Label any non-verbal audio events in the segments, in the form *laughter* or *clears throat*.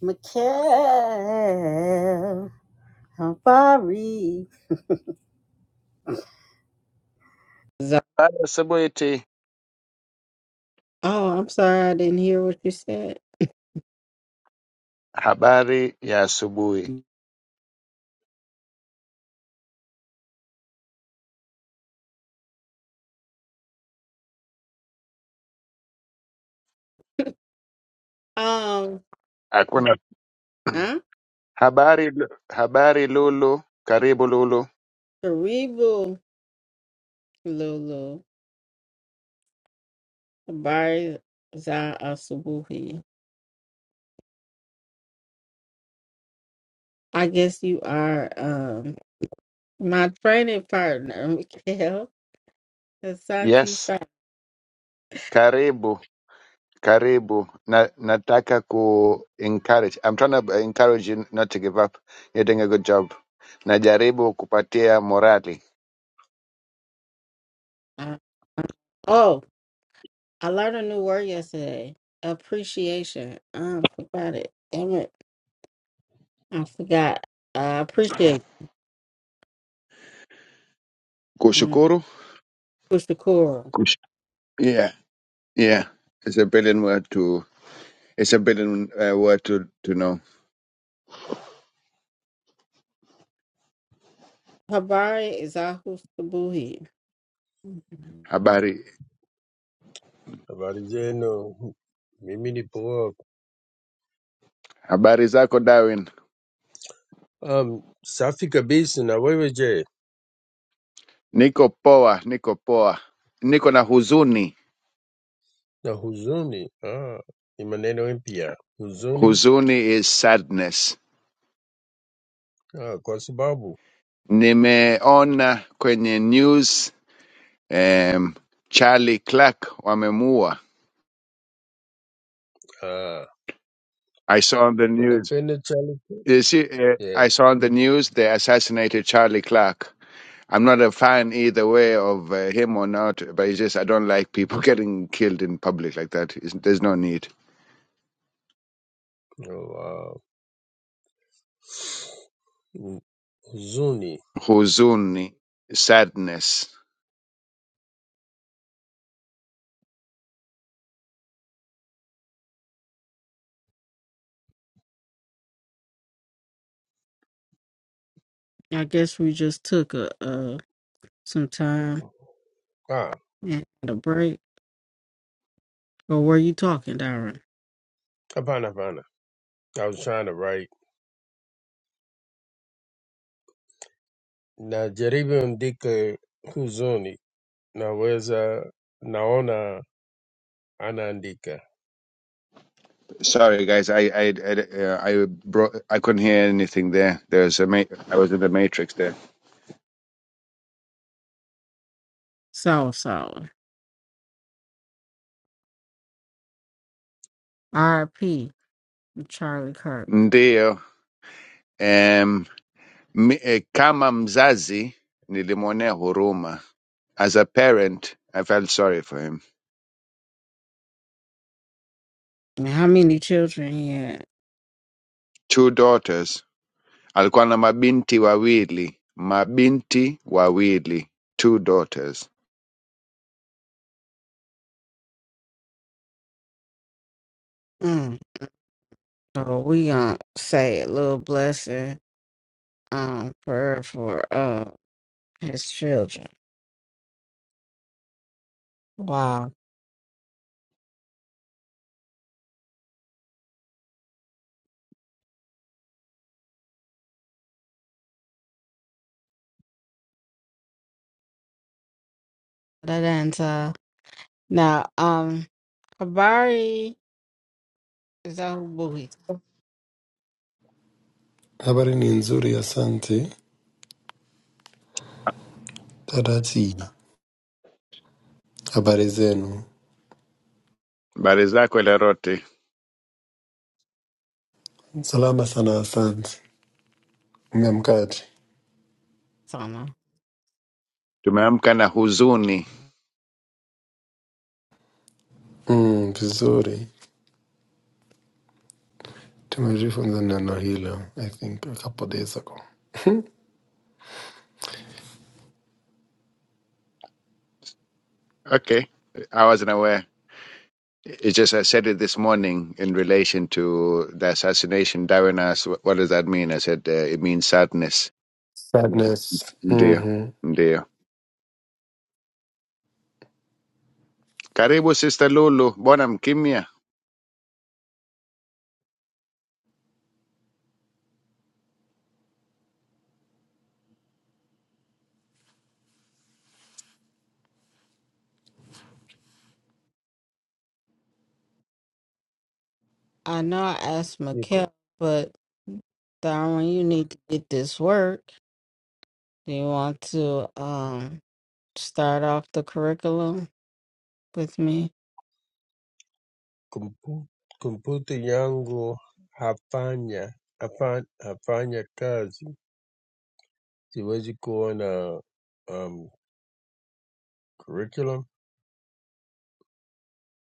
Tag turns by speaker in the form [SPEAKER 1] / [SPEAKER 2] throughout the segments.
[SPEAKER 1] Mikhail Habari. Za-
[SPEAKER 2] Habari asubuhi ti.
[SPEAKER 1] Oh,
[SPEAKER 2] Habari ya asubuhi. Hakuna
[SPEAKER 1] huh?
[SPEAKER 2] habari. Habari Lulu, karibu Lulu.
[SPEAKER 1] Karibu Lulu Habari Za Asubuhi. I guess you are um my training partner, *laughs* Mikhail Asante
[SPEAKER 2] Yes,
[SPEAKER 1] Sana.
[SPEAKER 2] karibu, karibu. Na, nataka ku encourage. I'm trying to encourage you not to give up. You're doing a good job. Najaribu kupatia morali.
[SPEAKER 1] Oh, I learned a new word yesterday. Appreciation. I forgot it. Damn it. I forgot. I appreciate. Um,
[SPEAKER 2] Kushukuru.
[SPEAKER 1] Mr. Coral.
[SPEAKER 2] Kush yeah, yeah. It's a brilliant word to. It's a brilliant uh, word to to know.
[SPEAKER 1] Habari Zahu Subuhi.
[SPEAKER 2] Habari.
[SPEAKER 3] Habari zenu, mimi ni hapa.
[SPEAKER 2] Habari zako Darwin.
[SPEAKER 3] Um, safi kabisa na wewe je?
[SPEAKER 2] Niko poa, niko poa. Niko na huzuni.
[SPEAKER 3] Na huzuni ah, ni maneno mpya huzuni
[SPEAKER 2] Huzuni is sadness.
[SPEAKER 3] ah, kwa sababu
[SPEAKER 2] Nimeona kwenye news um, Charlie Clark wamemua.
[SPEAKER 3] ah,
[SPEAKER 2] I saw on the news.
[SPEAKER 3] unapenda chali
[SPEAKER 2] You see, eh,
[SPEAKER 3] yeah.
[SPEAKER 2] I saw on the news they assassinated Charlie Clark. I'm not a fan either way of uh, him or not, but it's just I don't like people *laughs* getting killed in public like that. It's, there's no need.
[SPEAKER 3] Oh, wow. Huzuni
[SPEAKER 2] Huzuni, sadness.
[SPEAKER 1] I guess we just took a uh some time
[SPEAKER 3] ah,
[SPEAKER 1] and a break. But were you talking, Darren?
[SPEAKER 3] hapana hapana, I was trying to write najaribu andike huzuni, naweza naona anaandika
[SPEAKER 2] Sorry, guys. I I I, uh, I bro I couldn't hear anything there. There's a ma I was in the matrix there.
[SPEAKER 1] Sour sour. R.I.P. Charlie Kirk.
[SPEAKER 2] Ndiyo, um, mi, eh, kama mzazi nilimwonea huruma. As a parent, I felt sorry for him.
[SPEAKER 1] And how many children he had?
[SPEAKER 2] Two daughters. Alikuwa na mabinti wawili. Mabinti wawili. Two daughters.
[SPEAKER 1] Mm. So we gonna say a little blessing um prayer for uh his children. Wow. That ends uh now um Habari is that who Boohie's
[SPEAKER 4] Habari ni nzuri, asante dada Tina. Habari zenu?
[SPEAKER 2] Habari zako Lerote?
[SPEAKER 4] Salama sana, asante. Mmeamkaje?
[SPEAKER 1] talking about?
[SPEAKER 2] Tumeamka na huzuni.
[SPEAKER 4] Mm, vizuri. Tumejifunza neno hilo I think a couple days ago.
[SPEAKER 2] Okay. I wasn't aware. It's just I said it this morning in relation to the assassination. Darren asked, "Wh- "What does that mean?" I said, uh, "It means sadness."
[SPEAKER 4] Sadness.
[SPEAKER 2] Ndio,
[SPEAKER 4] Mm-hmm.
[SPEAKER 2] ndio. Karibu sister Lulu, mbona mkimya?
[SPEAKER 1] I know I asked
[SPEAKER 3] Niko.
[SPEAKER 1] Mikkel, but Darwin, you need to get this work. Do you want to um start off the curriculum with me?
[SPEAKER 3] Kompyuta yangu hafanya hafa- hafanya kazi. Siwezi go na um, curriculum.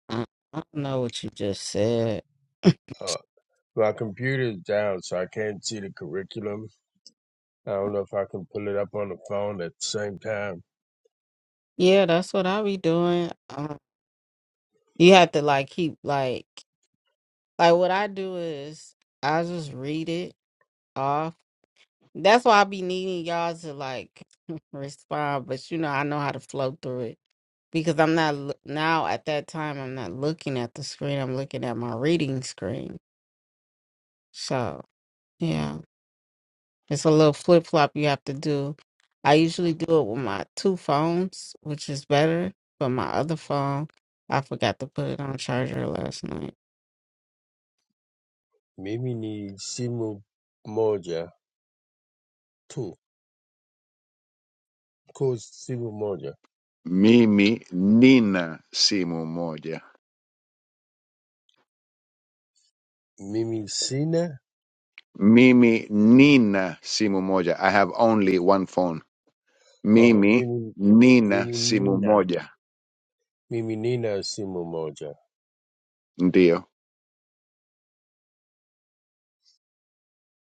[SPEAKER 1] I, I don't know what you just said. *laughs*
[SPEAKER 3] Uh, my computer is down, so I can't see the curriculum. I don't know if I can pull it up on the phone at the same time.
[SPEAKER 1] Yeah, that's what I be doing. Um, you have to like keep like like what I do is I just read it off That's why I be needing y'all to like *laughs* respond, but you know, I know how to flow through it because I'm not loo- now at that time, I'm not looking at the screen, I'm looking at my reading screen. So, yeah, it's a little flip flop you have to do. I usually do it with my two phones, which is better, but my other phone, I forgot to put it on charger last night.
[SPEAKER 3] Mimi ni simu moja tu. Ko simu moja.
[SPEAKER 2] Mimi nina simu moja.
[SPEAKER 3] Mimi sina.
[SPEAKER 2] Mimi nina simu moja. I have only one phone.
[SPEAKER 3] Oh,
[SPEAKER 2] Mimi
[SPEAKER 3] mimi
[SPEAKER 2] nina
[SPEAKER 3] mimi
[SPEAKER 2] simu
[SPEAKER 3] nina.
[SPEAKER 2] moja.
[SPEAKER 3] Mimi nina simu moja.
[SPEAKER 2] Ndio,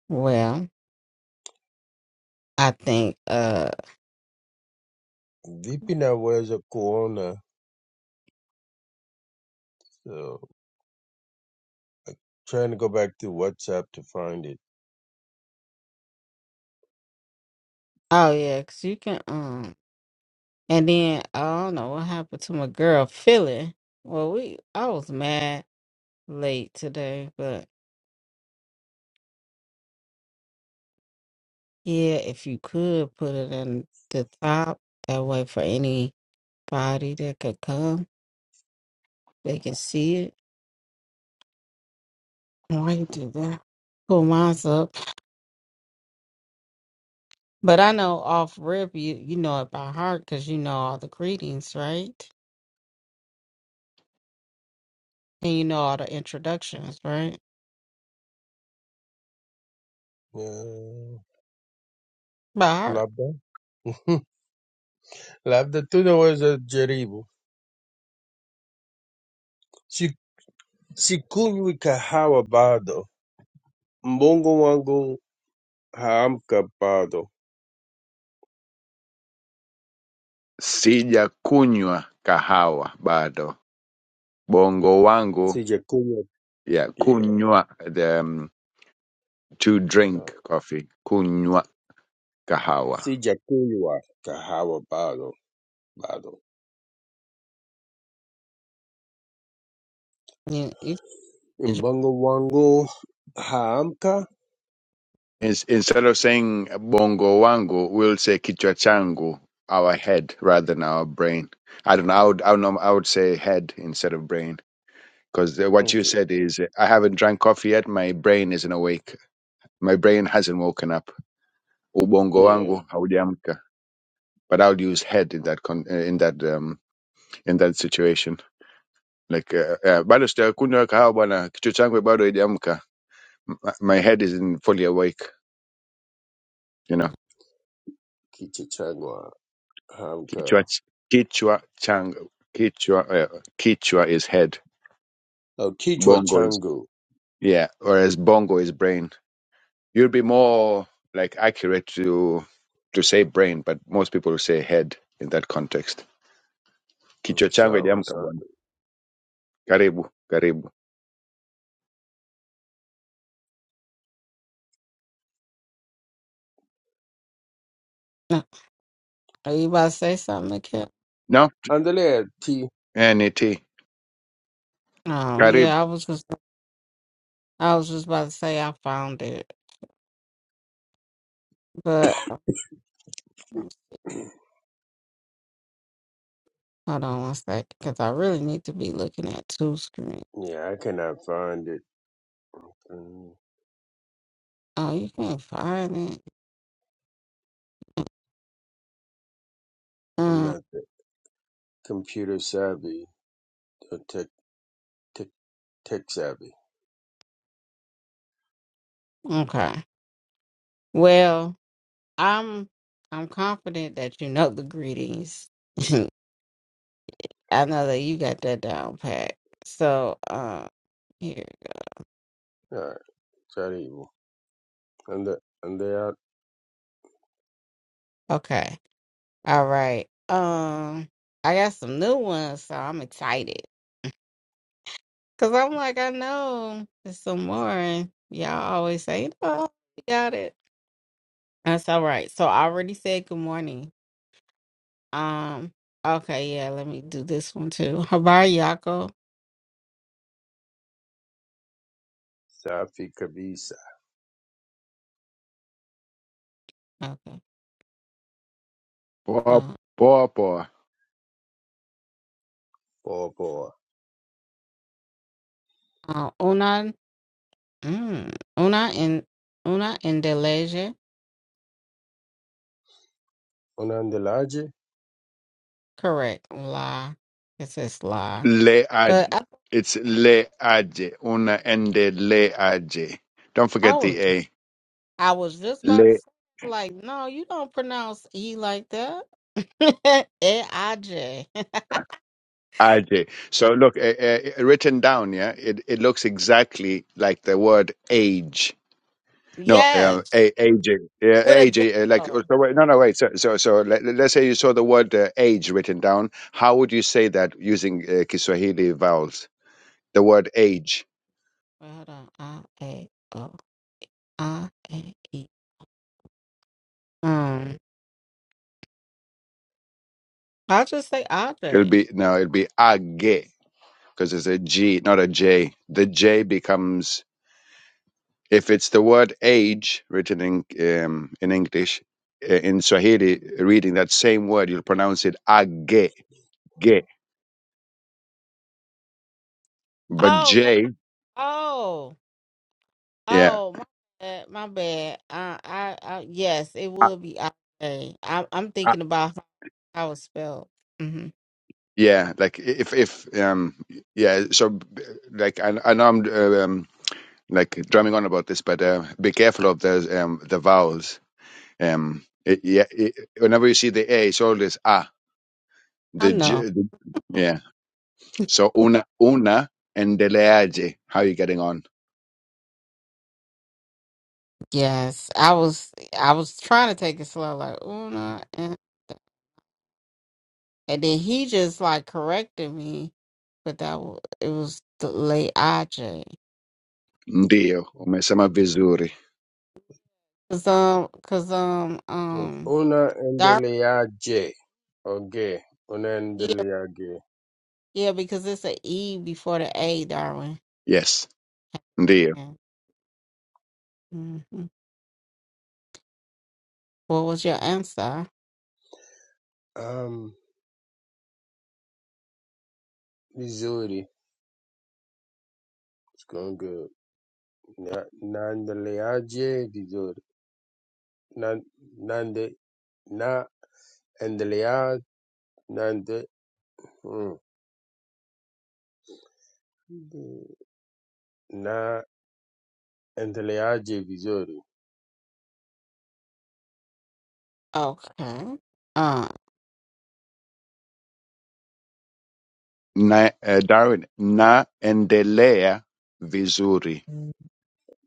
[SPEAKER 1] Well, I think, uh,
[SPEAKER 3] Vipi naweza kuona? so, Trying to go back to WhatsApp to find it.
[SPEAKER 1] oh yeah, because you can, um. And then I don't know what happened to my girl Philly. Well, we I was mad late today, but yeah, if you could put it in the top, that way for anybody that could come, they can see it. Why you do that? Pull mine's up, but I know off rip you you know it by heart because you know all the greetings, right? And you know all the introductions, right?
[SPEAKER 3] Uh,
[SPEAKER 1] By heart.
[SPEAKER 3] labda *laughs* labda tunaweza jaribu. Si- Sikunywi *laughs* kahawa bado, mbongo wangu haamka bado,
[SPEAKER 2] sijakunywa kahawa bado. Bongo wangu
[SPEAKER 3] sijakunywa
[SPEAKER 2] ya
[SPEAKER 3] yeah.
[SPEAKER 2] kunywa. to drink coffee, kunywa kahawa.
[SPEAKER 3] Sijakunywa kahawa bado bado,
[SPEAKER 1] Yeah, You, you,
[SPEAKER 3] mbongo wangu haamka.
[SPEAKER 2] Ins- Instead of saying bongo wangu, we'll say kichwa changu, our head rather than our brain. I don't know. I would, I would, norm- I would say head instead of brain because what you
[SPEAKER 3] Okay,
[SPEAKER 2] said is I haven't drank coffee yet. My brain isn't awake. My brain hasn't woken up. Ubongo
[SPEAKER 3] yeah,
[SPEAKER 2] wangu haujaamka. But I'll use head in that con- eh, in that um, in that situation. Like uh, uh, bado sijakunywa kahawa bwana, kichwa changu bado haijaamka. M- My head isn't fully awake. You know,
[SPEAKER 3] kichwa changu
[SPEAKER 2] Kichwa,
[SPEAKER 3] haamka.
[SPEAKER 2] Kichwa, Chang, Kichwa, uh, Kichwa is head.
[SPEAKER 3] Oh, kichwa
[SPEAKER 2] Bongo is
[SPEAKER 3] changu.
[SPEAKER 2] yeah, whereas Bongo is brain. You'd be more like accurate to to say brain, but most people say head in that context.
[SPEAKER 3] Mm,
[SPEAKER 2] Kichwa changu
[SPEAKER 3] Sawa,
[SPEAKER 2] hajaamka bwana.
[SPEAKER 3] asante.
[SPEAKER 2] Karibu, karibu.
[SPEAKER 1] you about to say something, Kim?
[SPEAKER 2] No,
[SPEAKER 3] Endelea T.
[SPEAKER 2] NET.
[SPEAKER 1] Oh
[SPEAKER 2] Karibu.
[SPEAKER 1] yeah, I was just. I was just about to say I found it, but um,
[SPEAKER 3] *clears throat*
[SPEAKER 1] hold on one second because I really need to be looking at two screens.
[SPEAKER 3] Yeah, I cannot find it. Mm,
[SPEAKER 1] Oh, you can't find it.
[SPEAKER 3] I'm
[SPEAKER 1] Mm,
[SPEAKER 3] not that computer savvy or tech tech tech savvy.
[SPEAKER 1] okay. Well, I'm I'm confident that you know the greetings. *laughs* I know that you got that down pat. So, uh, here.
[SPEAKER 3] All right, karibu. Ande andea
[SPEAKER 1] Okay. All right. Um, I got some new ones, so I'm excited. Cause I'm like, I know there's some more, and y'all always say, "No, you got it." That's all right. So I already said good morning. Um. Okay. Yeah. Let me do this one too. *laughs* Habar Yako.
[SPEAKER 3] safi kabisa.
[SPEAKER 1] Okay.
[SPEAKER 2] Poa,
[SPEAKER 1] Uh.
[SPEAKER 2] poa, poa.
[SPEAKER 3] Poa poa.
[SPEAKER 1] uh una. Mm, una in. Una in Deleje.
[SPEAKER 3] Unaendeleaje?
[SPEAKER 1] Correct. La. It says la.
[SPEAKER 2] Le
[SPEAKER 1] But
[SPEAKER 2] aje.
[SPEAKER 1] I,
[SPEAKER 2] It's le aje. Una ende le aje. Don't
[SPEAKER 1] I
[SPEAKER 2] forget
[SPEAKER 1] was.
[SPEAKER 2] the
[SPEAKER 1] I was just about
[SPEAKER 2] A.
[SPEAKER 1] to say. Like, no, you don't pronounce E like that. *laughs* E I J. *laughs*
[SPEAKER 2] I do. So look, uh, uh, written down, yeah, it, it looks exactly like the word age. No, uh,
[SPEAKER 1] Yes.
[SPEAKER 2] a- aging. Yeah,
[SPEAKER 1] With a
[SPEAKER 2] age.
[SPEAKER 1] J.
[SPEAKER 2] Uh, like oh,
[SPEAKER 1] Oh.
[SPEAKER 2] so. Wait, no, no, wait. So, so, so let, let's say you saw the word uh, age written down. How would you say that using uh, Kiswahili vowels? The word age.
[SPEAKER 1] Wait, hold on. I A O I A E. Um, I just say
[SPEAKER 2] It'll
[SPEAKER 1] Andre.
[SPEAKER 2] be no. It'll be age because it's a G, not a J. The J becomes If it's the word age written in um, in English, uh, in Swahili, reading that same word, you'll pronounce it age, ge. But
[SPEAKER 1] Oh no!
[SPEAKER 2] J,
[SPEAKER 1] Oh,
[SPEAKER 2] yeah,
[SPEAKER 1] oh, my bad. My bad. Uh, I, I, yes, it would be Andre. I'm, I'm
[SPEAKER 2] Ah.
[SPEAKER 1] thinking about how how it's spelled. hmm
[SPEAKER 2] yeah, like if if um yeah, so b- like I, I know I'm uh, um like drumming on about this, but uh, be careful of the um the vowels. Um, it, yeah, it, whenever you see the a, it's always a.
[SPEAKER 1] I
[SPEAKER 2] The,
[SPEAKER 1] know.
[SPEAKER 2] J, the yeah. So una una endeleaje. How are you getting on?
[SPEAKER 1] Yes, I was, I was trying to take it slow, like Una, and, and then he just like corrected me, but that was, it was the late AJ.
[SPEAKER 2] Ndio, umesema vizuri.
[SPEAKER 1] Cause um, cause um,
[SPEAKER 3] So
[SPEAKER 1] um, Dar-
[SPEAKER 3] unaendeleaje? Okay,
[SPEAKER 1] yeah,
[SPEAKER 3] unaendeleaje?
[SPEAKER 1] yeah, because it's a E before the A, Darwin.
[SPEAKER 2] Yes, ndio.
[SPEAKER 1] Yeah. Mm-hmm. What was your answer?
[SPEAKER 3] Um, vizuri. It's going good. Na naendeleaje vizuri. Na nande na endelea nande. na endeleaje vizuri
[SPEAKER 1] Okay. Uh,
[SPEAKER 2] Na, eh, Darwin, naendelea vizuri.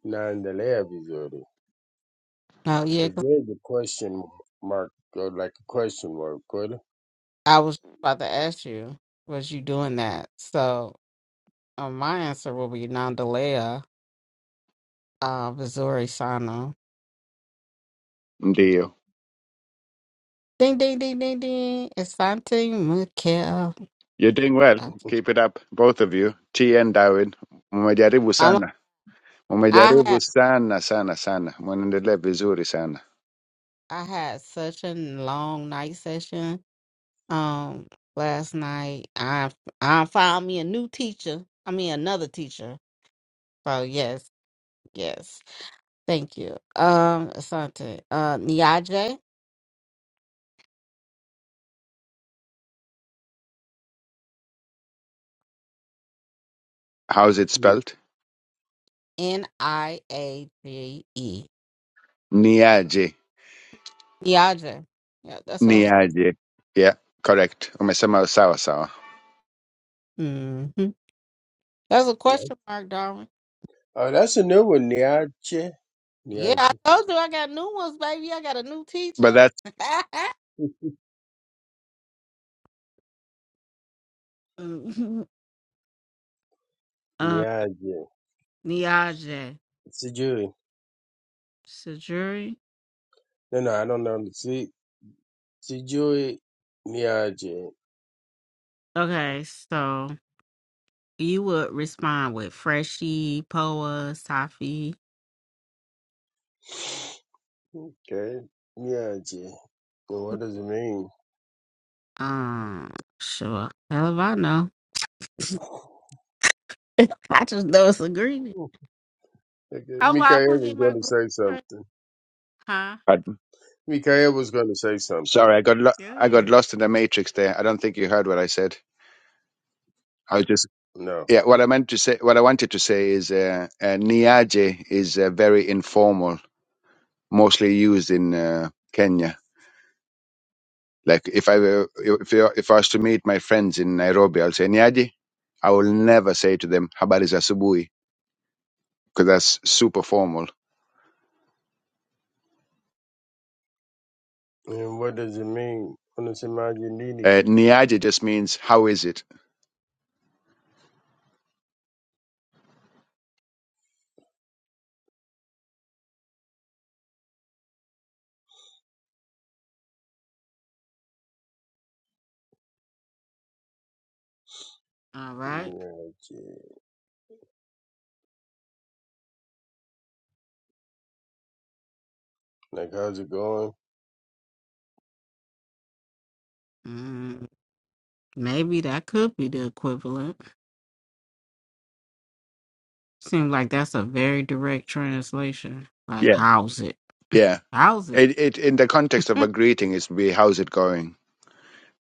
[SPEAKER 3] naendelea vizuri
[SPEAKER 1] no, yeah,
[SPEAKER 3] because
[SPEAKER 1] 'cause
[SPEAKER 3] there's a question mark or like a question mark kweli
[SPEAKER 1] I was about to ask you, was you doing that? So, uh, my answer will be Nandalea, uh, Missouri Sano.
[SPEAKER 2] Ndio.
[SPEAKER 1] Ding, ding, ding, ding, ding. Asante Mikel.
[SPEAKER 2] You're doing well.
[SPEAKER 1] Uh,
[SPEAKER 2] Keep it up, both of you. T and Darwin, umejaribu
[SPEAKER 1] I,
[SPEAKER 2] sana.
[SPEAKER 1] I
[SPEAKER 2] Umejaribu
[SPEAKER 1] had
[SPEAKER 2] sana sana sana. Mnaendelea vizuri sana.
[SPEAKER 1] I had such a long night session. Um, last night I I found me a new teacher. I mean another teacher. So yes, yes. Thank you. Um, Asante. Uh, Niaje.
[SPEAKER 2] How's it
[SPEAKER 3] No.
[SPEAKER 2] spelled?
[SPEAKER 1] N I A J E.
[SPEAKER 2] Niaje.
[SPEAKER 1] Niaje. Yeah, that's what I said.
[SPEAKER 2] Niaje. Yeah, correct. Umesema sawa sawa.
[SPEAKER 1] Mm-hmm. That's a question mark, Darwin.
[SPEAKER 3] oh that's a new one niaje *laughs*
[SPEAKER 1] Yeah, I
[SPEAKER 3] niaje
[SPEAKER 1] told you I got new ones, baby. I got a new
[SPEAKER 2] But
[SPEAKER 1] teacher.
[SPEAKER 2] that's
[SPEAKER 1] *laughs* Mhm. uh,
[SPEAKER 3] niaje
[SPEAKER 1] Niaje.
[SPEAKER 3] sijui
[SPEAKER 1] Sajuri.
[SPEAKER 3] no no i don't know si sijui niaje
[SPEAKER 1] Okay, so you would respond with Freshie, Poa, Safi.
[SPEAKER 3] okay niaje but what does it mean
[SPEAKER 1] Um, sure. Hell if I know.
[SPEAKER 3] *laughs*
[SPEAKER 1] *laughs* I just know it's agreement.
[SPEAKER 3] okay.
[SPEAKER 1] How about I want to
[SPEAKER 3] Mikael
[SPEAKER 1] put
[SPEAKER 3] was
[SPEAKER 1] in my *laughs*
[SPEAKER 3] going to
[SPEAKER 1] group
[SPEAKER 3] say
[SPEAKER 1] chat?
[SPEAKER 3] something
[SPEAKER 1] Huh?
[SPEAKER 2] pardon.
[SPEAKER 3] Mikael was going to say something
[SPEAKER 2] Sorry, I got lo-
[SPEAKER 1] Go
[SPEAKER 2] I got
[SPEAKER 1] ahead.
[SPEAKER 2] lost in the matrix there. I don't think you heard what I said. I was just.
[SPEAKER 3] No.
[SPEAKER 2] Yeah,
[SPEAKER 1] Uh,
[SPEAKER 2] what I meant to say, what I wanted to say is, uh, uh, niaje is uh, very informal, mostly used in uh, Kenya. Like if I were, if you if I was to meet my friends in Nairobi, I'll say niaje. I will never say to them habari za asubuhi because that's super formal.
[SPEAKER 3] And what does it mean? Unasemaji nini?
[SPEAKER 2] Uh, niaje just means how is it?
[SPEAKER 1] All right.
[SPEAKER 3] Niaje. Like, how's it going?
[SPEAKER 1] Mm, maybe that could be the equivalent. Seems like that's a very direct translation. Like,
[SPEAKER 2] Yeah,
[SPEAKER 1] how's it?
[SPEAKER 2] yeah.
[SPEAKER 1] How's it?
[SPEAKER 2] It, it in the context of a greeting is be how's it going,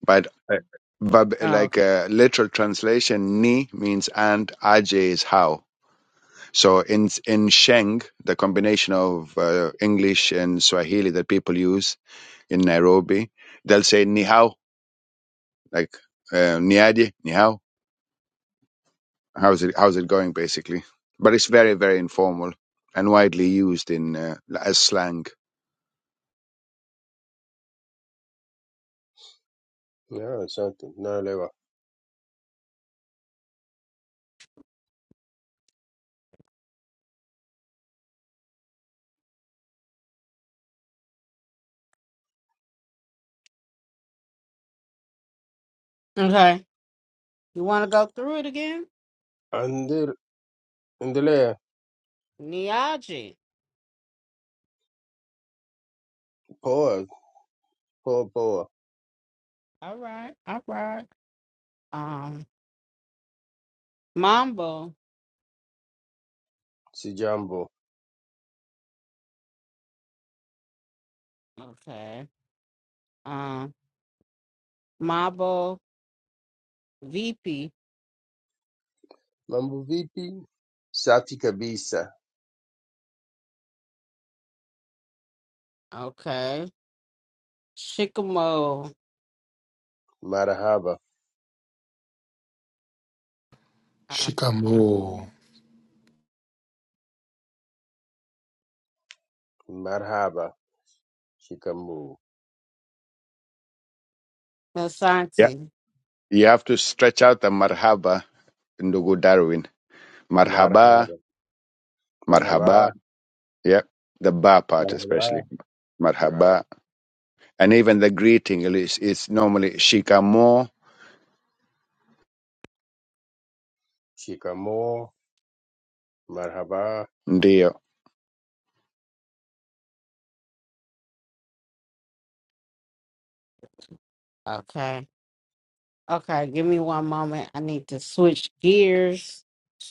[SPEAKER 2] but uh, verb-
[SPEAKER 1] Oh,
[SPEAKER 2] like
[SPEAKER 1] okay.
[SPEAKER 2] a literal translation, ni means and, aj is how. So in in Sheng, the combination of uh, English and Swahili that people use in Nairobi, they'll say ni hao, like uh, niaje, ni hao. How's it how's it going basically? But it's very very informal and widely used in uh, as slang.
[SPEAKER 3] Yeah, something. Naelewa.
[SPEAKER 1] Okay. You want to go through it again?
[SPEAKER 3] Ande- Endelea.
[SPEAKER 1] Niaji.
[SPEAKER 3] Poa. Poa poa.
[SPEAKER 1] All right. All right. Um, Mambo.
[SPEAKER 3] Sijambo.
[SPEAKER 1] Okay. Um, Mambo VP.
[SPEAKER 3] Mambo vipi? Safi kabisa.
[SPEAKER 1] Okay. Shikamo.
[SPEAKER 3] Marhaba.
[SPEAKER 1] Uh,
[SPEAKER 4] Shikamoo.
[SPEAKER 3] Marhaba. Shikamoo.
[SPEAKER 2] Yeah,
[SPEAKER 1] Asante.
[SPEAKER 2] you have to stretch out the marhaba, ndugu Darwin. Marhaba,
[SPEAKER 3] Marhaba. Marhaba.
[SPEAKER 2] marhaba. Yeah, the ba part especially
[SPEAKER 3] Marhaba. Na.
[SPEAKER 2] marhaba, and even the greeting is is normally shikamo,
[SPEAKER 3] Shikamoo. Marhaba.
[SPEAKER 2] ndio
[SPEAKER 1] Okay. Okay, give me one moment. I need to switch gears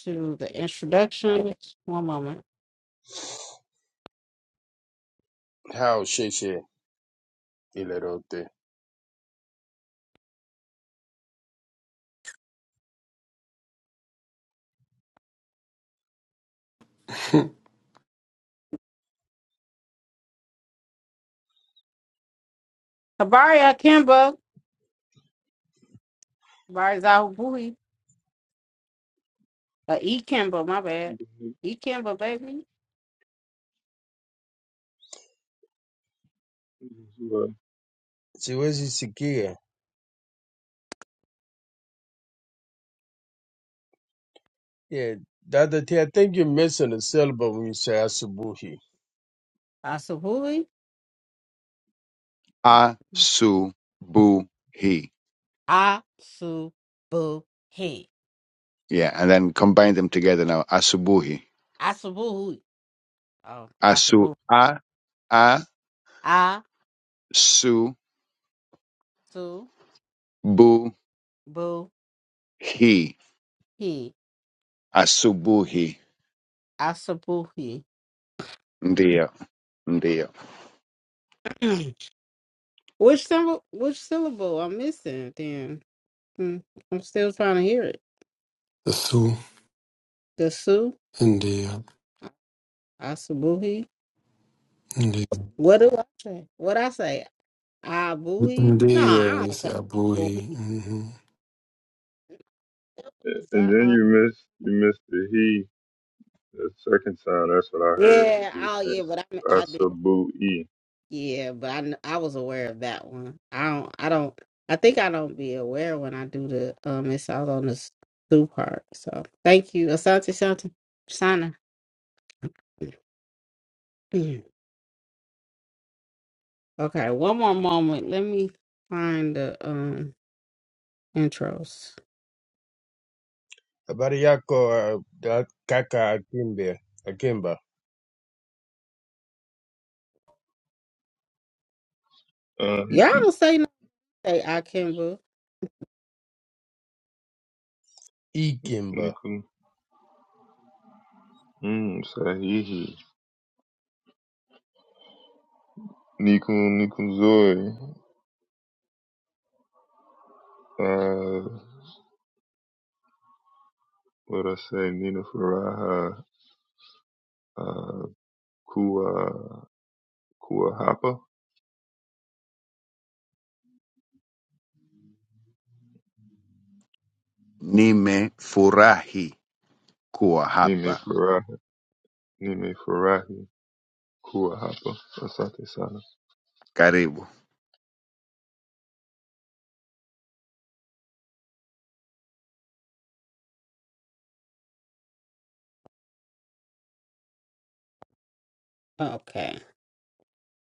[SPEAKER 1] to the introductions. One moment.
[SPEAKER 3] How sheshe. Ilerote.
[SPEAKER 4] *laughs*
[SPEAKER 1] Habari Akimba. Habari Zahubuhi. Uh, E Kimba, my bad. E Kimba, baby.
[SPEAKER 5] Well,
[SPEAKER 3] Siwezi sikia. Yeah, Dr. T, I think you're missing a syllable when you say Asubuhi.
[SPEAKER 1] Asubuhi.
[SPEAKER 2] Asubuhi.
[SPEAKER 1] Asubuhi.
[SPEAKER 2] Yeah, and then combine them together now. Asubuhi.
[SPEAKER 1] Asubuhi. Oh,
[SPEAKER 2] Asu
[SPEAKER 1] Asubuhi.
[SPEAKER 2] a
[SPEAKER 1] Asubuhi.
[SPEAKER 2] asubuhi. Asubuhi.
[SPEAKER 1] Asubuhi.
[SPEAKER 2] Ndio, ndio.
[SPEAKER 1] *clears throat* which symbol, which syllable I'm missing then? Hmm, I'm still trying to hear it.
[SPEAKER 4] Su.
[SPEAKER 1] The Su.
[SPEAKER 4] Ndio,
[SPEAKER 1] Asubuhi.
[SPEAKER 4] ndio,
[SPEAKER 1] What do I say? What I say? Ah, booey? No, I
[SPEAKER 4] ndio.
[SPEAKER 1] don't say
[SPEAKER 4] Isabuhi.
[SPEAKER 1] booey.
[SPEAKER 4] Mm-hmm.
[SPEAKER 1] Is
[SPEAKER 5] and
[SPEAKER 1] that
[SPEAKER 5] then
[SPEAKER 1] ah?
[SPEAKER 5] you missed you missed the he the second time. That's what I heard.
[SPEAKER 1] Yeah,
[SPEAKER 5] You
[SPEAKER 1] oh
[SPEAKER 5] said
[SPEAKER 1] yeah, but I mean, I did.
[SPEAKER 5] asabu e
[SPEAKER 1] Yeah, but I kn- I was aware of that one. I don't. I don't. I think I don't be aware when I do the um. It's all on the s- two part. So thank you, Asante Santa Sana. *clears throat* okay, one more moment. Let me find the um intros.
[SPEAKER 3] Habari yako, uh, da- kaka Akimba, Akimba,
[SPEAKER 5] um
[SPEAKER 1] Y'all don't say nothing. I Kimba.
[SPEAKER 3] Ikimba.
[SPEAKER 5] nikun mm sahihi nikun nikun zoi uh what I say nina faraha uh kua kua hapa
[SPEAKER 2] Nimefurahi kuwa
[SPEAKER 5] nime
[SPEAKER 2] hapa.
[SPEAKER 5] faraha nime farahi kua hapa asante sana
[SPEAKER 2] Karibu.
[SPEAKER 1] Okay.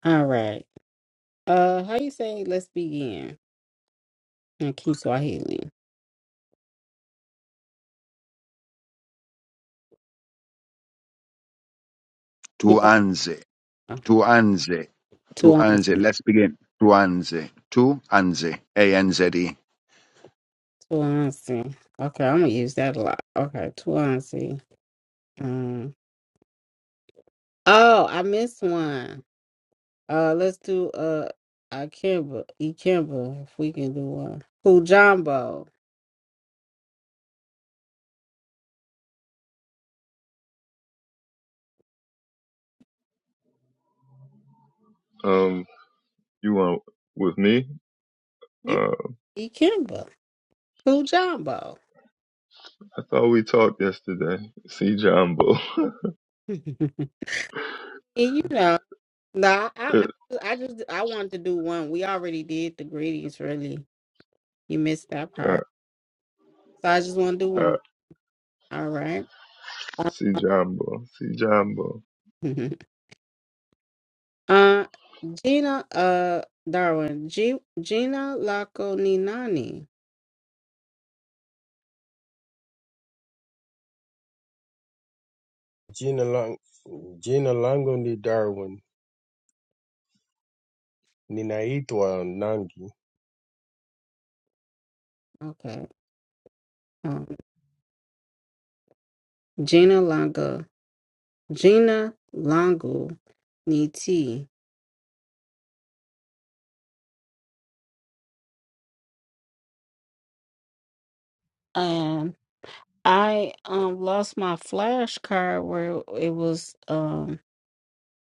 [SPEAKER 1] All right. Uh, how you say let's begin in Kiswahili? Yeah,
[SPEAKER 2] Tuanze. Tuanze.
[SPEAKER 1] tuanze,
[SPEAKER 2] Tuanze. Let's begin. Tuanze. Tuanze. A N Z E.
[SPEAKER 1] tuanze. Okay, I'm gonna use that a lot. Okay, tuanze. Um, oh, I missed one. Uh, let's do uh, Ikemba, Ikemba, if we can do one. Kujambo.
[SPEAKER 5] um you want with me
[SPEAKER 1] Yeah,
[SPEAKER 5] Uh,
[SPEAKER 1] Ikemba, Kujambo.
[SPEAKER 5] So we talked yesterday. See Jumbo. *laughs*
[SPEAKER 1] *laughs* and you know, nah, I,
[SPEAKER 5] uh,
[SPEAKER 1] I, I just, I wanted to do one. We already did the greetings, really. You missed that part, so I just want to do
[SPEAKER 5] uh,
[SPEAKER 1] one. All right. Uh,
[SPEAKER 5] see Jumbo. See Jumbo.
[SPEAKER 1] *laughs* uh, Gina, uh, Darwin, G- Gina Lagoninani.
[SPEAKER 3] Jina lang- jina langu ni Darwin, ninaitwa Nangi.
[SPEAKER 1] Okay. Um, Gina Langa, Gina Langu Niti. And I um lost my flashcard where it was um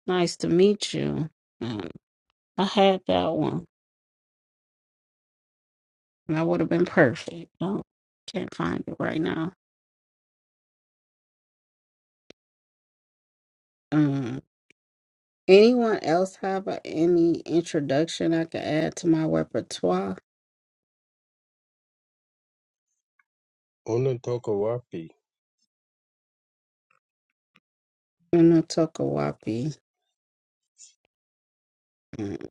[SPEAKER 1] nice to meet you. Um, I had that one, and I would have been perfect. No, can't find it right now. Mm. Anyone else have a, any introduction I could add to my repertoire?
[SPEAKER 3] Unatoka wapi?
[SPEAKER 1] Minotokawapi. Mm,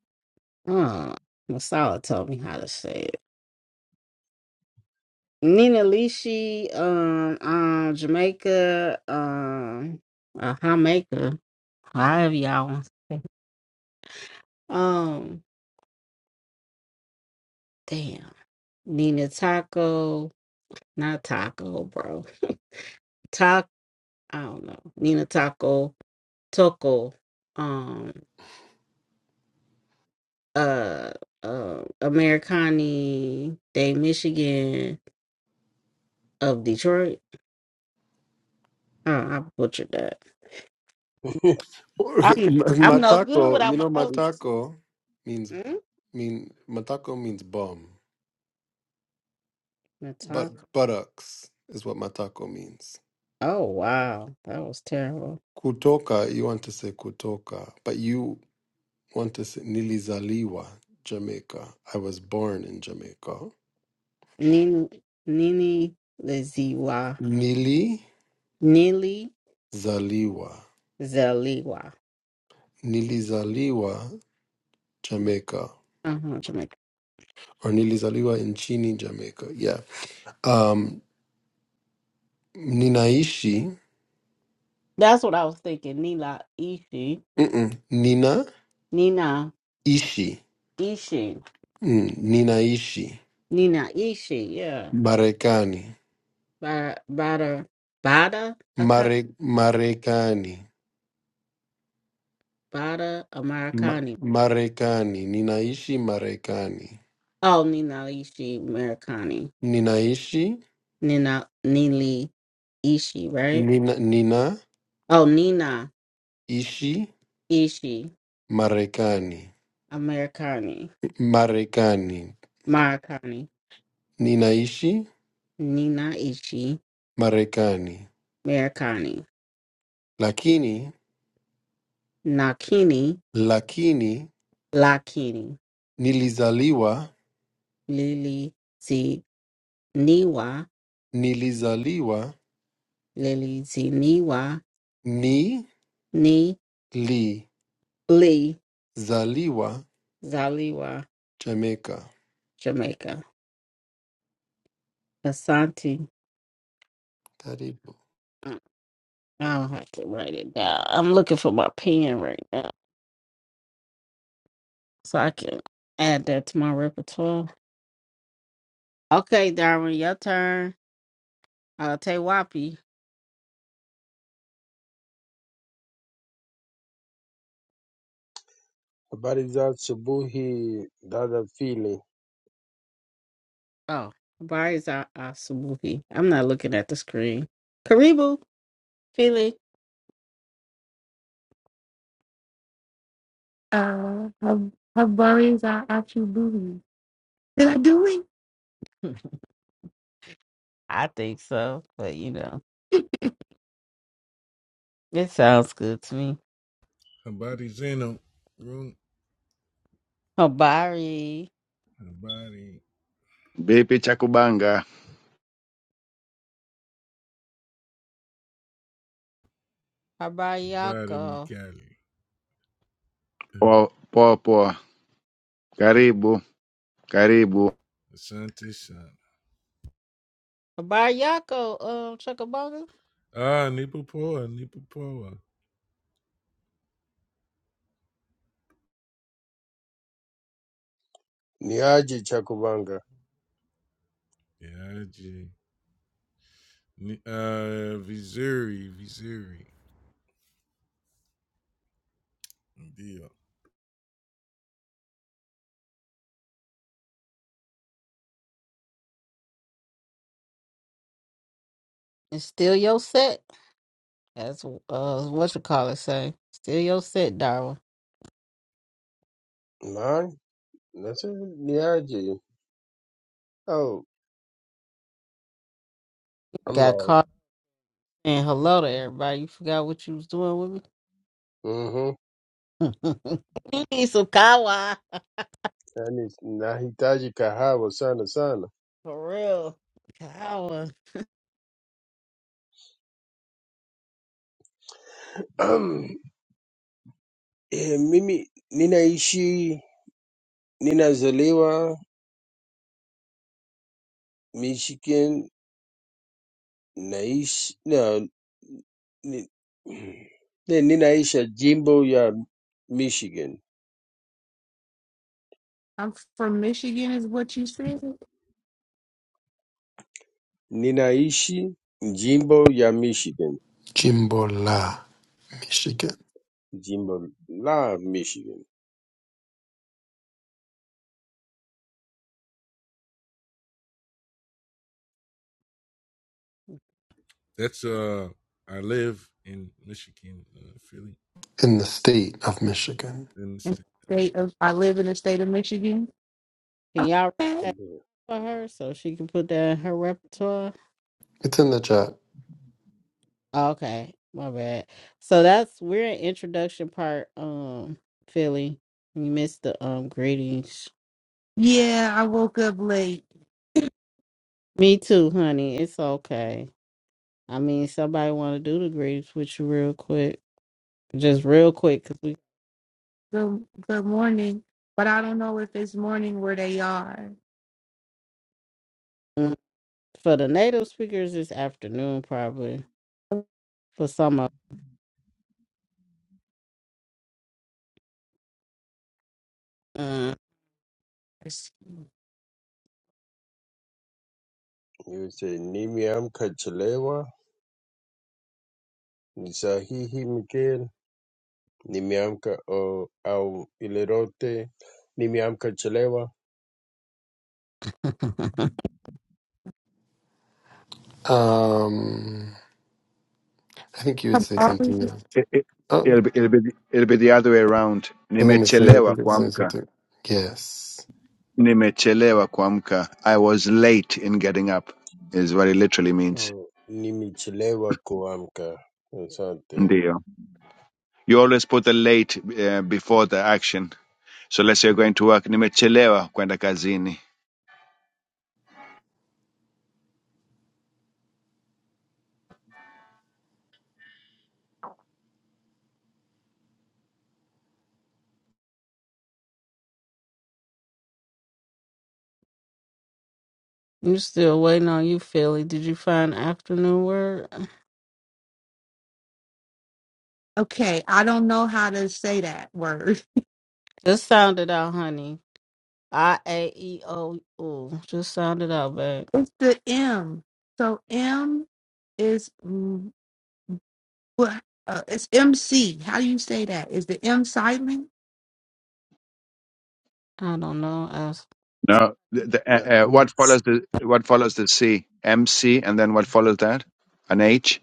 [SPEAKER 1] Oh, Masala told me how to say it. Nina Lishi, um, um, Jamaica, um, uh, Jamaica, however y'all want to say. it. Um, damn. Nina Taco, not Taco, bro. Taco, I don't know. Nina Taco, Toko, uh, uh Americani Day Michigan of Detroit. Uh, I butchered that.
[SPEAKER 3] *laughs*
[SPEAKER 1] I'm not,
[SPEAKER 4] *laughs*
[SPEAKER 1] I'm no good
[SPEAKER 4] matako, you
[SPEAKER 1] without my
[SPEAKER 4] know,
[SPEAKER 1] notes.
[SPEAKER 4] matako means
[SPEAKER 1] Mm?
[SPEAKER 4] mean matako means bomb. But
[SPEAKER 1] Nataka.
[SPEAKER 4] buttocks is what matako means.
[SPEAKER 1] Oh wow, that was terrible.
[SPEAKER 4] Kutoka, you want to say kutoka, but you want to say nilizaliwa, Jamaica. I was born in Jamaica.
[SPEAKER 1] Nini Nini Liziwa.
[SPEAKER 4] Nilizaliwa.
[SPEAKER 1] Nili Zaliwa.
[SPEAKER 4] Nilizaliwa, Jamaica.
[SPEAKER 1] Uh-huh, Jamaica.
[SPEAKER 4] Or nilizaliwa nchini Jamaica. Yeah. Um, ninaishi.
[SPEAKER 1] That's what I was thinking. Nila Ishi.
[SPEAKER 4] Mm-mm. Ninaishi.
[SPEAKER 1] Nina Ishi.
[SPEAKER 4] Mm, ninaishi.
[SPEAKER 1] Nina Ishi, yeah.
[SPEAKER 4] Marekani.
[SPEAKER 1] Bada Bada Bada
[SPEAKER 4] Mare, Marekani.
[SPEAKER 1] Bada
[SPEAKER 4] Ma-
[SPEAKER 1] Americani.
[SPEAKER 4] Marekani. Ninaishi Marekani.
[SPEAKER 1] Oh, Ninalishi Americani.
[SPEAKER 4] Ninaishi
[SPEAKER 1] Nina Nili Ishi, right?
[SPEAKER 4] nina,
[SPEAKER 1] Oh, Nina
[SPEAKER 4] ninaishi
[SPEAKER 1] Ishi
[SPEAKER 4] Marekani.
[SPEAKER 1] Americani.
[SPEAKER 4] Marekani.
[SPEAKER 1] Maricani.
[SPEAKER 4] Ninaishi
[SPEAKER 1] Nina Ishi
[SPEAKER 4] Marekani.
[SPEAKER 1] Americani.
[SPEAKER 4] Lakini
[SPEAKER 1] Nakini
[SPEAKER 4] lakini
[SPEAKER 1] Lakini.
[SPEAKER 4] nilizaliwa
[SPEAKER 1] Lili Zi Niwa.
[SPEAKER 4] nilizaliwa
[SPEAKER 1] Lili Zi Niwa.
[SPEAKER 4] nilizaliwa
[SPEAKER 1] Ni Lee Zaliwa,
[SPEAKER 4] Jamaica.
[SPEAKER 1] Jamaica. Asante.
[SPEAKER 4] Karibu.
[SPEAKER 1] I I don't have to write it down. I'm looking for my pen right now. so I can add that to my repertoire. Okay, Darwin, your turn. Uh, Tewapi.
[SPEAKER 3] Habari za asubuhi dada Fili,
[SPEAKER 1] Oh, why is our Asubuhi? I'm not looking at the screen. Karibu, Philly.
[SPEAKER 6] Uh, her, her berries are actually boobies. Did I do it?
[SPEAKER 1] *laughs* I think so, but you know, it sounds good to me.
[SPEAKER 7] Her body's in a room.
[SPEAKER 1] Habari,
[SPEAKER 7] Her body,
[SPEAKER 2] Vipi cha kubanga?
[SPEAKER 7] her body,
[SPEAKER 1] Habariyako,
[SPEAKER 7] Mikali.
[SPEAKER 2] Poa poa. poa. Karibu. karibu
[SPEAKER 7] Asante Shana.
[SPEAKER 1] Habariyako, um, Chuckabonga.
[SPEAKER 7] Ah, Nipapoa, Nipapoa.
[SPEAKER 3] ni Chakubanga?
[SPEAKER 7] Yeah, IG. Uh, Missouri, Missouri. Deal.
[SPEAKER 1] It's still your set. That's uh, what you call it, say. Still your set, Darwin.
[SPEAKER 3] Na, nasema ni Oh,
[SPEAKER 1] You
[SPEAKER 3] I'm
[SPEAKER 1] got
[SPEAKER 3] lost.
[SPEAKER 1] caught and hello to everybody. You forgot what you was doing with me.
[SPEAKER 3] Mm-hmm.
[SPEAKER 1] *laughs* you need some kawa.
[SPEAKER 3] Yaani nahitaji kahawa sana sana.
[SPEAKER 1] For real. Kawa.
[SPEAKER 3] *clears throat* E, mimi ninaishi ninazaliwa Michigan naishi na, ni, *clears throat* ni, ninaisha jimbo ya Michigan
[SPEAKER 6] I'm from Michigan, is what you said.
[SPEAKER 3] ninaishi jimbo ya Michigan
[SPEAKER 4] Jimbo la Michigan.
[SPEAKER 3] jimbo la Michigan
[SPEAKER 7] That's, uh, I live in Michigan, uh, Philly.
[SPEAKER 4] In the state of Michigan.
[SPEAKER 7] In the
[SPEAKER 6] And
[SPEAKER 7] state.
[SPEAKER 6] state of, I live in the state of Michigan.
[SPEAKER 1] Can y'all write
[SPEAKER 6] Okay.
[SPEAKER 1] that
[SPEAKER 3] Ndiyo.
[SPEAKER 1] for her so she can put that in her repertoire?
[SPEAKER 4] It's in the chat.
[SPEAKER 1] Okay. My bad. So that's we're in introduction part, um, Philly. You missed the um greetings.
[SPEAKER 6] Yeah, I woke up late.
[SPEAKER 1] Me too, honey. It's okay. I mean, somebody want to do the greetings with you real quick, just real quick, cause we
[SPEAKER 6] Good, good morning, but I don't know if it's morning where they are.
[SPEAKER 1] mm, for the native speakers this afternoon probably for some of. Mm.
[SPEAKER 6] It's-
[SPEAKER 3] Yote nimeamka chelewa ni sahihi Mikael nimeamka au au ile rote nimeamka chelewa
[SPEAKER 1] *laughs*
[SPEAKER 4] Um I think you would say something else.
[SPEAKER 2] I- I-
[SPEAKER 4] Oh,
[SPEAKER 2] ilib- ilibidi ilibidi the other way around
[SPEAKER 4] I was gonna say I
[SPEAKER 2] nimechelewa
[SPEAKER 4] think it's say
[SPEAKER 2] kuamka
[SPEAKER 4] something. Yes.
[SPEAKER 2] nimechelewa kuamka i was late in getting up is what it literally means
[SPEAKER 3] Oh, nimechelewa kuamka. Asante.
[SPEAKER 2] ndio you always put the late uh, before the action so let's say you're going to work nimechelewa kwenda kazini
[SPEAKER 1] You still waiting on you, Philly. Did you find afternoon word?
[SPEAKER 6] Okay, I don't know how to say that word.
[SPEAKER 1] Just sound it out, honey. I A E O U. Just sound it out, babe.
[SPEAKER 6] It's the M. So M is mm, what? Uh, it's MC. How do you say that? Is the M silent?
[SPEAKER 1] I don't know. I s-
[SPEAKER 2] now the, the,
[SPEAKER 3] No,
[SPEAKER 2] uh, uh, what
[SPEAKER 3] oops.
[SPEAKER 2] follows the what follows the c mc and then what follows that an h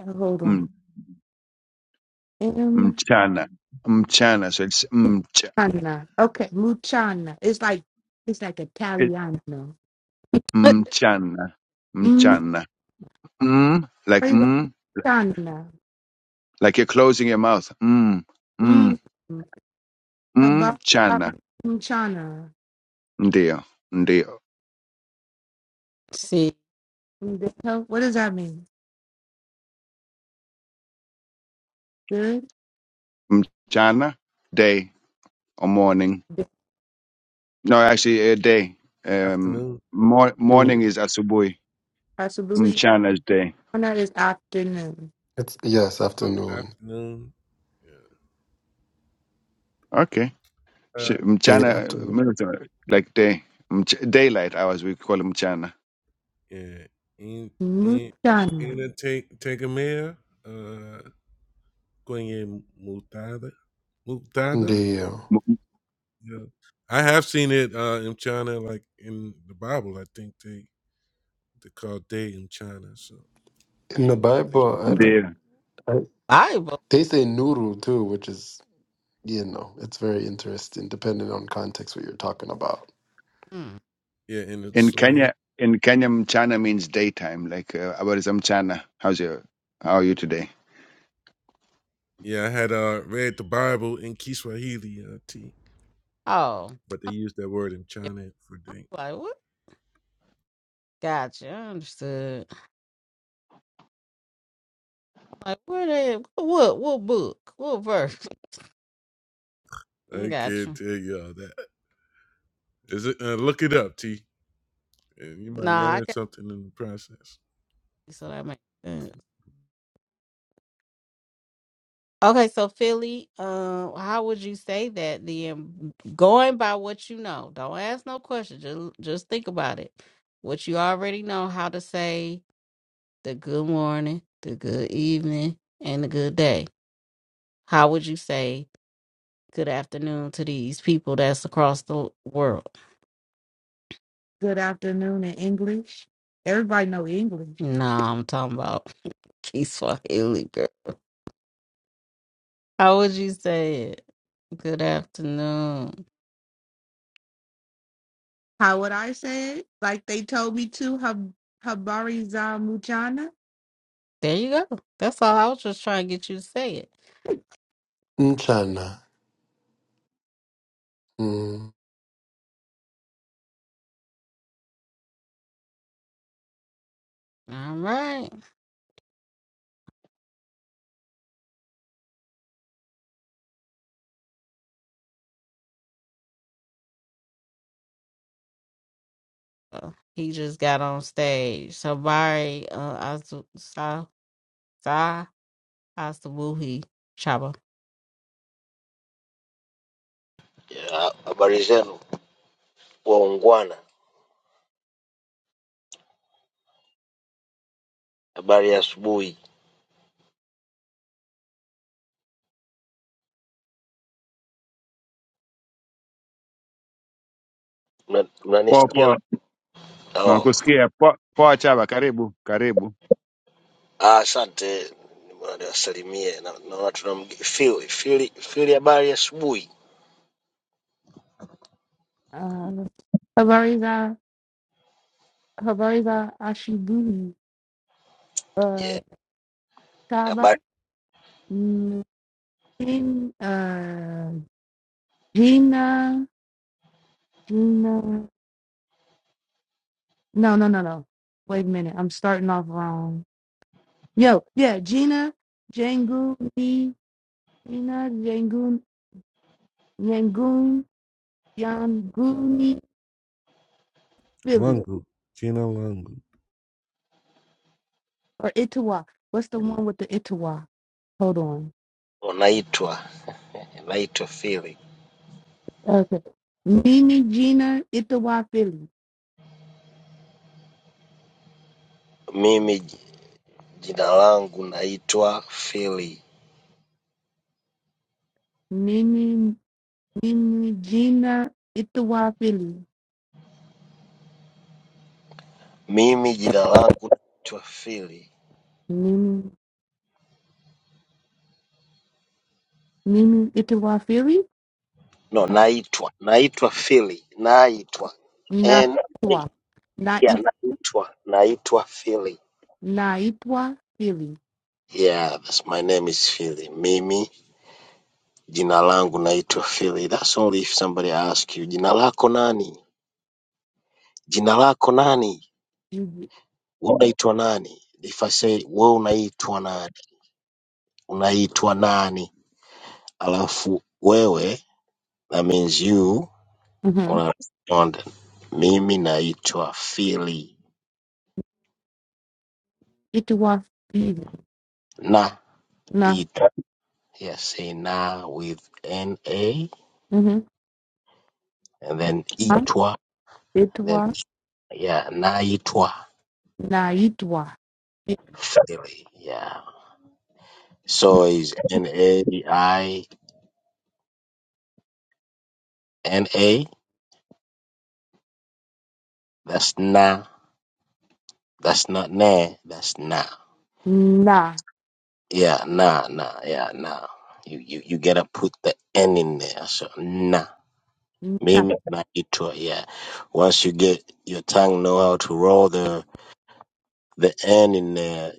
[SPEAKER 6] Uh, Hold
[SPEAKER 2] mm,
[SPEAKER 6] on. M
[SPEAKER 2] mchana mchana so it's mcha,
[SPEAKER 6] Chana. Okay, Muchana. It's like it's like
[SPEAKER 2] it,
[SPEAKER 6] Italiano.
[SPEAKER 2] mchana
[SPEAKER 6] Mm
[SPEAKER 2] mchana mm, like mm,
[SPEAKER 6] Chana.
[SPEAKER 2] like you're closing your mouth. Mm,
[SPEAKER 6] Mm.
[SPEAKER 2] mm,
[SPEAKER 6] How
[SPEAKER 2] mm,
[SPEAKER 6] about how about
[SPEAKER 2] chana,
[SPEAKER 6] Muchana?
[SPEAKER 2] ndio, ndio,
[SPEAKER 1] see
[SPEAKER 6] Mm, the hell- What does that mean? Good?
[SPEAKER 2] mm, chana, day or morning.
[SPEAKER 6] Good.
[SPEAKER 2] No, actually, a day. Um,
[SPEAKER 7] Afternoon.
[SPEAKER 2] mor-
[SPEAKER 4] Mm,
[SPEAKER 2] morning is asubuhi.
[SPEAKER 6] Possibly.
[SPEAKER 2] Mchana is day.
[SPEAKER 6] Chana is afternoon.
[SPEAKER 4] It's yes,
[SPEAKER 7] Oh,
[SPEAKER 4] afternoon.
[SPEAKER 7] afternoon. Yeah.
[SPEAKER 2] Okay.
[SPEAKER 7] Uh,
[SPEAKER 2] Sh-
[SPEAKER 4] Day
[SPEAKER 2] Mchana,
[SPEAKER 4] afternoon.
[SPEAKER 2] mchana, like day, Mch- daylight hours. We call it mchana.
[SPEAKER 7] yeah. In, in,
[SPEAKER 6] Muchana.
[SPEAKER 7] in a take, take a mayor. Uh, Going in Mutada, Mutada.
[SPEAKER 4] Deal.
[SPEAKER 2] M-
[SPEAKER 7] Yeah, I have seen it uh, in China, like in the Bible. I think they they call day in China. So,
[SPEAKER 4] In the
[SPEAKER 7] so
[SPEAKER 4] Bible I
[SPEAKER 7] I think
[SPEAKER 4] don't
[SPEAKER 2] Ndio.
[SPEAKER 4] I,
[SPEAKER 1] Bible.
[SPEAKER 4] they say noodle too, which is you know, it's very interesting depending on context what you're talking about.
[SPEAKER 1] Hmm.
[SPEAKER 7] yeah, in the
[SPEAKER 2] In
[SPEAKER 7] Swahili.
[SPEAKER 2] Kenya, in Kenya, mchana means daytime. Like, uh, about mchana. How's your, how are you today?
[SPEAKER 7] Yeah, I had uh, read the Bible in Kiswahili uh, T,
[SPEAKER 1] Oh.
[SPEAKER 7] but they use that word in
[SPEAKER 1] Yeah.
[SPEAKER 7] China for
[SPEAKER 1] I'm
[SPEAKER 7] day.
[SPEAKER 1] like, what? Gotcha. I understood. I'm like, where they what what book? What verse? *laughs*
[SPEAKER 7] I can't
[SPEAKER 1] Gotcha.
[SPEAKER 7] tell y'all that. Is it? Uh, look it up, T, and you might
[SPEAKER 1] Nah, I
[SPEAKER 7] learn
[SPEAKER 1] got
[SPEAKER 7] something in the process.
[SPEAKER 1] so that makes sense. Okay, so Philly, um, how would you say that then? Going by what you know, don't ask no questions. Just, just think about it. What you already know, how to say the good morning, the good evening, and the good day. How would you say good afternoon to these people that's across the world?
[SPEAKER 6] Good afternoon in English. Everybody know English.
[SPEAKER 1] Nah, I'm talking about *laughs* Peace Swahili girl. How would you say it? Good afternoon.
[SPEAKER 6] How would I say it? Like they told me to. Hab Habariza Muchana?
[SPEAKER 1] There you go. That's all. I was just trying to get you to say it.
[SPEAKER 4] Nchana. Mm.
[SPEAKER 1] All right. So he just got on stage. So Bari uh Asu- Sa Sa Asabuhi Chaba.
[SPEAKER 8] Ya, Habari zenu waungwana, habari ya asubuhi.
[SPEAKER 2] Poa
[SPEAKER 8] Mnanisikia?
[SPEAKER 2] poa
[SPEAKER 8] Oh,
[SPEAKER 2] Tunakusikia poa poa, Chaba, karibu karibu.
[SPEAKER 8] ah, asante, Bwana niwasalimie. Na- Naona tuna mge- Phil, Phil, Phil, habari ya asubuhi.
[SPEAKER 6] Uh, Habariza Habariza Ashibuli, uh,
[SPEAKER 8] Yeah,
[SPEAKER 6] Taba,
[SPEAKER 8] habari.
[SPEAKER 6] mm, Jin, uh, Gina, Gina. No, no, no, no. Wait a minute. I'm starting off wrong. Yo, yeah, Gina, Janguni, Gina, Jangun, Yangun, Yanguni, Philly,
[SPEAKER 7] Lungu, Chino Lungu.
[SPEAKER 6] or Itawa. What's the one with the Itawa? Hold on.
[SPEAKER 8] Naitwa naitwa Phil.
[SPEAKER 6] Okay. Nini, Gina, Itawa, Philly.
[SPEAKER 8] Mimi j- jina langu naitwa Phil.
[SPEAKER 6] Nini, Nini, Gina, Itawa, Philly.
[SPEAKER 8] Mimi jina langu naitwa Phil.
[SPEAKER 6] Mimi mimi itiwafiri
[SPEAKER 8] No, naitwa naitwa Phil, naitwa N
[SPEAKER 6] naitwa na
[SPEAKER 8] yeah,
[SPEAKER 6] it,
[SPEAKER 8] naitwa naitwa Phil.
[SPEAKER 6] naitwa fili
[SPEAKER 8] Yeah, that's my name is Philly. Mimi jina langu naitwa Philly. That's only if somebody asks you jina lako nani? Jina lako nani? Wewe unaitwa nani? If I say wewe unaitwa nani? Unaitwa nani? Alafu wewe that means you
[SPEAKER 6] mm-hmm.
[SPEAKER 8] una respond. Mimi naitwa Philly.
[SPEAKER 6] itiwa fili
[SPEAKER 8] Na
[SPEAKER 6] na
[SPEAKER 8] itwa. Yeah, say na with N A
[SPEAKER 6] mm-hmm.
[SPEAKER 8] and then
[SPEAKER 6] na
[SPEAKER 8] itwa then
[SPEAKER 6] itwa
[SPEAKER 8] yeah, naitwa
[SPEAKER 6] naitwa na
[SPEAKER 8] Philly. Yeah. So it's N A I N A. That's nah. That's not nah. That's nah. Yeah, nah, nah, yeah, nah. You you you gotta put the N in there. So nah.
[SPEAKER 6] na
[SPEAKER 8] Mimi na itwa, yeah. Once you get your tongue know how to roll the the N in there,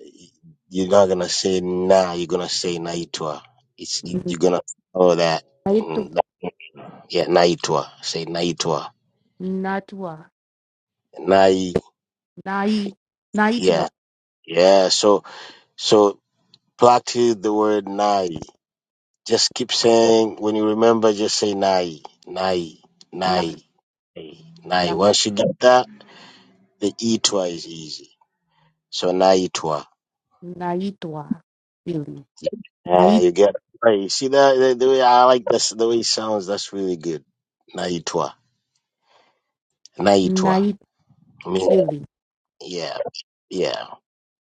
[SPEAKER 8] you're not gonna say nah. You're gonna say naitwa. It's it, you're gonna follow that.
[SPEAKER 6] naitwa
[SPEAKER 8] And, that- yeah, naitwa. Say naitwa.
[SPEAKER 6] naitwa
[SPEAKER 8] Nai.
[SPEAKER 6] nai naitwa
[SPEAKER 8] Yeah, yeah. So So. Practice the word nai. Just keep saying, when you remember, just say nai, nai,
[SPEAKER 6] na
[SPEAKER 8] nai, nai.
[SPEAKER 6] na
[SPEAKER 8] Once you get that, the itwa is easy. So nai itwa.
[SPEAKER 6] naitwa fili
[SPEAKER 8] Uh,
[SPEAKER 6] nait
[SPEAKER 8] you get right. You see that the, the way I like this, the way it sounds. That's really good. Naitwa, naitwa.
[SPEAKER 6] nait
[SPEAKER 8] I mean,
[SPEAKER 6] fili
[SPEAKER 8] yeah, yeah.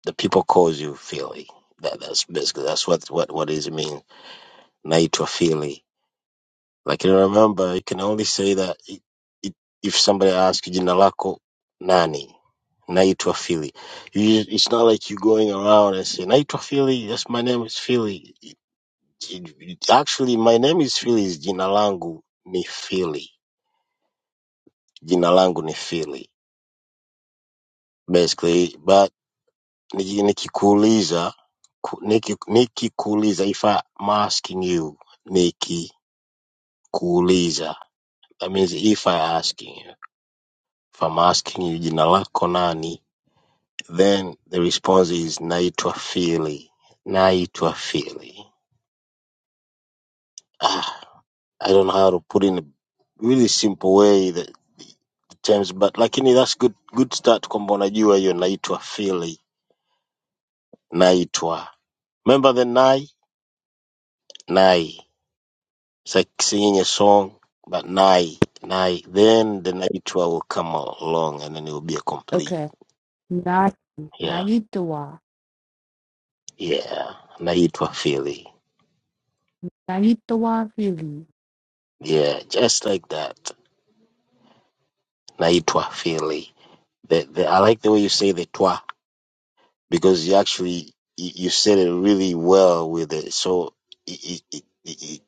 [SPEAKER 8] The people calls you Philly. That that's basically that's what what what it means. Naitwa Philly. lakini remember you can only say that i- i- if somebody asks you jina lako nani naitwa philly you, it's not like you going around and say naitwa philly yes my name is philly It- it- it- actually my name is philly is jina langu ni philly jina langu ni philly basically but niki- nikikuuliza ku- niki- nikikuuliza if i'm asking you nikikuuliza that means if i asking you If I'm asking you jina lako nani, then the response is naitwa Phili. Naitwa Phili. Ah, I don't know how to put in a really simple way the, the terms, but lakini that's good good start kwamba unajua hiyo naitwa Phili. Naitwa. Remember the nai? Nai. It's like singing a song, but nai, nai. Then the naitwa will come along and then it will be a complete.
[SPEAKER 6] okay na
[SPEAKER 8] Yeah,
[SPEAKER 6] naitwa
[SPEAKER 8] yeah. Naitwa Phili.
[SPEAKER 6] naitwa fili
[SPEAKER 8] Yeah, just like that. naitwa Philly. The, the, I like the way you say the toi because you actually you, you said it really well with it. So it, it, it, it,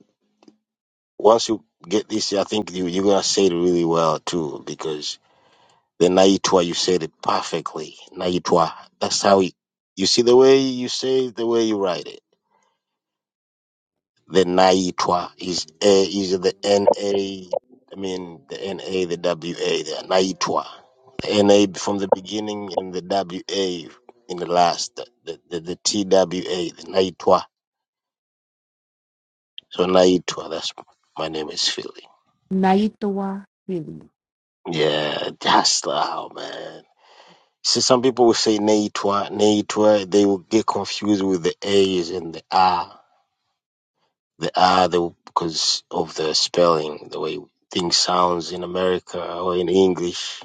[SPEAKER 8] once you get this, I think you, you're gonna say it really well too because the naitwa you said it perfectly. Naitwa. That's how you, you see the way you say it, the way you write it. the NAITWA is A is the N A. I mean the NA, the WA, the NAITWA. The NA from the beginning and the WA in the last. The the, the TWA, the NAITWA. So NAITWA. That's my name is Philly.
[SPEAKER 6] Naitawa Philly.
[SPEAKER 8] Yeah, just how man. See, some people will say NAITWA, NAITWA. They will get confused with the A's and the R. the R the because of the spelling, the way things sounds in America or in English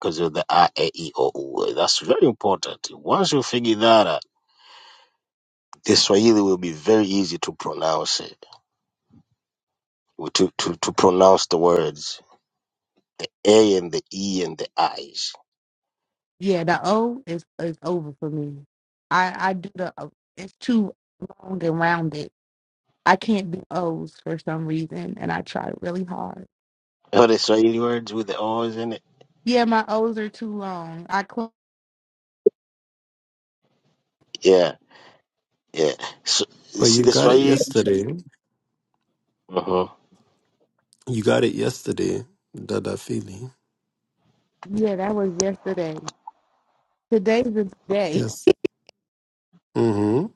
[SPEAKER 8] because of the R A E I, O U. E. That's very important. Once you figure that out, the Swahili will be very easy to pronounce it. To to to pronounce the words A and the E and the I's.
[SPEAKER 6] Yeah, the O is is over for me. I I do the O. it's too long and rounded. I can't do O's for some reason, and I try really hard.
[SPEAKER 8] All the Swahili words with the O's in it.
[SPEAKER 6] Yeah, my O's are too long. I close.
[SPEAKER 8] Yeah, yeah. So you
[SPEAKER 4] But
[SPEAKER 8] see
[SPEAKER 4] you
[SPEAKER 8] the
[SPEAKER 4] got it
[SPEAKER 8] Swahili.
[SPEAKER 4] yesterday.
[SPEAKER 8] hmm
[SPEAKER 4] You got it yesterday, Dada Fili.
[SPEAKER 6] Yeah, that was yesterday. Today's the day.
[SPEAKER 4] Yes. Mm-hmm.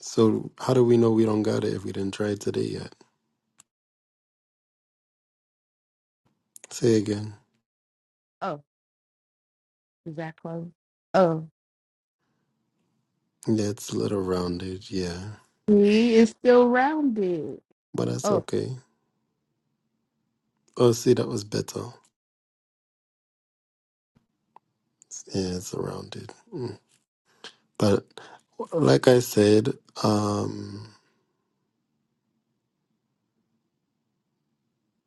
[SPEAKER 4] So how do we know we don't got it if we didn't try it today yet? Say again.
[SPEAKER 6] Oh, is that close? Oh,
[SPEAKER 4] Yeah, it's a little rounded, yeah.
[SPEAKER 6] see, it's still rounded.
[SPEAKER 4] But that's
[SPEAKER 6] Oh,
[SPEAKER 4] okay. Oh, see, that was better. Yeah, it's rounded. Mm. But like I said, um,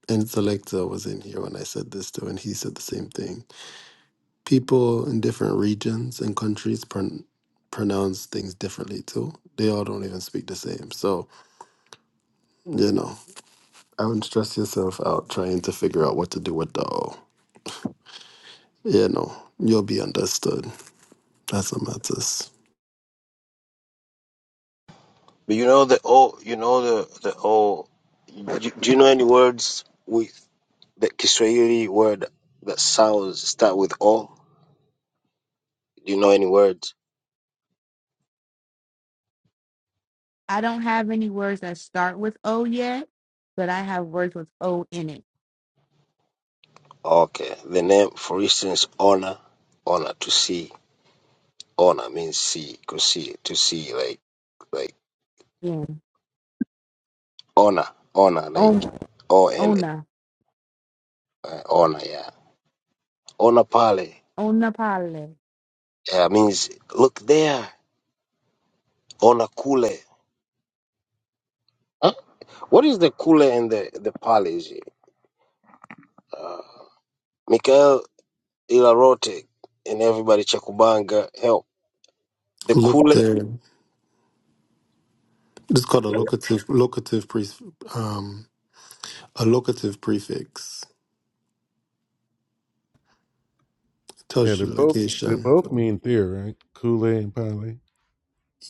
[SPEAKER 4] Intellector was in here when I said this too, and he said the same thing. People in different regions and countries pron- pronounce things differently too. They all don't even speak the same. So, you know, I wouldn't stress yourself out trying to figure out what to do with the O. You know, you'll be understood. That's what matters.
[SPEAKER 8] But you know the O. You know the the O. Do, do you know any words? we The Kiswahili word that sounds start with O. Do you know any words?
[SPEAKER 6] I don't have any words that start with O yet, but I have words with O in it.
[SPEAKER 8] Okay. The name, for instance, honor, honor to see. Honor means see, to see, to see, like, like
[SPEAKER 6] Yeah.
[SPEAKER 8] honor, honor, like
[SPEAKER 6] Oh,
[SPEAKER 8] O N
[SPEAKER 6] Ona.
[SPEAKER 8] uh, honor, yeah. Honor pale,
[SPEAKER 6] on the pilot.
[SPEAKER 8] yeah, means look there. Honor kule. Huh? What is the kule and the the pale? Is it? Uh, Mikael Ilarote and everybody Chakubanga help. The
[SPEAKER 4] Look
[SPEAKER 8] kule,
[SPEAKER 4] there. It's called a locative locative pre um a locative prefix. It
[SPEAKER 7] Yeah,
[SPEAKER 4] tells
[SPEAKER 7] they
[SPEAKER 4] you
[SPEAKER 7] both they
[SPEAKER 4] location.
[SPEAKER 7] both mean deer, right? Kule and Pale.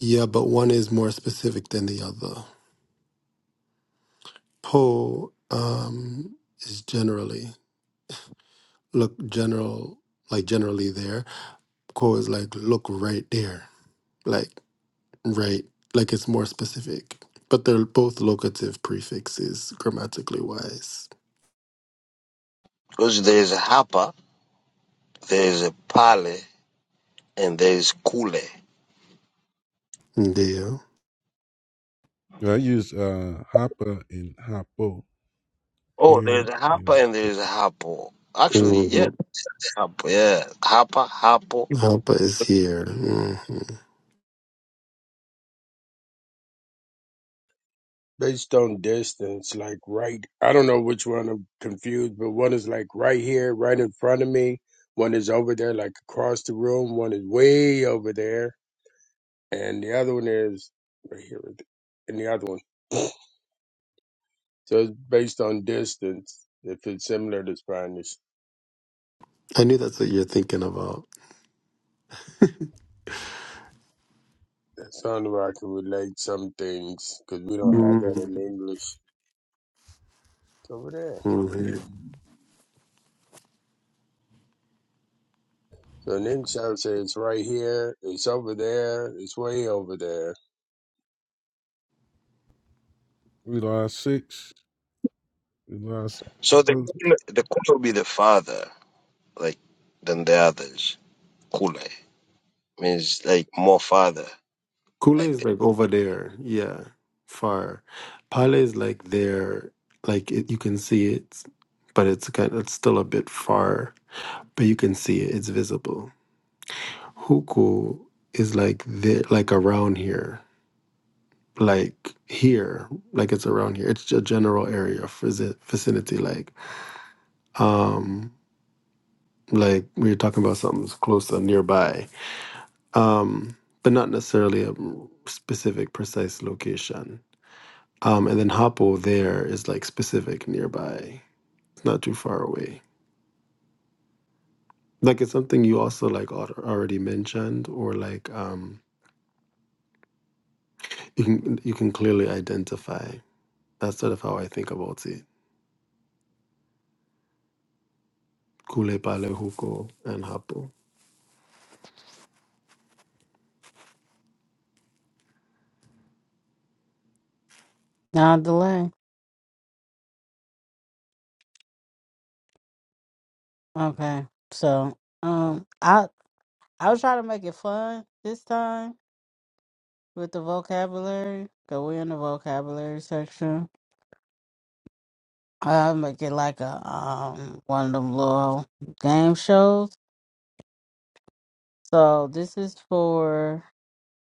[SPEAKER 4] Yeah, but one is more specific than the other. Po um is generally look general like generally there. Ko is like look right there. Like right like it's more specific. But they're both locative prefixes grammatically wise.
[SPEAKER 8] because there's a hapa There's a pale and there's kule.
[SPEAKER 4] Deal.
[SPEAKER 7] Yeah, I use uh Hopper and Hoppo
[SPEAKER 8] Oh, there's
[SPEAKER 7] here
[SPEAKER 8] a
[SPEAKER 7] in
[SPEAKER 8] hapa and
[SPEAKER 7] the
[SPEAKER 8] there's a hapo. Actually, yeah,
[SPEAKER 4] hmm
[SPEAKER 8] hapo, yeah, hapa, hapo.
[SPEAKER 4] Alpha is here. hmm
[SPEAKER 3] Based on distance, like right, I don't know which one I'm confused, but one is like right here, right in front of me. One is over there, like across the room. One is way over there, and the other one is right here, with- and the other one. *sniffs* So it's based on distance. If it's similar to Spanish,
[SPEAKER 4] I knew that's what you're thinking about.
[SPEAKER 3] that's the I can relate some things because we don't have that in
[SPEAKER 4] Mm,
[SPEAKER 3] English. It's over there.
[SPEAKER 4] Kool-Aid.
[SPEAKER 3] The ninja says it's right here, it's over there, it's way over there.
[SPEAKER 7] we lost six. We lost
[SPEAKER 8] So
[SPEAKER 7] seven
[SPEAKER 8] the
[SPEAKER 7] votes.
[SPEAKER 8] kule, the kule will be the father, like than the others. Kule means like more father. I
[SPEAKER 4] is
[SPEAKER 8] think.
[SPEAKER 4] like over there, yeah, far. Pale is like there, like it, you can see it, but it's kind it's still a bit far, but you can see it, it's visible. Huku is like there, like around here, like here, like it's around here. It's a general area, vici- vicinity, like, um, like we were talking about something's closer, nearby, um, but not necessarily a specific, precise location Um, and then Hapo there is like specific nearby. It's not too far away. Like it's something you also like al- already mentioned, or like um, you can you can clearly identify. That's sort of how I think about it. Kule pale huko and Hapo.
[SPEAKER 1] No delay. Okay. So um I I was trying to make it fun this time with the vocabulary. Cause we're in the vocabulary section. I make it like a um one of them little game shows. So this is for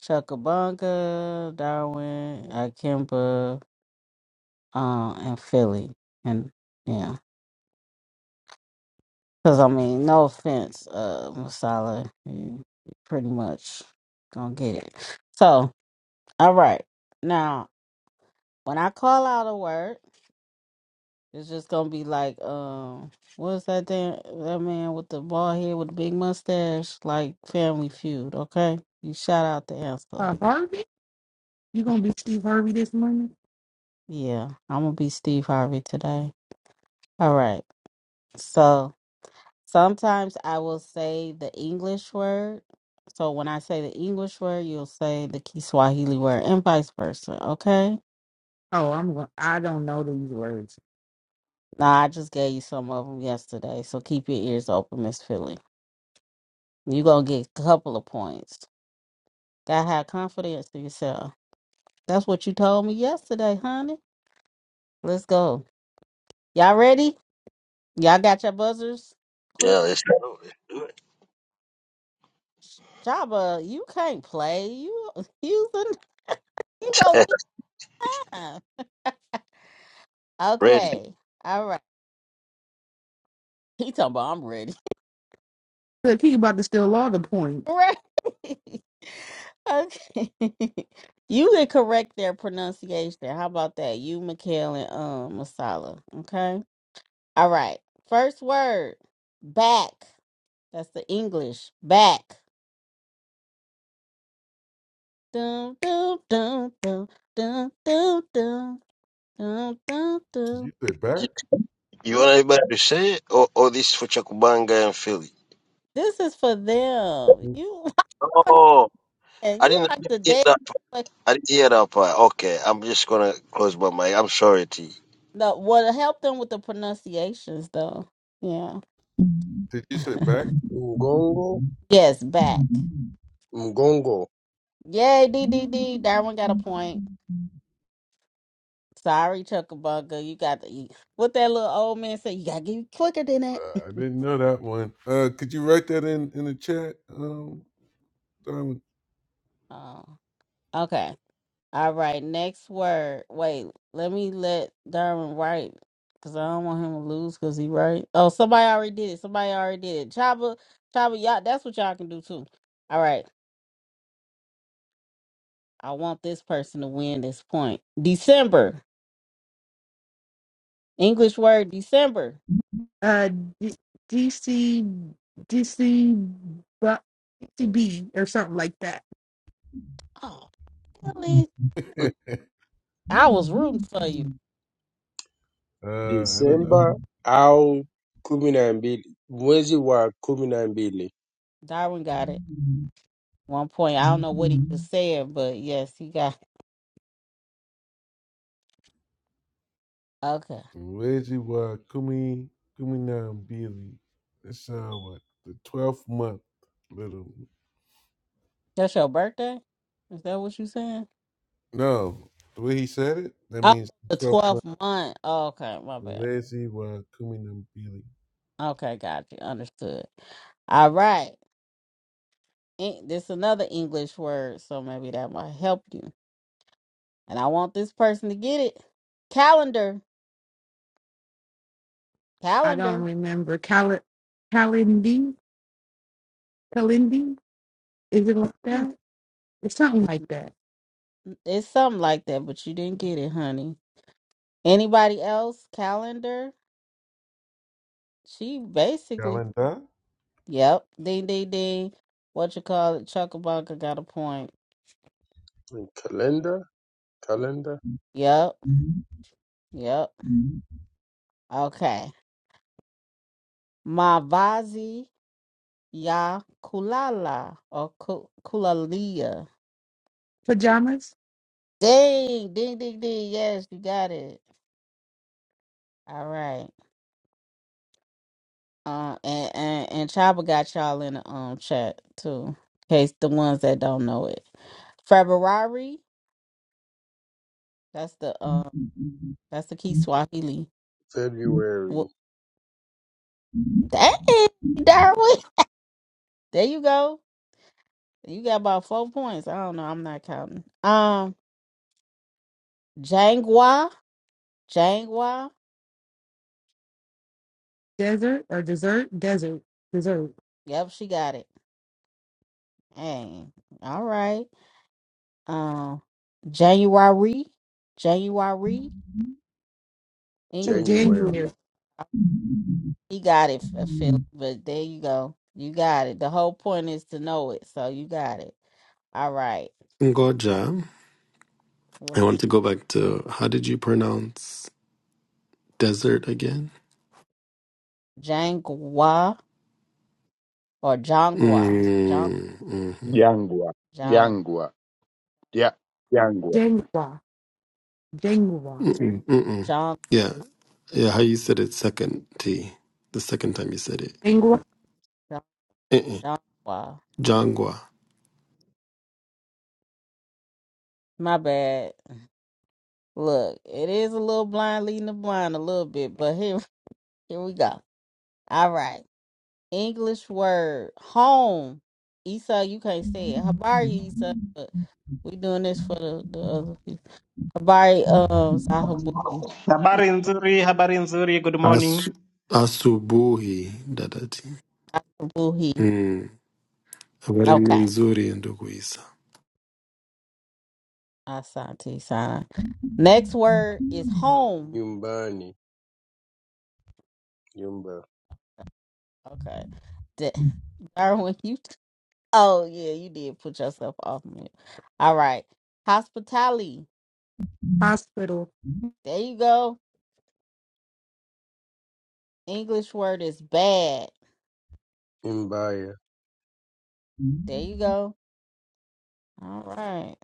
[SPEAKER 1] Chuckabunga, Darwin, Akimba, uh, in Philly. And yeah, because I mean, no offense, uh, Masala, you you pretty much gonna get it. So, all right, now when I call out a word, it's just gonna be like, um, what's that damn that man with the bald head with the big mustache, like Family Feud? Okay, you shout out the answer.
[SPEAKER 6] Uh, Harvey? You gonna be Steve Harvey this morning?
[SPEAKER 1] Yeah, I'm gonna be Steve Harvey today. All right, so. Sometimes I will say the English word. So when I say the English word, you'll say the Kiswahili word, and vice versa. Okay.
[SPEAKER 6] Oh, I'm going I don't know these words.
[SPEAKER 1] Now I just gave you some of them yesterday, so keep your ears open, Miss Philly. you gonna get a couple of points. Gotta have confidence in yourself. That's what you told me yesterday, honey. Let's go. Y'all ready? Y'all got your buzzers?
[SPEAKER 8] Yeah,
[SPEAKER 1] Quick,
[SPEAKER 8] let's do it. Do
[SPEAKER 1] Jabba, you can't play. You, *laughs* using? you go
[SPEAKER 8] it.
[SPEAKER 1] with time. *laughs*
[SPEAKER 8] *laughs* Ready?
[SPEAKER 1] Okay. All right. *laughs* He talking about I'm ready.
[SPEAKER 6] Look, he about to steal all the
[SPEAKER 1] *laughs*
[SPEAKER 6] points.
[SPEAKER 1] right. *laughs* okay. *laughs* you can correct their pronunciation. How about that? You, Mikhail, and um Masala. Okay. All right. First word. Back. That's the English. Back. Dum dum dum dum dum dum dum dum dum
[SPEAKER 7] Did you
[SPEAKER 1] dum.
[SPEAKER 7] say
[SPEAKER 8] You,
[SPEAKER 7] back?
[SPEAKER 8] you
[SPEAKER 1] You-
[SPEAKER 8] want anybody to say it, or, or this for Chakubanga and Philly?
[SPEAKER 1] This is for them.
[SPEAKER 7] Did
[SPEAKER 1] You, *laughs*
[SPEAKER 8] Oh,
[SPEAKER 1] and
[SPEAKER 8] I
[SPEAKER 1] you
[SPEAKER 8] didn't
[SPEAKER 1] like the
[SPEAKER 8] hear
[SPEAKER 1] dead.
[SPEAKER 8] that. part. I didn't hear that part. Okay, I'm just gonna close my mic. I'm sorry, T.
[SPEAKER 1] No, well, help them with the pronunciations, though. Yeah.
[SPEAKER 7] you say back?
[SPEAKER 3] Mgongo,
[SPEAKER 1] Yes, back.
[SPEAKER 3] mgongo.
[SPEAKER 1] Yay, D D D. Darwin got a point. Sorry, Chuckabugga. You got to eat. What that little old man said, you got to get it quicker than that.
[SPEAKER 7] Uh, I
[SPEAKER 1] *laughs*
[SPEAKER 7] didn't know that one. Uh could you write that in in the chat? Um Diamond?
[SPEAKER 1] Oh, okay. All right. Next word. Wait, let me let Darwin write because I don't want him to lose because he right. Oh, somebody already did it. Somebody already did it. Chaba, Chaba, y'all, that's what y'all can do too. All right. I want this person to win this point. December. English word December.
[SPEAKER 6] Uh D- DC DC bu- DCB or something like that.
[SPEAKER 1] Oh, really?
[SPEAKER 7] *laughs* uh
[SPEAKER 3] *laughs*
[SPEAKER 1] I was rooting for you.
[SPEAKER 7] I don't know.
[SPEAKER 3] Disemba au kumi na mbili, mwezi wa kumi na mbili.
[SPEAKER 1] Darwin got it. One point. I don't know what he just said, but yes, he got it. Okay.
[SPEAKER 7] Reggie wa Kumi Kuminam Billy. That's uh what the twelfth month little
[SPEAKER 1] That's your birthday? Is that what you saying?
[SPEAKER 7] no. The way he said it, that
[SPEAKER 1] Oh,
[SPEAKER 7] means the
[SPEAKER 1] the
[SPEAKER 7] twelfth month.
[SPEAKER 1] 12th month. Oh, okay, my bad.
[SPEAKER 7] Reggie wa Kuminam Billy.
[SPEAKER 1] Okay, got you. Understood. All right. En- This another English word, so maybe that might help you. And I want this person to get it. Calendar.
[SPEAKER 6] I don't
[SPEAKER 1] Calendar.
[SPEAKER 6] remember. Cal Calindi? Calindi? Is it like
[SPEAKER 1] Mm,
[SPEAKER 6] that? It's something like that.
[SPEAKER 1] It's something like that, but you didn't get it, honey. Anybody else? Calendar? She basically,
[SPEAKER 7] Calendar,
[SPEAKER 1] yep. Ding, ding, ding. What you call it? Chuckabunga got a point.
[SPEAKER 3] Calendar, calendar,
[SPEAKER 1] Yep, yep. Okay. Mavazi ya kulala or ku- kulalia.
[SPEAKER 6] Pajamas?
[SPEAKER 1] Ding, ding, ding, ding. Yes, you got it. All right. Uh, and and and Chaba got y'all in the um chat too, in case the ones that don't know it. February. That's the um. That's the key Swahili.
[SPEAKER 3] February,
[SPEAKER 1] Dang, Darwin. There you go. You got about four points. I don't know. I'm not counting. Um, Jangwa. Jangwa.
[SPEAKER 6] Desert or dessert? Desert. Dessert.
[SPEAKER 1] Yep, she got it. Dang. All right. Um, January. January.
[SPEAKER 6] Oh,
[SPEAKER 1] English.
[SPEAKER 3] January.
[SPEAKER 6] January.
[SPEAKER 1] He got it, F- Philly. But there you go. You got it. The whole point is to know it. So you got it. All right.
[SPEAKER 4] Ngoja. I
[SPEAKER 1] What's
[SPEAKER 4] want to go back to how did you pronounce desert again?
[SPEAKER 1] Jangwa or Jangwa? Jang
[SPEAKER 4] Mm, hmm
[SPEAKER 2] Jangwa,
[SPEAKER 1] Jang
[SPEAKER 2] jangwa, yeah, jangwa.
[SPEAKER 6] January. January.
[SPEAKER 4] Mm-mm, mm-mm.
[SPEAKER 1] Jang
[SPEAKER 4] Yeah, yeah. How you said it second T, the second time you said it.
[SPEAKER 6] January.
[SPEAKER 1] Jang
[SPEAKER 4] Uh-uh.
[SPEAKER 1] Jangwa.
[SPEAKER 4] Jangwa.
[SPEAKER 1] My bad. Look, it is a little blind leading the blind a little bit, but here *laughs* here we go. All right. English word home. Esau, you can't say it. Habari Esau. but We doing this for the, the other people. Habari um Zahabuhi.
[SPEAKER 9] Habari nzuri, habari nzuri. Good morning.
[SPEAKER 4] Asu- Asubuhi dadati.
[SPEAKER 1] Zahabuhi.
[SPEAKER 4] Mm. Habari ni
[SPEAKER 1] Okay.
[SPEAKER 4] nzuri ndugu Isa.
[SPEAKER 1] Asante Sana. Next word is home.
[SPEAKER 3] Nyumbani, nyumba,
[SPEAKER 1] Okay. Da- *laughs* Darwin, you oh yeah, you did put yourself off mute. All right. Hospitality.
[SPEAKER 6] Hospital.
[SPEAKER 1] There you go. English word is bad.
[SPEAKER 3] nyumbaya.
[SPEAKER 1] There you go. All right.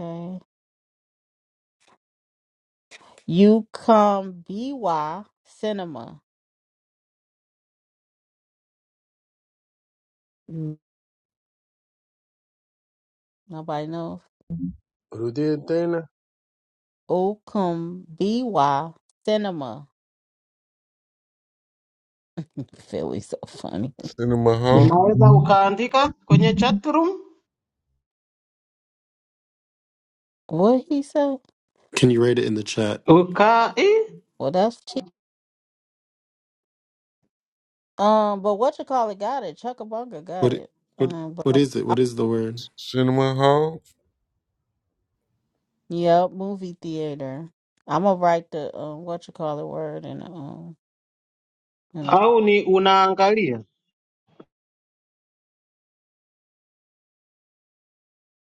[SPEAKER 1] Okay. Ucum BY cinema. Nobody knows.
[SPEAKER 3] Rudie tena,
[SPEAKER 1] Ucum BY cinema. *laughs* Philly so funny.
[SPEAKER 7] Cinema Hall,
[SPEAKER 9] Unaweza ukaandika kwenye chat room
[SPEAKER 1] What he say?
[SPEAKER 4] Can you write it in the chat?
[SPEAKER 9] uka i-
[SPEAKER 1] Well, that's cheap. Um, but what you call it? Got it. Chuckabunga got
[SPEAKER 4] What
[SPEAKER 1] it.
[SPEAKER 4] what
[SPEAKER 1] Um, but
[SPEAKER 4] what is it?
[SPEAKER 1] I,
[SPEAKER 4] What is the word?
[SPEAKER 7] Cinema Hall.
[SPEAKER 1] yep, movie theater. I'm gonna write the um, what you call it word and um and
[SPEAKER 9] au ni unaangalia.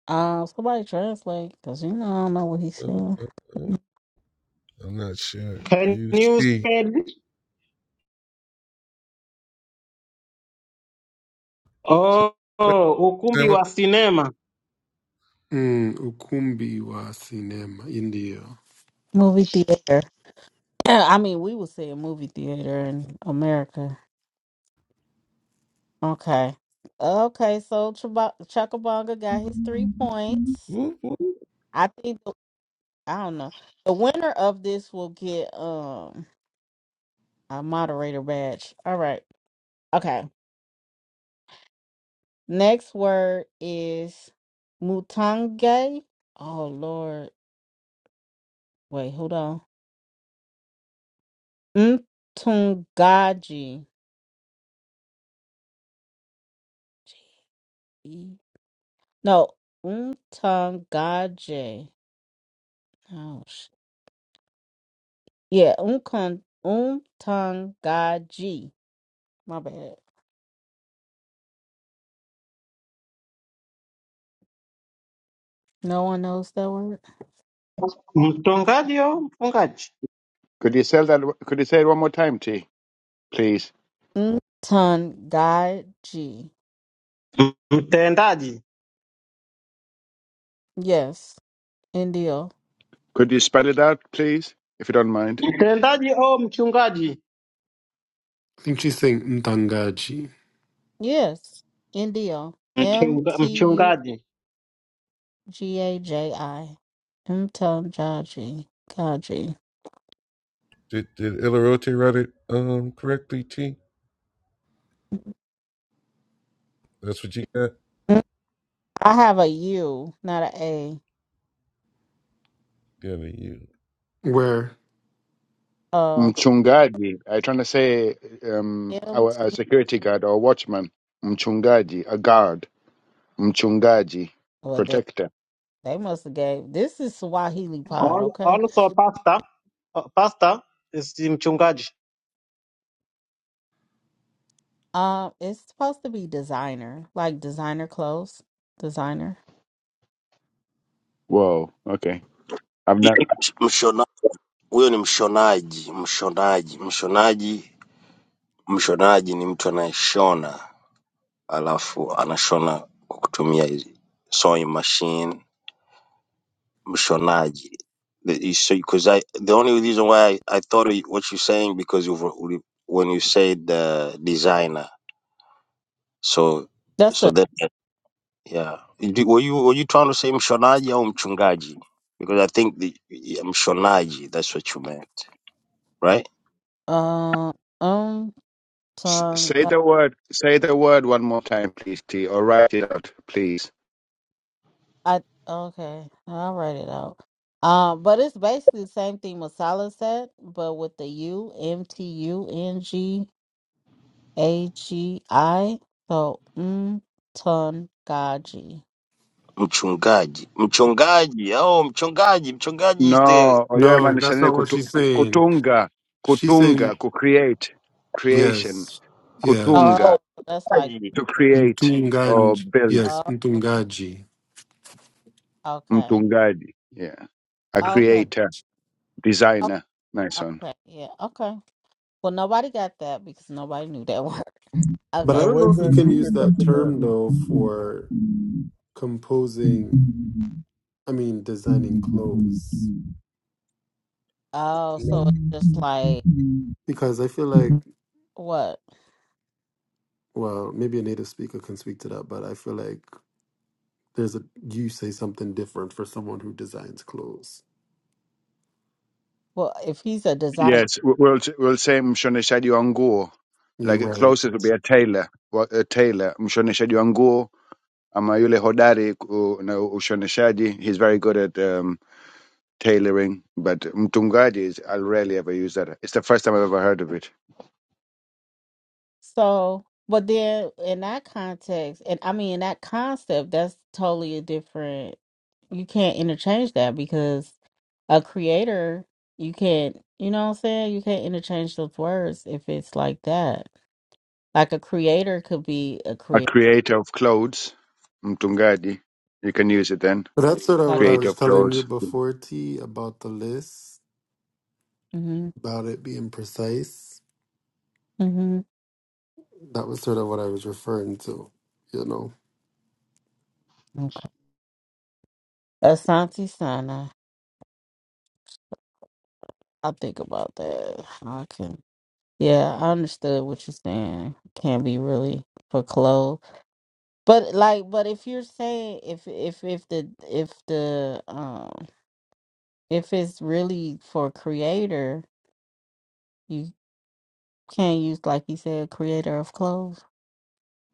[SPEAKER 1] um somebody translate because you know I don't know what he
[SPEAKER 7] Uh,
[SPEAKER 1] said.
[SPEAKER 7] uh, uh, I'm not sure.
[SPEAKER 9] Can
[SPEAKER 7] You
[SPEAKER 9] you
[SPEAKER 7] see,
[SPEAKER 9] spell? Oh, oh, ukumbi
[SPEAKER 7] cinema.
[SPEAKER 9] wa sinema.
[SPEAKER 4] Mm, ukumbi wa cinema. Indio.
[SPEAKER 1] Movie theater. Yeah, I mean, we would say a movie theater in America. Okay. Okay, so Chuba- Chuckabonga got his three points.
[SPEAKER 7] Whoop, whoop.
[SPEAKER 1] I think, the- I don't know. The winner of this will get um a moderator badge. All right. Okay. Next word is Mutange. Oh, Lord. Wait, hold on. Mtungaji. Gee. No, Mtungaje. Oh, sh- yeah, umkun umtangaji. My bad. No one knows that word.
[SPEAKER 9] Mtongaji au mfungaji?
[SPEAKER 2] Could you say that? Could you say it one more time, T, please?
[SPEAKER 1] Umtangaji.
[SPEAKER 9] M- Mtendaji.
[SPEAKER 1] Yes, Indio.
[SPEAKER 2] Could you spell it out, please, if you don't mind?
[SPEAKER 9] Mtendaji au mchungaji?
[SPEAKER 4] I think she's saying mtangaji.
[SPEAKER 1] Yes, Indio. M
[SPEAKER 9] Mchunga,
[SPEAKER 1] T U
[SPEAKER 9] mchungaji.
[SPEAKER 1] G A J I. Umtangaji. Gaji.
[SPEAKER 7] Did did Ilarote write it um correctly? T. That's what you got.
[SPEAKER 1] Mm, I have a U, not a A.
[SPEAKER 7] Good to you.
[SPEAKER 4] Where?
[SPEAKER 1] Uh,
[SPEAKER 2] Mchungaji. I'm trying to say um,
[SPEAKER 1] M
[SPEAKER 2] our,
[SPEAKER 1] T.
[SPEAKER 2] a security guard or watchman. Mchungaji, a guard. Mchungaji,
[SPEAKER 1] Well, they
[SPEAKER 2] protector.
[SPEAKER 1] they must have gave. This is Swahili pod,
[SPEAKER 9] Al-
[SPEAKER 1] okay?
[SPEAKER 9] Also pastor. Uh, Pastor is mchungaji.
[SPEAKER 1] Um, it's supposed to be designer, like designer clothes, designer.
[SPEAKER 2] Whoa. Okay. I've never.
[SPEAKER 8] Mshona, huyo ni mshonaji, mshonaji, mshonaji. Mshonaji ni mtu anayeshona alafu anashona kwa kutumia hizi sewing machine. Mshonaji. The, so, because I the only reason why I, I thought it- what you're saying because you were- when you said the designer, so
[SPEAKER 1] That's
[SPEAKER 8] so
[SPEAKER 1] the
[SPEAKER 8] that yeah, Did- were you were you trying to say mshonaji au mchungaji? Because I think the yeah, mshonaji that's what you meant, right?
[SPEAKER 1] um um
[SPEAKER 2] S-
[SPEAKER 1] song.
[SPEAKER 2] say
[SPEAKER 1] that
[SPEAKER 2] the word. Say the word one more time, please, T, or write it out, please.
[SPEAKER 1] I okay, I'll write it out. Um, but it's basically the same thing Masala said, but with the U M T U N G A G I. So mm ton gaji.
[SPEAKER 8] mchungaji mchungaji au mchungaji mchungaji is the
[SPEAKER 2] No, oyo
[SPEAKER 4] No,
[SPEAKER 2] maanisha
[SPEAKER 4] that's
[SPEAKER 2] nini?
[SPEAKER 4] not what
[SPEAKER 2] Kutu,
[SPEAKER 4] she's
[SPEAKER 2] ku-
[SPEAKER 4] saying.
[SPEAKER 2] kutunga,
[SPEAKER 4] She's saying
[SPEAKER 2] kutunga, ku create, creation,
[SPEAKER 4] yes. Yeah.
[SPEAKER 2] kutunga,
[SPEAKER 1] Oh, that's like
[SPEAKER 2] to create or
[SPEAKER 4] Mtunganji.
[SPEAKER 2] build,
[SPEAKER 4] Yes,
[SPEAKER 1] oh
[SPEAKER 4] mtungaji.
[SPEAKER 1] okay,
[SPEAKER 2] mtungaji. Yeah, a
[SPEAKER 1] okay,
[SPEAKER 4] But
[SPEAKER 2] creator,
[SPEAKER 1] okay,
[SPEAKER 2] designer. Nice one.
[SPEAKER 1] okay, yeah, okay. Well, nobody got that because nobody knew that *laughs* word. Okay.
[SPEAKER 4] I don't know if
[SPEAKER 3] naweza
[SPEAKER 4] you can use
[SPEAKER 3] andika
[SPEAKER 4] that term
[SPEAKER 3] tafadhali?
[SPEAKER 4] though for composing I mean, designing clothes.
[SPEAKER 1] Oh,
[SPEAKER 3] Na-
[SPEAKER 1] so it's just like
[SPEAKER 4] Because I feel like,
[SPEAKER 1] what?
[SPEAKER 4] well, maybe a native speaker can speak to that, but I feel like there's a, you say something different for someone who designs clothes.
[SPEAKER 1] Well, if he's a designer,
[SPEAKER 2] Yes, we- we'll we'll say mshoneshaji wa nguo.
[SPEAKER 4] You're
[SPEAKER 2] Like
[SPEAKER 4] right.
[SPEAKER 2] closer to be a tailor, wa- a tailor, mshoneshaji wa nguo ama yule hodari ku- na ushoneshaji. He's very good at um, tailoring, but mtungaji is I'll rarely ever use that. It's the first time I've ever heard of it.
[SPEAKER 1] so but then in that context, and I mean in that concept, that's totally a different. You can't interchange that because a creator, you can't. You know what I'm saying? You can't interchange those words if it's like that. Like a creator could be a
[SPEAKER 2] A
[SPEAKER 1] creator,
[SPEAKER 2] creator of clothes, mtungaji. You can use it then.
[SPEAKER 4] But that's sort of
[SPEAKER 1] like
[SPEAKER 4] what
[SPEAKER 1] a.
[SPEAKER 4] I
[SPEAKER 2] Creator
[SPEAKER 4] was
[SPEAKER 2] of
[SPEAKER 4] telling you
[SPEAKER 2] clothes.
[SPEAKER 4] before, T, about the list,
[SPEAKER 1] Mm-hmm.
[SPEAKER 4] about it being precise.
[SPEAKER 1] Mm-hmm.
[SPEAKER 4] That was sort of what I was referring to, you know.
[SPEAKER 1] Okay. Asante Sana. I'll think about that. I can. Yeah, I understood what you're saying. Can't be really for clothes, but like, but if you're saying if if if the if the um if it's really for creator, you can't use like you said, creator of clothes.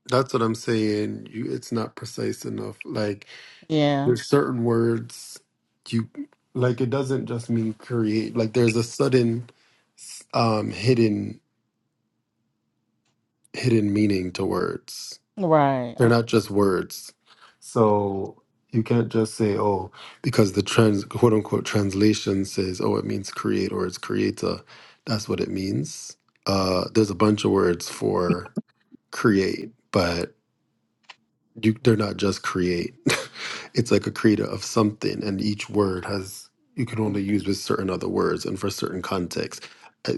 [SPEAKER 4] That's what I'm saying. You, it's not precise enough. Like
[SPEAKER 1] Yeah,
[SPEAKER 4] there's certain words you like it doesn't just mean create like there's a sudden um hidden hidden meaning to words
[SPEAKER 1] right.
[SPEAKER 4] they're not just words so you can't just say oh because the trans quote unquote translation says oh it means create or it's creator that's what it means uh there's a bunch of words for create but you they're not just create *laughs* it's like a creator of something and each word has you can
[SPEAKER 1] Okay.
[SPEAKER 4] only use with certain other words and for certain contexts uh,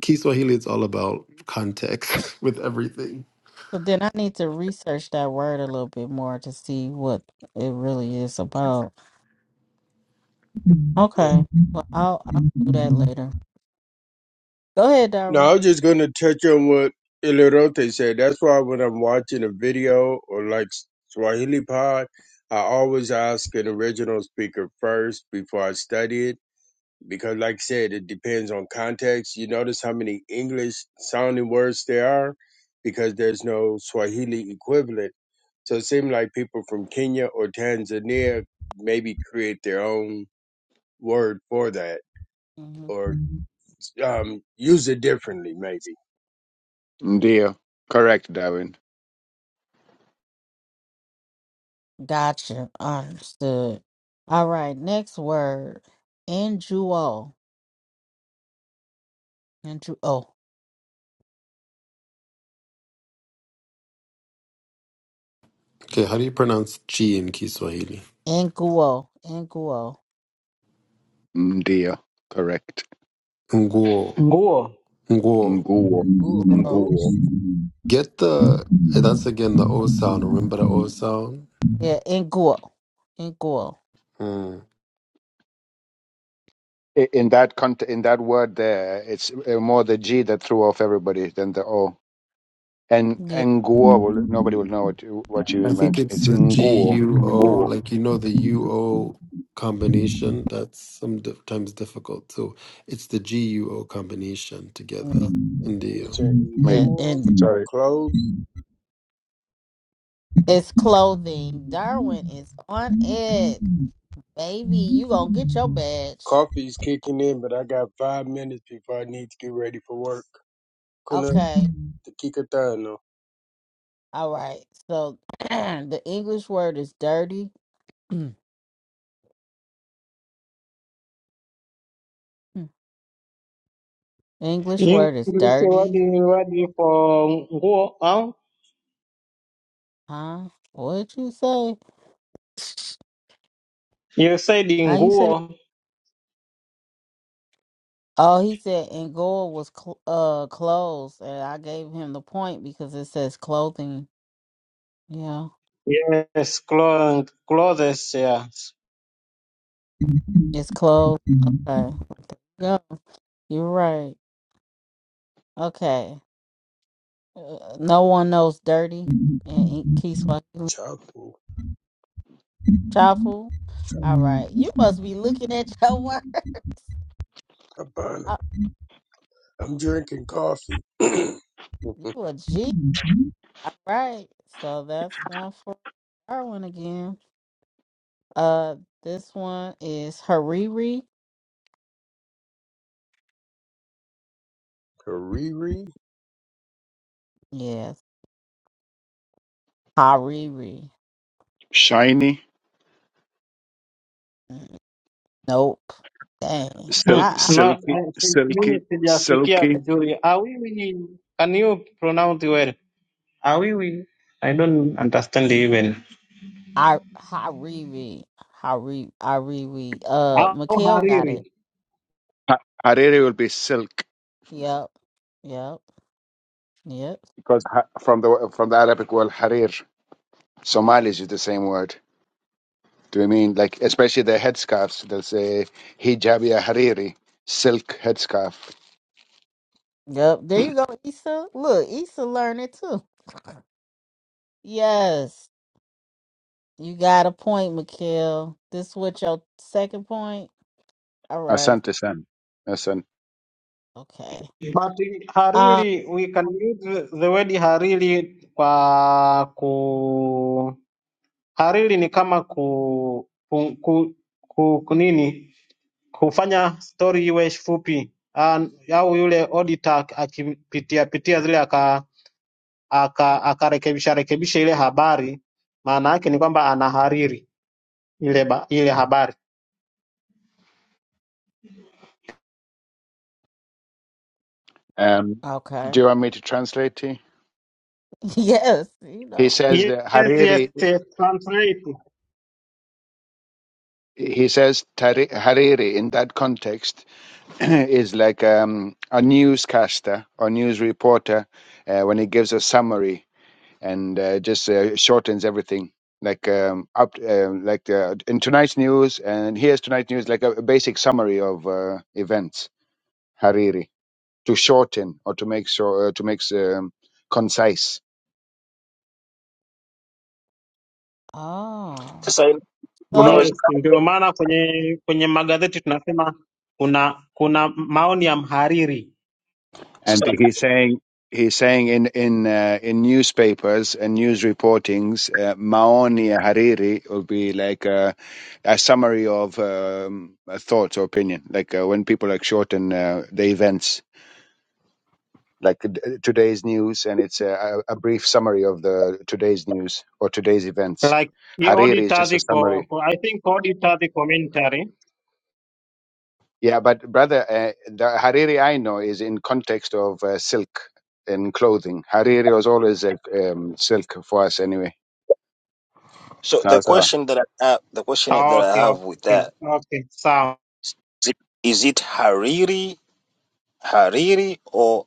[SPEAKER 4] kiswahili is all about context *laughs* with everything
[SPEAKER 1] So then I need to research that word a little bit more to see what it really is about. Okay. Well, I'll I'll do that
[SPEAKER 3] Yeah.
[SPEAKER 1] later. Go ahead,
[SPEAKER 3] No, I
[SPEAKER 1] Darwin.
[SPEAKER 3] was just going to touch on what Ilorote said. That's why when I'm watching a video or like Swahili Pod, I always ask an original speaker first before I study it. Because, like I said, it depends on context. You notice how many English sounding words there are because there's no Swahili equivalent. So it seems like people from Kenya or Tanzania maybe create their own word for that
[SPEAKER 1] Mhm.
[SPEAKER 3] or um, use it differently, maybe.
[SPEAKER 2] Ndio. Correct, Darwin.
[SPEAKER 1] Gotcha. Understood. All right. Next word. Inguo. Inguo.
[SPEAKER 4] okay how do you pronounce chi in kiswahili
[SPEAKER 1] Inguo. Inguo.
[SPEAKER 2] Ndio. Correct.
[SPEAKER 4] nguo
[SPEAKER 9] Nguo.
[SPEAKER 4] nguo
[SPEAKER 3] The
[SPEAKER 2] Nguo.
[SPEAKER 3] book
[SPEAKER 1] Inguo.
[SPEAKER 3] close.
[SPEAKER 2] Nguo.
[SPEAKER 4] get the that's again the o sound remember the o sound
[SPEAKER 1] Yeah. Inguo. Inguo.
[SPEAKER 2] I- In that cont- in that word there, it's uh, more the G that threw off everybody than the O. And
[SPEAKER 1] Yeah.
[SPEAKER 2] nguo will nobody will know what you- what you
[SPEAKER 4] I think
[SPEAKER 2] meant.
[SPEAKER 4] it's
[SPEAKER 2] It's
[SPEAKER 4] the
[SPEAKER 2] nguo.
[SPEAKER 4] GUO,
[SPEAKER 2] Nguo.
[SPEAKER 4] like you know the UO combination. That's sometimes difficult. So it's the GUO combination together.
[SPEAKER 1] mm,
[SPEAKER 4] Indio.
[SPEAKER 3] Return
[SPEAKER 2] Mate.
[SPEAKER 1] Yeah.
[SPEAKER 3] renewal
[SPEAKER 1] And
[SPEAKER 3] will
[SPEAKER 2] Sorry.
[SPEAKER 3] close.
[SPEAKER 1] it's clothing. Darwin is on it. Baby, you gonna get your badge.
[SPEAKER 3] Coffee's kicking in, but I got five minutes before I need to get ready for work. Kuna
[SPEAKER 1] Okay.
[SPEAKER 3] dakika tano.
[SPEAKER 1] All right. So *clears throat* the English word is dirty. *clears throat* English word is
[SPEAKER 9] English word
[SPEAKER 1] dirty.
[SPEAKER 9] word for nguo au
[SPEAKER 1] Huh? What'd you say?
[SPEAKER 9] You said
[SPEAKER 1] How you say
[SPEAKER 9] nguo.
[SPEAKER 1] Oh, he said, and was cl- uh closed," and I gave him the point because it says clothing. Yeah,
[SPEAKER 9] Yes, clothes, clothes yes.
[SPEAKER 1] it's clothes. Okay, go. You're right. Okay, uh, no one knows dirty and ink key swahili
[SPEAKER 3] Chafu.
[SPEAKER 1] chafu. All right, you must be looking at your *laughs* words.
[SPEAKER 3] Habana.
[SPEAKER 1] Uh,
[SPEAKER 3] I'm drinking coffee. *laughs*
[SPEAKER 1] You a G. All right, so that's one for our one again. Uh, this one is Hariri.
[SPEAKER 3] *clears throat* Hariri.
[SPEAKER 1] Yes, Hariri.
[SPEAKER 2] Shiny,
[SPEAKER 1] mm. Nope. Dang.
[SPEAKER 9] Hmm.
[SPEAKER 2] sil-
[SPEAKER 1] I
[SPEAKER 9] Na
[SPEAKER 2] silky,
[SPEAKER 9] eh, si-
[SPEAKER 2] silky,
[SPEAKER 9] mimi sijafikia
[SPEAKER 2] silky.
[SPEAKER 9] vizuri. Awiwi ni can you pronounce well? Awiwi I don't understand even.
[SPEAKER 1] I I, I reread. I re I reread. Uh
[SPEAKER 9] Au
[SPEAKER 1] Mikhail got it.
[SPEAKER 9] hariri.
[SPEAKER 2] Ha- Hariri will be silk.
[SPEAKER 1] Yep. Yep. Yep.
[SPEAKER 2] because ha- from the from the Arabic word harir, Somalis use the same word. Do you mean like especially the headscarves? They will say hijabia hariri, silk headscarf.
[SPEAKER 1] Yep. There you go, Issa. Look, Issa learned it too. Yes. You got a point, Mikhail. This what your second point? All right.
[SPEAKER 2] Asante san, asan.
[SPEAKER 1] Okay.
[SPEAKER 9] But
[SPEAKER 1] Um
[SPEAKER 9] hariri we can use the word hariri kwa ku hariri ni kama ku, ku, ku, ku, ku nini kufanya stori iwe fupi Ah, au yule auditor akipitia pitia zile aka aka akarekebisha rekebisha ile habari, maana yake ni kwamba anahariri ile ba, ile habari.
[SPEAKER 2] Um, do
[SPEAKER 1] okay.
[SPEAKER 2] you want me to translate? T?
[SPEAKER 1] *laughs* yes, you
[SPEAKER 2] He
[SPEAKER 1] know.
[SPEAKER 2] says
[SPEAKER 9] Yes,
[SPEAKER 2] that
[SPEAKER 9] yes,
[SPEAKER 2] hariri.
[SPEAKER 9] yes, translate.
[SPEAKER 2] He says tari- hariri in that context *clears throat* is like um, a newscaster or news reporter uh, when he gives a summary and uh, just uh, shortens everything. Like um, up, um like the, in tonight's news, and here's tonight's news, like a, a basic summary of uh, events. Hariri to shorten or to make sure uh, to make um, concise.
[SPEAKER 1] Oh.
[SPEAKER 8] sasa kuna
[SPEAKER 1] So
[SPEAKER 8] wezi-
[SPEAKER 9] Yes, ndio maana kwenye kwenye magazeti tunasema kuna kuna maoni ya mhariri
[SPEAKER 2] And
[SPEAKER 8] sasa
[SPEAKER 2] he's saying he's saying in in uh, in newspapers and news reportings, uh, Maoni ya Hariri will be like a, a summary of um, thoughts or opinion. Like uh, when people like shorten uh, the events like t- today's news, and it's a, a brief summary of the today's news or today's events.
[SPEAKER 9] like the
[SPEAKER 2] Hariri is
[SPEAKER 9] auditor
[SPEAKER 2] just a
[SPEAKER 9] ziko
[SPEAKER 2] summary.
[SPEAKER 9] I think auditor the commentary.
[SPEAKER 2] Yeah, but brother, uh, the Hariri I know is in context of uh, silk and clothing. Hariri was always a um, silk for us anyway.
[SPEAKER 8] so
[SPEAKER 2] Now,
[SPEAKER 8] the
[SPEAKER 2] so
[SPEAKER 8] question that I, uh, the question
[SPEAKER 9] Ah,
[SPEAKER 8] that I
[SPEAKER 9] Okay,
[SPEAKER 8] have with
[SPEAKER 9] okay,
[SPEAKER 8] that
[SPEAKER 9] okay, sawa.
[SPEAKER 8] is it, is it hariri hariri or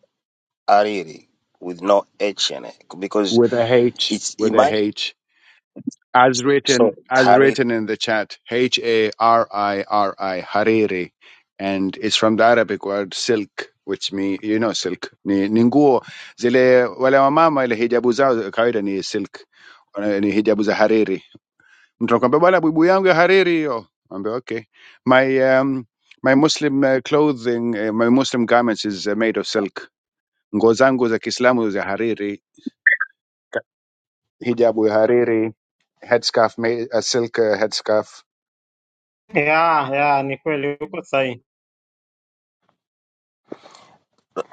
[SPEAKER 8] ariri with no h in it because
[SPEAKER 2] with a H,
[SPEAKER 8] it's it
[SPEAKER 2] with a
[SPEAKER 8] might
[SPEAKER 2] H. as
[SPEAKER 8] so
[SPEAKER 2] written as
[SPEAKER 8] hariri
[SPEAKER 2] written in the chat h a r i r i hariri and it's from the arabic word silk which mean you know silk ni ninguo zile wale wamama ile hijabu zao kawaida ni silk eh, ni hijabu za hariri mtu anakwambia bwana bubu yangu ya hariri hiyo ambia okay my um, my muslim uh, clothing uh, my muslim garments is uh, made of silk nguo zangu za kiislamu za hariri hijabu ya hariri headscarf made, a silk uh, headscarf
[SPEAKER 9] Yeah, yeah, ni kweli uko sahihi.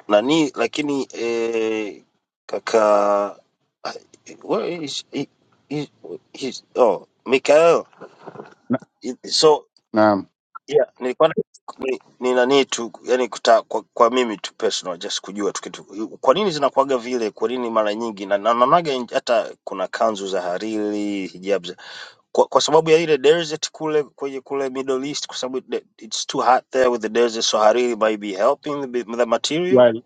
[SPEAKER 8] nani lakini eh, kaka I- where is he, he, he's oh Mikael It- so
[SPEAKER 2] Um,
[SPEAKER 8] Yeah, nilikuwa na- ni, ni nani tu yani kuta, kwa, kwa mimi tu personal just kujua tu kitu. Kwa nini zinakuwaga vile? Kwa nini mara nyingi na na- naonaga in- hata kuna kanzu za hariri, hijab za, kwa, kwa sababu ya ile desert kule kwenye kule Middle East kwa sababu the- it's too hot there with the desert so hariri might be helping the, the material.
[SPEAKER 2] well,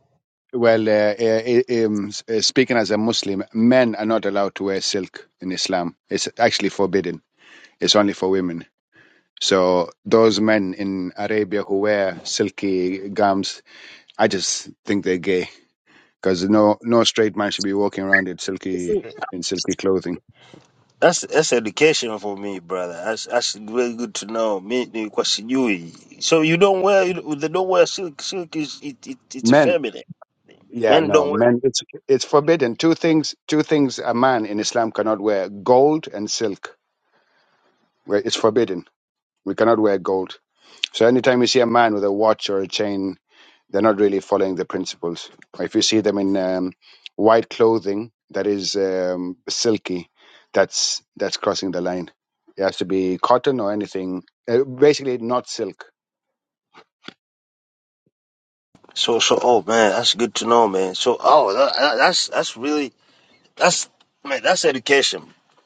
[SPEAKER 2] well, uh, uh, um, s- uh, speaking as a Muslim, men are not allowed to wear silk in Islam. It's actually forbidden. It's only for women. So those men in Arabia who wear silky gowns, I just think they're gay because no, no straight man should be walking around in silky in silky clothing.
[SPEAKER 8] That's, that's education for me brother. That's, that's really good to know. Me nilikuwa sijui. So you don't wear you, they don't wear silk. Silk is it, it, it's
[SPEAKER 2] Men,
[SPEAKER 8] feminine.
[SPEAKER 2] yeah,
[SPEAKER 8] Men don't wear
[SPEAKER 2] no, men. It's it's forbidden. Two things, two things a man in Islam cannot wear: gold and silk. Well, It's forbidden. We cannot wear gold. So anytime you see a man with a watch or a chain, they're not really following the principles. If you see them in um, white clothing that is um, silky, that's that's crossing the line. It has to be cotton or anything. Uh, basically, not silk.
[SPEAKER 8] So so oh man, that's good to know, man. So oh that, that- that's that's really that's man that's education,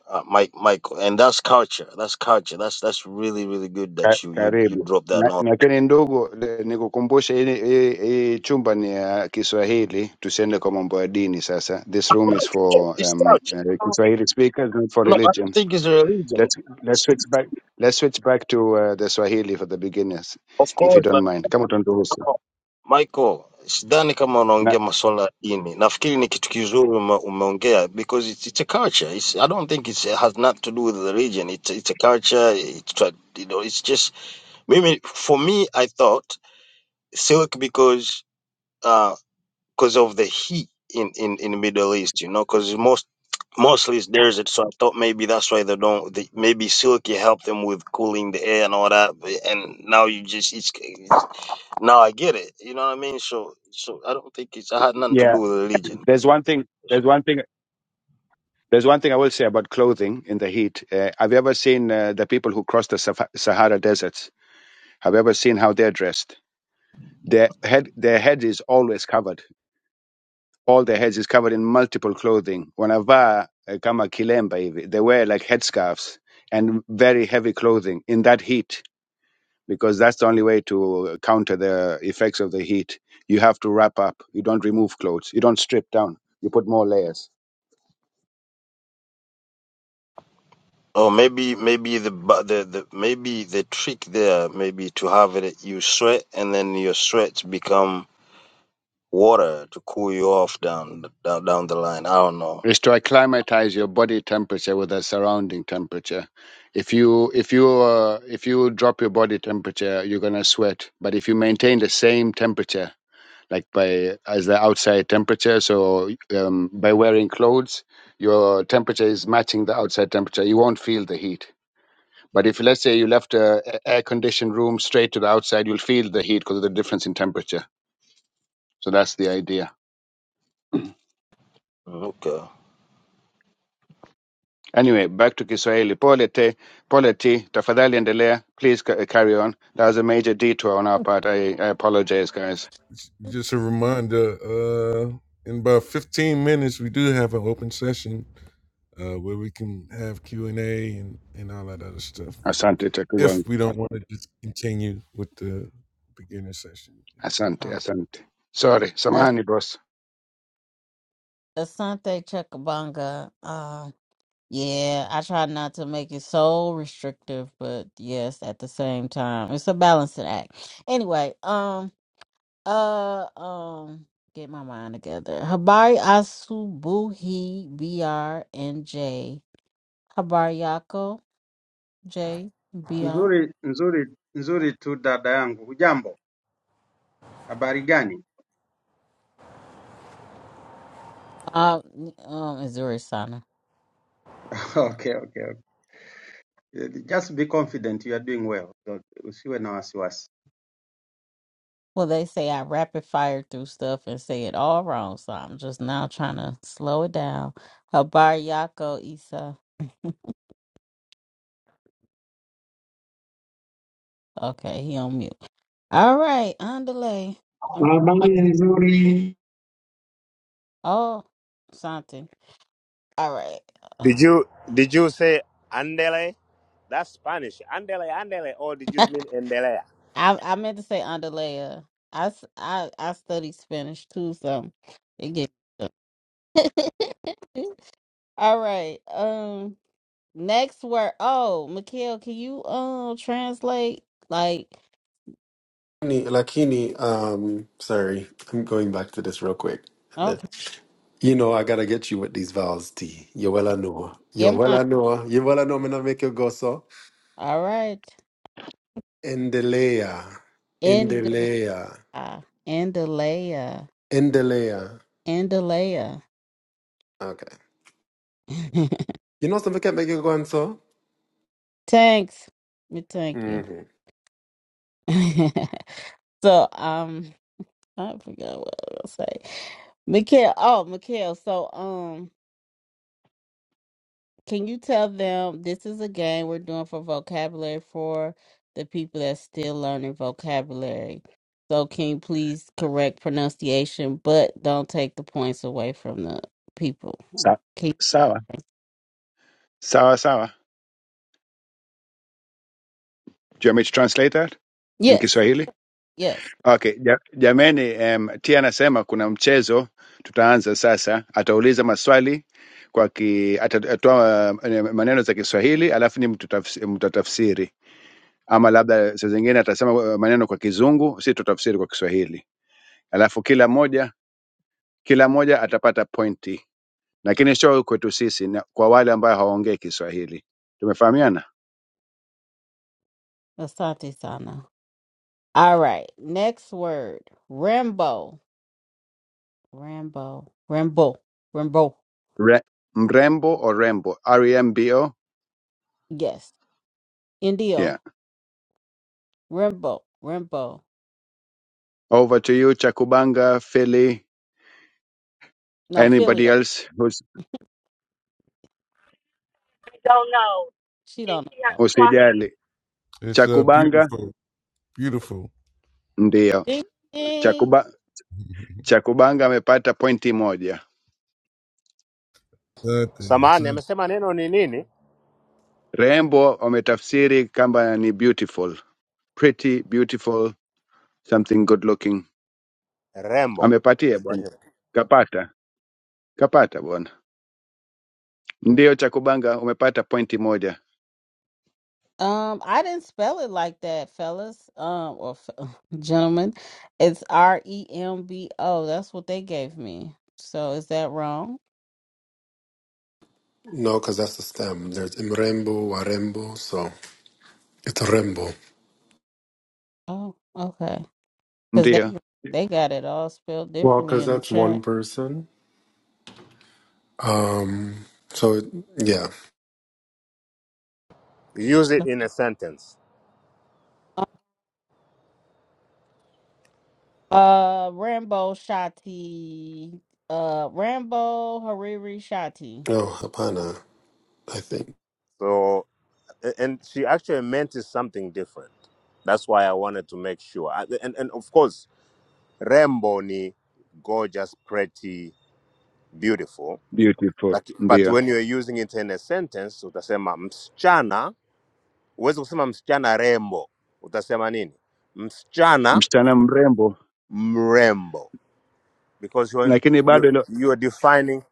[SPEAKER 8] uh, Mike Michael, and that's culture. That's culture. That's that's really really good
[SPEAKER 2] Ka-
[SPEAKER 8] that you you you
[SPEAKER 2] Karibu.
[SPEAKER 8] drop that
[SPEAKER 2] Na,
[SPEAKER 8] knowledge.
[SPEAKER 2] na kile ndugu le- nikukumbushe hii hii- hii chumba ni ya Kiswahili, tusiende kwa mambo ya dini sasa. This room is for
[SPEAKER 8] It's
[SPEAKER 2] um, uh,
[SPEAKER 8] culture.
[SPEAKER 2] Kiswahili speakers, not for
[SPEAKER 8] No, I don't
[SPEAKER 2] religion.
[SPEAKER 8] think it's a religion.
[SPEAKER 2] Let's let's switch back. Let's switch back to uh, the Swahili for the beginners,
[SPEAKER 8] Of
[SPEAKER 2] if you
[SPEAKER 8] course,
[SPEAKER 2] don't
[SPEAKER 8] but
[SPEAKER 2] mind. Kama tunaruhusu.
[SPEAKER 8] no. Michael, sidhani kama
[SPEAKER 2] Na,
[SPEAKER 8] unaongea masuala ya dini. Nafikiri ni kitu kizuri ume, umeongea because it's, it's a culture. It's, I don't think it's, it has not to do with religion. It's, it's a culture. It's, tra- you know, it's just Maybe for me, I thought silk because uh because of the heat in in in Middle East, you know, because most mostly it's desert. So I thought maybe that's why they don't. They, maybe silky help them with cooling the air and all that. but- And now you just it's, it's now I get it. You know what I mean? So so I don't think it's it had nothing to
[SPEAKER 2] yeah,
[SPEAKER 8] do with religion.
[SPEAKER 2] there's one thing. There's one thing. There's one thing I will say about clothing in the heat. Uh, have you ever seen uh, the people who cross the Saf- Sahara deserts? Have you ever seen how they're dressed? Their head, their head is always covered. All their heads is covered in multiple clothing. Wanavaa uh, kama kilemba hivi. They wear like headscarves and very heavy clothing in that heat because that's the only way to counter the effects of the heat. You have to wrap up. You don't remove clothes. You don't strip down. You put more layers.
[SPEAKER 8] Or maybe maybe the bu- the the maybe the trick there maybe to have it you sweat and then your sweats become water to cool you off down down, down the line. I don't know.
[SPEAKER 2] Is to acclimatize your body temperature with the surrounding temperature. If you if you uh, if you drop your body temperature, you're gonna sweat. But if you maintain the same temperature, like by as the outside temperature, so um, by wearing clothes, your temperature is matching the outside temperature. You won't feel the heat But if let's say you left a air conditioned room straight to the outside, you'll feel the heat because of the difference in temperature. So that's the idea.
[SPEAKER 8] Mm, Okay.
[SPEAKER 2] Anyway, back to Kiswahili. Pole te, pole ti, tafadhali endelea. Please ca- carry on. That was a major detour on our part. I, I apologize, guys.
[SPEAKER 7] Just a reminder. Uh, in about 15 minutes, we do have an open session uh, where we can have Q and A and and all that other stuff.
[SPEAKER 2] Asante takubangu.
[SPEAKER 7] If we don't want to just continue with the beginning session,
[SPEAKER 2] Asante,
[SPEAKER 1] okay.
[SPEAKER 2] asante. Sorry,
[SPEAKER 1] As-
[SPEAKER 2] samahani boss.
[SPEAKER 1] Asante Chakabanga. Yeah, I try not to make it so restrictive, but yes, at the same time, it's a balancing act. Anyway, um, uh, um, get my mind together. Habari Asubuhi BR and J. Habari Yako J B R.
[SPEAKER 10] Nzuri, nzuri, nzuri tu dada yangu. Hujambo? Habari gani?
[SPEAKER 1] Um, um, Missouri Sana.
[SPEAKER 10] *laughs* Okay, okay, okay. Just be confident you are doing well. Don't- Usiwe na wasiwasi.
[SPEAKER 1] Well, they say I rapid fire through stuff and say it all wrong, so I'm just now trying to slow it down. Habari Yako Isa. Okay, he on mute. All right, underlay.
[SPEAKER 9] Habari nzuri.
[SPEAKER 1] Oh, something. All right.
[SPEAKER 11] Did you did you say andele? That's Spanish. Andele, andele, or did you mean endelea?
[SPEAKER 1] I I meant to say underlay. I, s- I I studied Spanish too, so it gets. *laughs* All right. Um. Next word. Oh, Mikhail, can you um translate? Like,
[SPEAKER 4] Ni- Lakini, um, sorry, I'm going back to this real quick. And
[SPEAKER 1] okay.
[SPEAKER 4] You know, I gotta get you with these vowels, T. You well know. You
[SPEAKER 1] Yeah, mine.
[SPEAKER 4] well know. You well know. Me not make you go so.
[SPEAKER 1] All right.
[SPEAKER 4] Endelea.
[SPEAKER 1] Andalaya.
[SPEAKER 4] Endelea.
[SPEAKER 1] Andalaya.
[SPEAKER 4] Endelea.
[SPEAKER 1] Andalaya.
[SPEAKER 4] Okay. You know something can make you go and so.
[SPEAKER 1] *laughs* Thanks. Me thank you.
[SPEAKER 4] Mm-hmm.
[SPEAKER 1] *laughs* so, um. I forgot what I was gonna say. Mikhail, oh, Mikhail, so um, can you tell them this is a game we're doing for vocabulary for the people that's still learning vocabulary? So can you please correct pronunciation, but don't take the points away from the people?
[SPEAKER 2] Sa-
[SPEAKER 1] Can
[SPEAKER 2] sawa, sawa, sawa. Do you want me to translate that in
[SPEAKER 1] yes,
[SPEAKER 2] Kiswahili?
[SPEAKER 1] yes.
[SPEAKER 2] Okay, ja- jameni em, Tia anasema kuna mchezo tutaanza sasa. Atauliza maswali kwa ki, atatoa eh, maneno za Kiswahili alafu ni mtutafs- mtatafsiri, ama labda saa zingine atasema eh, maneno kwa Kizungu, si tutafsiri kwa Kiswahili, alafu kila moja kila moja atapata pointi, lakini sio kwetu sisi, na kwa wale ambao hawaongei Kiswahili. Tumefahamiana?
[SPEAKER 1] Asante sana. All right, next word. Rambo. Rambo. Rambo. Rambo.
[SPEAKER 2] Re, mrembo orembo, R E M B O.
[SPEAKER 1] Yes. Indio.
[SPEAKER 2] Yeah.
[SPEAKER 1] Rambo. Rambo.
[SPEAKER 2] Over to you Chakubanga Philly.
[SPEAKER 1] No, Philly
[SPEAKER 2] Anybody
[SPEAKER 1] though.
[SPEAKER 2] else who's-
[SPEAKER 6] don't know.
[SPEAKER 1] She
[SPEAKER 6] And
[SPEAKER 1] don't know
[SPEAKER 6] she has
[SPEAKER 1] that one.
[SPEAKER 2] who's
[SPEAKER 6] Swahili.
[SPEAKER 2] usijali.
[SPEAKER 7] it's uh
[SPEAKER 2] Chakubanga
[SPEAKER 7] beautiful, beautiful.
[SPEAKER 2] ndio
[SPEAKER 1] Ding, ding.
[SPEAKER 2] Chakuba,
[SPEAKER 7] *laughs*
[SPEAKER 2] Chakubanga amepata pointi moja.
[SPEAKER 7] That thing,
[SPEAKER 11] Samahani,
[SPEAKER 7] that,
[SPEAKER 11] amesema neno ni nini?
[SPEAKER 2] Rembo wametafsiri kama ni beautiful, pretty beautiful, something good looking.
[SPEAKER 11] Rembo.
[SPEAKER 2] Amepatia
[SPEAKER 11] *laughs*
[SPEAKER 2] bwana, kapata kapata bwana. Ndio Chakubanga umepata pointi moja,
[SPEAKER 1] Um, I didn't spell it like that, fellas. Um, or f- *laughs* gentlemen, it's R E M B O. That's what they gave me. So is that wrong?
[SPEAKER 4] No, because that's the stem. There's Imrembo, Warembo, so it's Rembo.
[SPEAKER 1] Oh, okay. Because they
[SPEAKER 2] ndio
[SPEAKER 1] they got it all spelled
[SPEAKER 4] Well,
[SPEAKER 1] differently
[SPEAKER 4] because
[SPEAKER 1] in the
[SPEAKER 4] that's one
[SPEAKER 1] chat.
[SPEAKER 4] person. Um, so it, yeah.
[SPEAKER 11] Use it in a sentence.
[SPEAKER 1] Uh, Rambo Shati. Uh, Rambo Hariri Shati.
[SPEAKER 4] Oh, Hapana, I think.
[SPEAKER 11] So, a- and she actually meant is something different. That's why I wanted to make sure. I- And and of course, rembo ni gorgeous, pretty, beautiful.
[SPEAKER 2] beautiful,
[SPEAKER 11] Like, but
[SPEAKER 2] ndio
[SPEAKER 11] when you're using it in a sentence, utasema msichana. Huwezi kusema msichana rembo. Utasema nini? Msichana
[SPEAKER 2] msichana mrembo,
[SPEAKER 11] mrembo because you're,
[SPEAKER 2] lakini bado
[SPEAKER 11] you're,
[SPEAKER 2] ilo
[SPEAKER 11] you're defining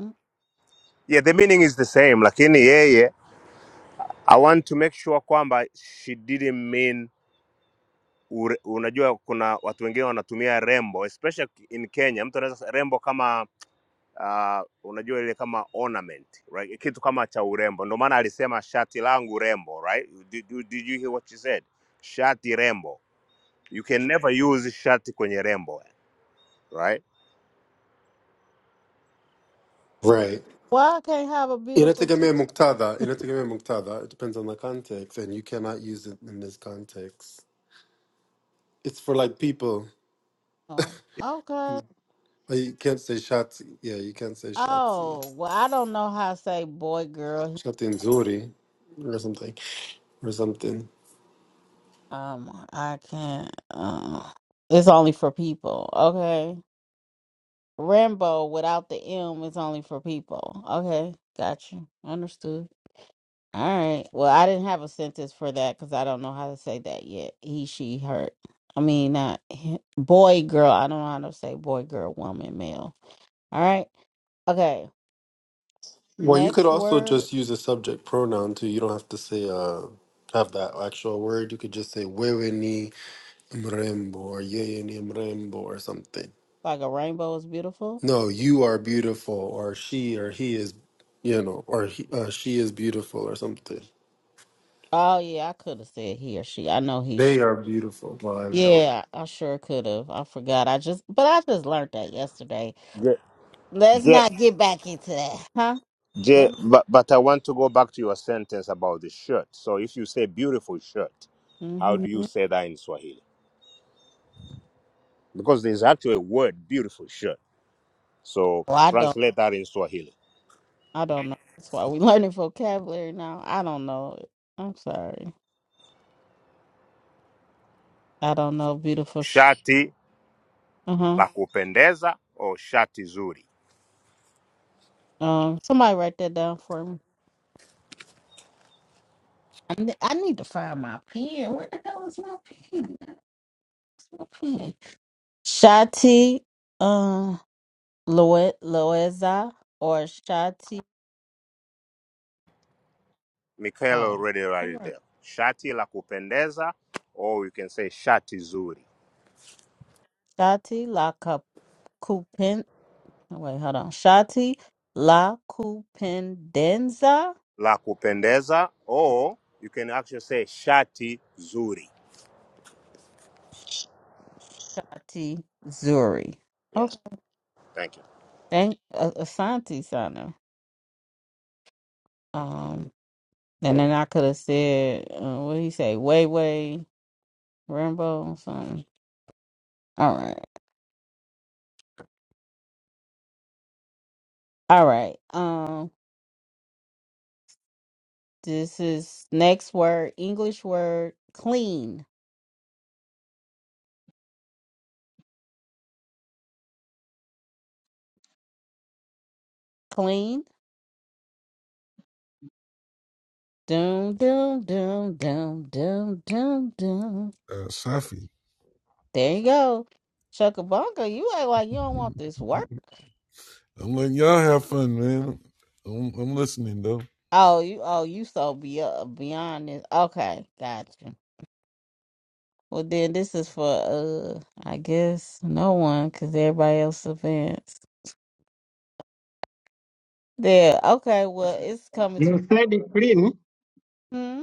[SPEAKER 1] Mm,
[SPEAKER 11] yeah the meaning is the same lakini yeye i want to make sure kwamba she didn't mean ure, unajua kuna watu wengine wanatumia rembo especially in kenya mtu anaweza rembo kama uh, unajua ile kama ornament right kitu kama cha urembo ndio maana alisema shati langu rembo right did, you- did you hear what she said shati rembo you can never use shati kwenye rembo right
[SPEAKER 4] Right.
[SPEAKER 1] Why I can't have a beautiful
[SPEAKER 4] Inatigame
[SPEAKER 1] T-shirt?
[SPEAKER 4] muktada. Inatigame muktada. It depends on the context, and you cannot use it in this context. It's for like people.
[SPEAKER 1] Oh, okay.
[SPEAKER 4] Like, You can't say shati. Yeah, you can't say shati.
[SPEAKER 1] Oh, well, I don't know how to say boy, girl.
[SPEAKER 4] Shati and zuri, or something, or something.
[SPEAKER 1] Um, I can't. Uh, it's only for people. Okay. Rambo without the M is only for people. Okay. Got you. Understood. All right. Well, I didn't have a sentence for that because I don't know how to say that yet. He, she, her. I mean, not he- boy, girl. I don't know how to say boy, girl, woman, male. All right. Okay.
[SPEAKER 4] Well, you could
[SPEAKER 1] Next
[SPEAKER 4] also
[SPEAKER 1] word,
[SPEAKER 4] just use a subject pronoun too. You don't have to say uh have that actual word. You could just say wewe ni mrembo or yeye ni mrembo or something.
[SPEAKER 1] like a rainbow is beautiful.
[SPEAKER 4] No, you are beautiful or she or he is, you know, or he, uh, she is beautiful or something.
[SPEAKER 1] Oh yeah, I could have said he or she. I know he, she.
[SPEAKER 4] They are beautiful. Well, I don't.
[SPEAKER 1] Yeah, I sure could have. I forgot. I just, but I just learned that yesterday. Let's
[SPEAKER 11] je,
[SPEAKER 1] not get back into that, huh?
[SPEAKER 11] Jay, but, but I want to go back to your sentence about the shirt. So if you say beautiful shirt, how
[SPEAKER 1] Mm-hmm.
[SPEAKER 11] do you say that in Swahili? Because there's actually a word, beautiful shirt. So
[SPEAKER 1] Well, I don't.
[SPEAKER 11] translate that in Swahili.
[SPEAKER 1] I don't know. That's why we *laughs* learning vocabulary now. I don't know. I'm sorry. I don't know. Beautiful. Sh-
[SPEAKER 11] Shati
[SPEAKER 1] uh
[SPEAKER 11] la kupendeza or shati zuri.
[SPEAKER 1] huh. Um. Somebody write that down for me. I ne- I need to find my pen. Where the hell is my pen? That's my pen. Shati, um, Loe Loeza or Shati.
[SPEAKER 11] Michael
[SPEAKER 1] Oh.
[SPEAKER 11] already wrote it there. Shati la kupendeza or you can say shati zuri.
[SPEAKER 1] Shati La Cup- Cupen. Wait, hold on. Shati La Cupendenza.
[SPEAKER 11] La kupendeza or you can actually say shati zuri.
[SPEAKER 1] Shati Zuri.
[SPEAKER 11] Yes,
[SPEAKER 1] Okay.
[SPEAKER 11] thank
[SPEAKER 1] Thank uh, Asante Sana. Um, and then I could have said, uh, what do you say? Way Way Rambo or something. All right. All right. Um, this is next word, English word, clean. Clean. Doom, doom, doom, doom, doom, doom, doom.
[SPEAKER 7] uh, Shafi.
[SPEAKER 1] There you go. Chuckabunga, you act like you don't want this work.
[SPEAKER 7] I'm letting y'all have fun, man. I'm, I'm listening though.
[SPEAKER 1] Oh, you oh you so be uh, beyond this. Okay, gotcha. Well then this is for uh I guess no one cuz everybody else advanced. There. Okay, well it's coming
[SPEAKER 9] You
[SPEAKER 1] to
[SPEAKER 9] said clean.
[SPEAKER 1] hmm?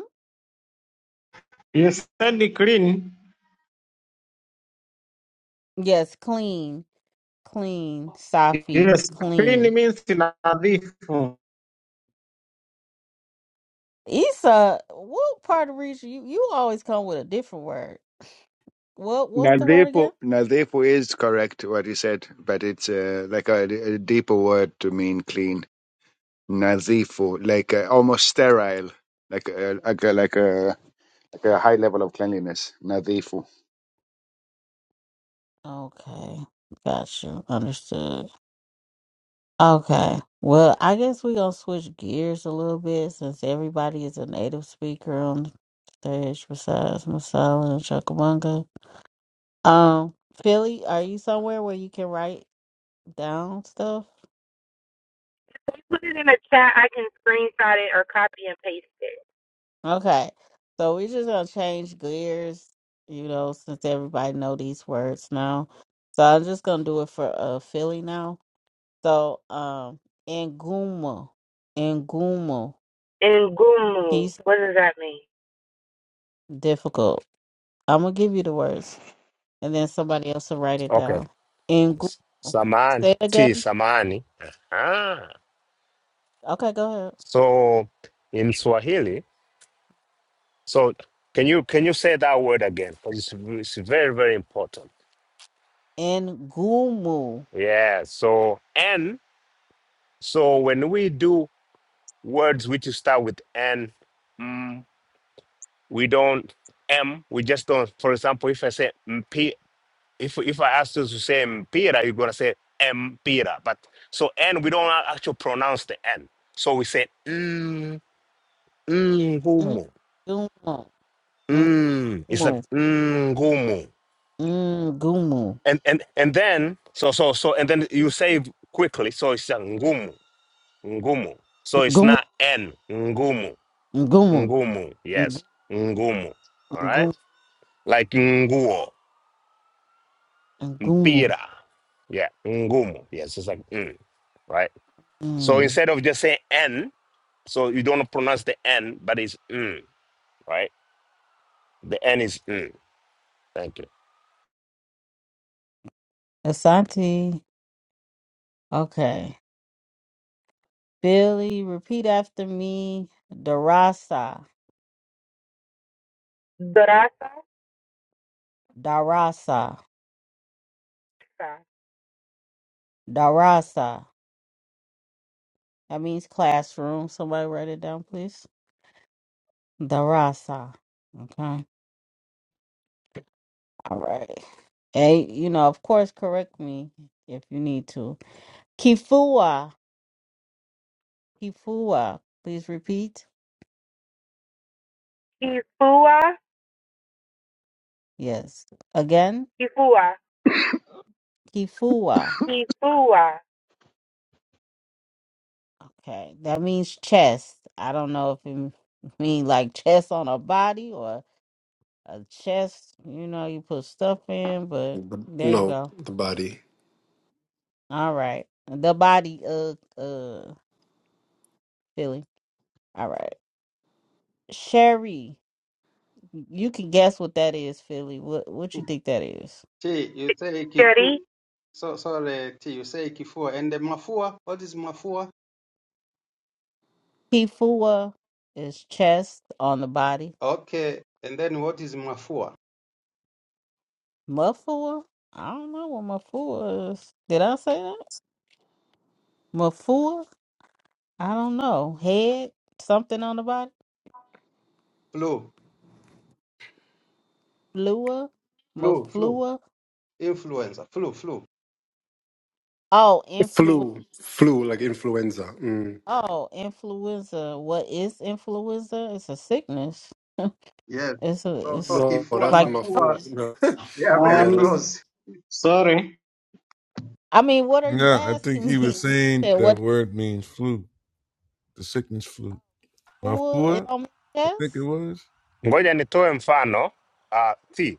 [SPEAKER 9] You said clean.
[SPEAKER 1] Yes, clean, clean, Safi,
[SPEAKER 9] Yes, clean
[SPEAKER 1] clean.
[SPEAKER 9] means nadhifu.
[SPEAKER 1] Issa, what part of region you you always come with a different word. What what's the word
[SPEAKER 2] nadhifu.
[SPEAKER 1] again?
[SPEAKER 2] Nadhifu is correct what he said, but it's uh, like a, a deeper word to mean clean. Nazifu, like uh, almost sterile, like uh, like a like a like a high level of cleanliness. Nazifu.
[SPEAKER 1] Okay. Gotcha. Understood. Okay. Well, I guess we're gonna switch gears a little bit since everybody is a native speaker on the stage besides Masala and Chukamunga. Um, Philly, are you somewhere where you can write down stuff?
[SPEAKER 6] If you put it in the chat, I can screenshot it or copy and paste it.
[SPEAKER 1] Okay. So we're just gonna change gears, you know, since everybody know these words now. So I'm just gonna do it for uh Philly now. So um Nguma. Nguma.
[SPEAKER 6] And
[SPEAKER 1] He's
[SPEAKER 6] what does that mean?
[SPEAKER 1] difficult. I'm gonna give you the words. and then somebody else will write it
[SPEAKER 11] you.
[SPEAKER 1] down. Ngumu.
[SPEAKER 11] Samani,
[SPEAKER 1] Say it
[SPEAKER 11] ti
[SPEAKER 1] again.
[SPEAKER 11] samani. Aha.
[SPEAKER 1] Okay, go
[SPEAKER 11] So in Swahili, so can you can you say that word again? Because it's, v- it's very very important.
[SPEAKER 1] ahead. Ngumu.
[SPEAKER 11] Yeah. So n. So when we do words which start with n, mm, we don't m. We just don't. For example, if I say p, if if I ask you to say mpira, you're gonna say mpira. But so n, we don't actually pronounce the n. So we say mm,
[SPEAKER 1] Ngumu.
[SPEAKER 11] Mm, it's like
[SPEAKER 1] Ngumu.
[SPEAKER 11] mm, ngumu.
[SPEAKER 1] Ngumu. Ngumu.
[SPEAKER 11] And and and then so so so and then you save quickly. So it's a ngumu, ngumu. So it's not n ngumu,
[SPEAKER 1] Ngumu.
[SPEAKER 11] ngumu. Yes, ngumu. All right,
[SPEAKER 1] Ngumu.
[SPEAKER 11] like nguo,
[SPEAKER 1] Ngumu.
[SPEAKER 11] pira. Yeah, ngumu. Yes, it's like mm, right. So
[SPEAKER 1] Mm.
[SPEAKER 11] instead of just saying n, so you don't pronounce the n, but it's mm, right. The n is mm. Thank you.
[SPEAKER 1] Asante. Okay. Billy, repeat after me. Darasa.
[SPEAKER 6] Grasa,
[SPEAKER 1] Darasa. Darasa. That means classroom. Somebody write it down, please. Darasa. Okay. All right. Hey, you know, of course, correct me if you need to. Kifua, Kifua. Please repeat.
[SPEAKER 6] Kifua,
[SPEAKER 1] Yes. Again,
[SPEAKER 6] Kifua,
[SPEAKER 1] Kifua.
[SPEAKER 6] Kifua,
[SPEAKER 1] Okay, that means chest. I don't know if it means like chest on a body or a chest. You know, you put stuff in, but
[SPEAKER 4] But
[SPEAKER 1] there you
[SPEAKER 4] no,
[SPEAKER 1] go.
[SPEAKER 4] the body.
[SPEAKER 1] All right, the body. Uh, uh, Philly. All right, Sherry. You can guess what that is, Philly. What what you think that is?
[SPEAKER 10] T, you say kifua.
[SPEAKER 6] Cheri,
[SPEAKER 10] So, sorry, T, you say kifua. And the mafua, what is mafua?
[SPEAKER 1] Kifua is chest on the body.
[SPEAKER 10] Okay, and then what is mafua?
[SPEAKER 1] Mafua? I don't know what mafua is. Did I say that? Mafua? I don't know. Head? Something on the body?
[SPEAKER 10] Flu,
[SPEAKER 1] Flua?
[SPEAKER 10] flu, flu.
[SPEAKER 1] Maflua?
[SPEAKER 10] Influenza, flu, flu.
[SPEAKER 1] Oh, influ.
[SPEAKER 4] Flu, flu, like influenza. Mm.
[SPEAKER 1] Oh, influenza. What is influenza? It's a sickness. *laughs*
[SPEAKER 10] Yes.
[SPEAKER 1] it's a.
[SPEAKER 10] So, so
[SPEAKER 1] It's
[SPEAKER 4] No,
[SPEAKER 10] kifua,
[SPEAKER 4] that's
[SPEAKER 1] like.
[SPEAKER 4] mafua.
[SPEAKER 10] mafua,
[SPEAKER 4] No. *laughs*
[SPEAKER 10] they are very
[SPEAKER 4] yeah, that's
[SPEAKER 9] Um,
[SPEAKER 10] close.
[SPEAKER 9] sorry.
[SPEAKER 1] I mean, what are you
[SPEAKER 7] Yeah, I think
[SPEAKER 1] asking
[SPEAKER 7] he
[SPEAKER 1] me?
[SPEAKER 7] was
[SPEAKER 1] *laughs*
[SPEAKER 7] saying
[SPEAKER 1] Said,
[SPEAKER 7] that
[SPEAKER 1] what is
[SPEAKER 7] word means flu, the sickness flu.
[SPEAKER 1] fua? It
[SPEAKER 7] Mafua,
[SPEAKER 1] on my
[SPEAKER 7] I think it
[SPEAKER 1] chest?
[SPEAKER 7] was.
[SPEAKER 11] Ngoja nitoe mfano. Uh, T.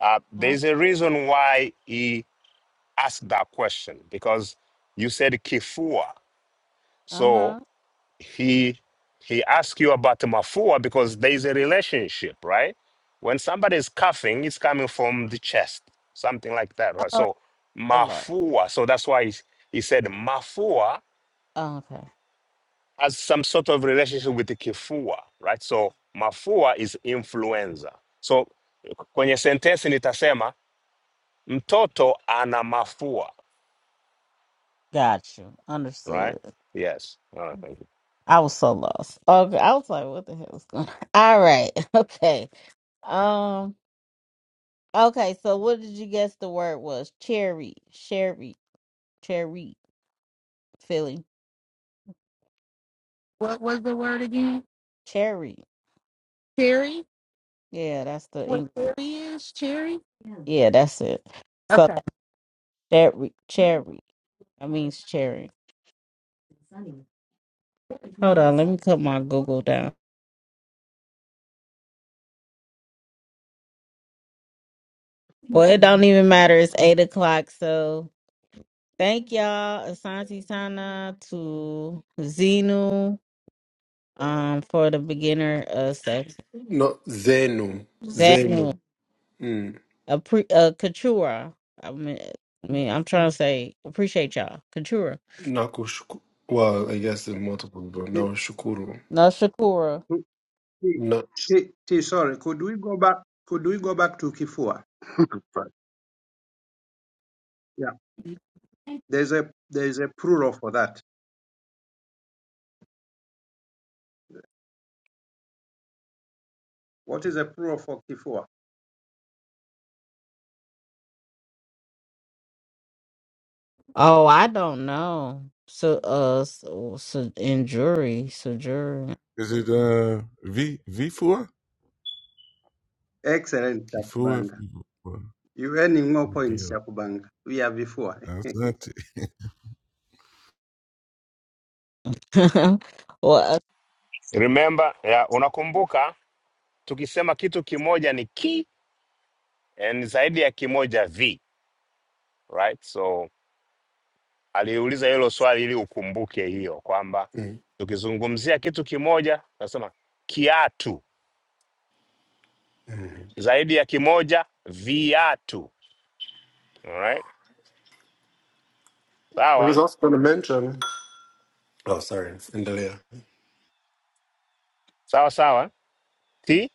[SPEAKER 11] Uh,
[SPEAKER 1] Huh?
[SPEAKER 11] there's a reason why he asked that question because you said kifua.
[SPEAKER 1] Uh
[SPEAKER 11] So
[SPEAKER 1] huh.
[SPEAKER 11] he he asked you about mafua because there's a relationship, right? When somebody is coughing, it's coming from the chest, something like that, right?
[SPEAKER 1] Oh,
[SPEAKER 11] So
[SPEAKER 1] hello.
[SPEAKER 11] mafua. So that's why he, he said mafua
[SPEAKER 1] okay.
[SPEAKER 11] has some sort of relationship with the kifua, right? So mafua is influenza. So kwenye sentensi nitasema mtoto ana mafua
[SPEAKER 1] Got you.
[SPEAKER 11] right?
[SPEAKER 1] Understood.
[SPEAKER 11] Yes. All right, thank you.
[SPEAKER 1] I was so lost. Okay. I was like, what the hell is going *laughs* on? All right. *laughs* Okay. Um, okay, so what did you guess the word was? Cherry. Cherry. Cherry. Philly.
[SPEAKER 6] What was the word again?
[SPEAKER 1] Cherry.
[SPEAKER 6] Cherry?
[SPEAKER 1] Yeah, that's the
[SPEAKER 6] What
[SPEAKER 1] English.
[SPEAKER 6] cherry is? Cherry?
[SPEAKER 1] Yeah, Yeah, that's it. So
[SPEAKER 6] Okay.
[SPEAKER 1] that cherry cherry. That means cherry. Hold on, let me cut my Google down. Well, it don't even matter. It's eight o'clock, so thank y'all. Asante Sana to Zenu. um for the beginner uh session.
[SPEAKER 4] no zenu, zenu.
[SPEAKER 1] Samuel,
[SPEAKER 4] Mm.
[SPEAKER 1] a pre uh Katura. I mean, I mean, I'm trying to say appreciate y'all. Katura,
[SPEAKER 4] Nakushukuru. Well, I guess there's multiple, but
[SPEAKER 10] T,
[SPEAKER 4] no shukuru.
[SPEAKER 1] no Shakura.
[SPEAKER 10] T,
[SPEAKER 4] No.
[SPEAKER 10] T, T, sorry, could we go back, could we go back to kifua?
[SPEAKER 2] Right.
[SPEAKER 10] Yeah. There's a there's a plural for that. What is a plural for kifua?
[SPEAKER 1] Oh, I don't know. So uh, so, so in jury, so jury.
[SPEAKER 7] Is it uh V Vifua?
[SPEAKER 10] Excellent, cha
[SPEAKER 7] Kifua
[SPEAKER 10] kubanga.
[SPEAKER 7] Vifua.
[SPEAKER 10] You earning more points,
[SPEAKER 7] Deal.
[SPEAKER 10] cha We are before.
[SPEAKER 7] That's not it. *laughs*
[SPEAKER 1] *laughs* well, uh,
[SPEAKER 11] Remember, ya, unakumbuka tukisema kitu kimoja ni ki and zaidi ya kimoja vi, right? So aliuliza hilo swali ili ukumbuke hiyo kwamba
[SPEAKER 4] Mm-hmm.
[SPEAKER 11] tukizungumzia kitu kimoja nasema kiatu,
[SPEAKER 4] I
[SPEAKER 11] zaidi ya kimoja viatu. Alright?
[SPEAKER 4] was
[SPEAKER 11] Sawa?
[SPEAKER 4] also going to mention. Oh, sorry. Endelea.
[SPEAKER 11] Sawa sawa. Ti,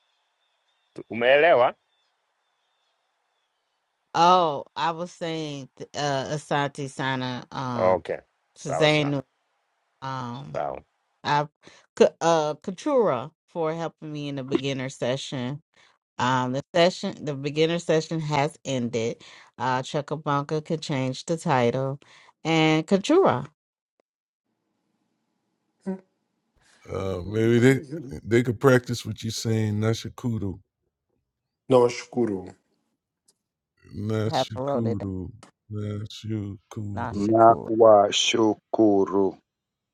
[SPEAKER 11] umeelewa?
[SPEAKER 1] oh, I was saying th- uh Asante Sana, um,
[SPEAKER 11] Okay. Sawa sawa.
[SPEAKER 1] Susanna, um,
[SPEAKER 11] Sawa.
[SPEAKER 1] I, K- uh, Katura for helping me in the beginner session Um, the session, the beginner session has ended. Uh, Chuckabunga could change the title, and Kachura
[SPEAKER 7] Uh, maybe they they could practice what you're saying. Nashikudu,
[SPEAKER 4] No shukuru.
[SPEAKER 1] have wrote it.
[SPEAKER 7] Nashikudu,
[SPEAKER 2] *laughs*
[SPEAKER 1] Not
[SPEAKER 7] Nashikudu.
[SPEAKER 2] Na
[SPEAKER 1] Shakur.
[SPEAKER 2] wa shukuru.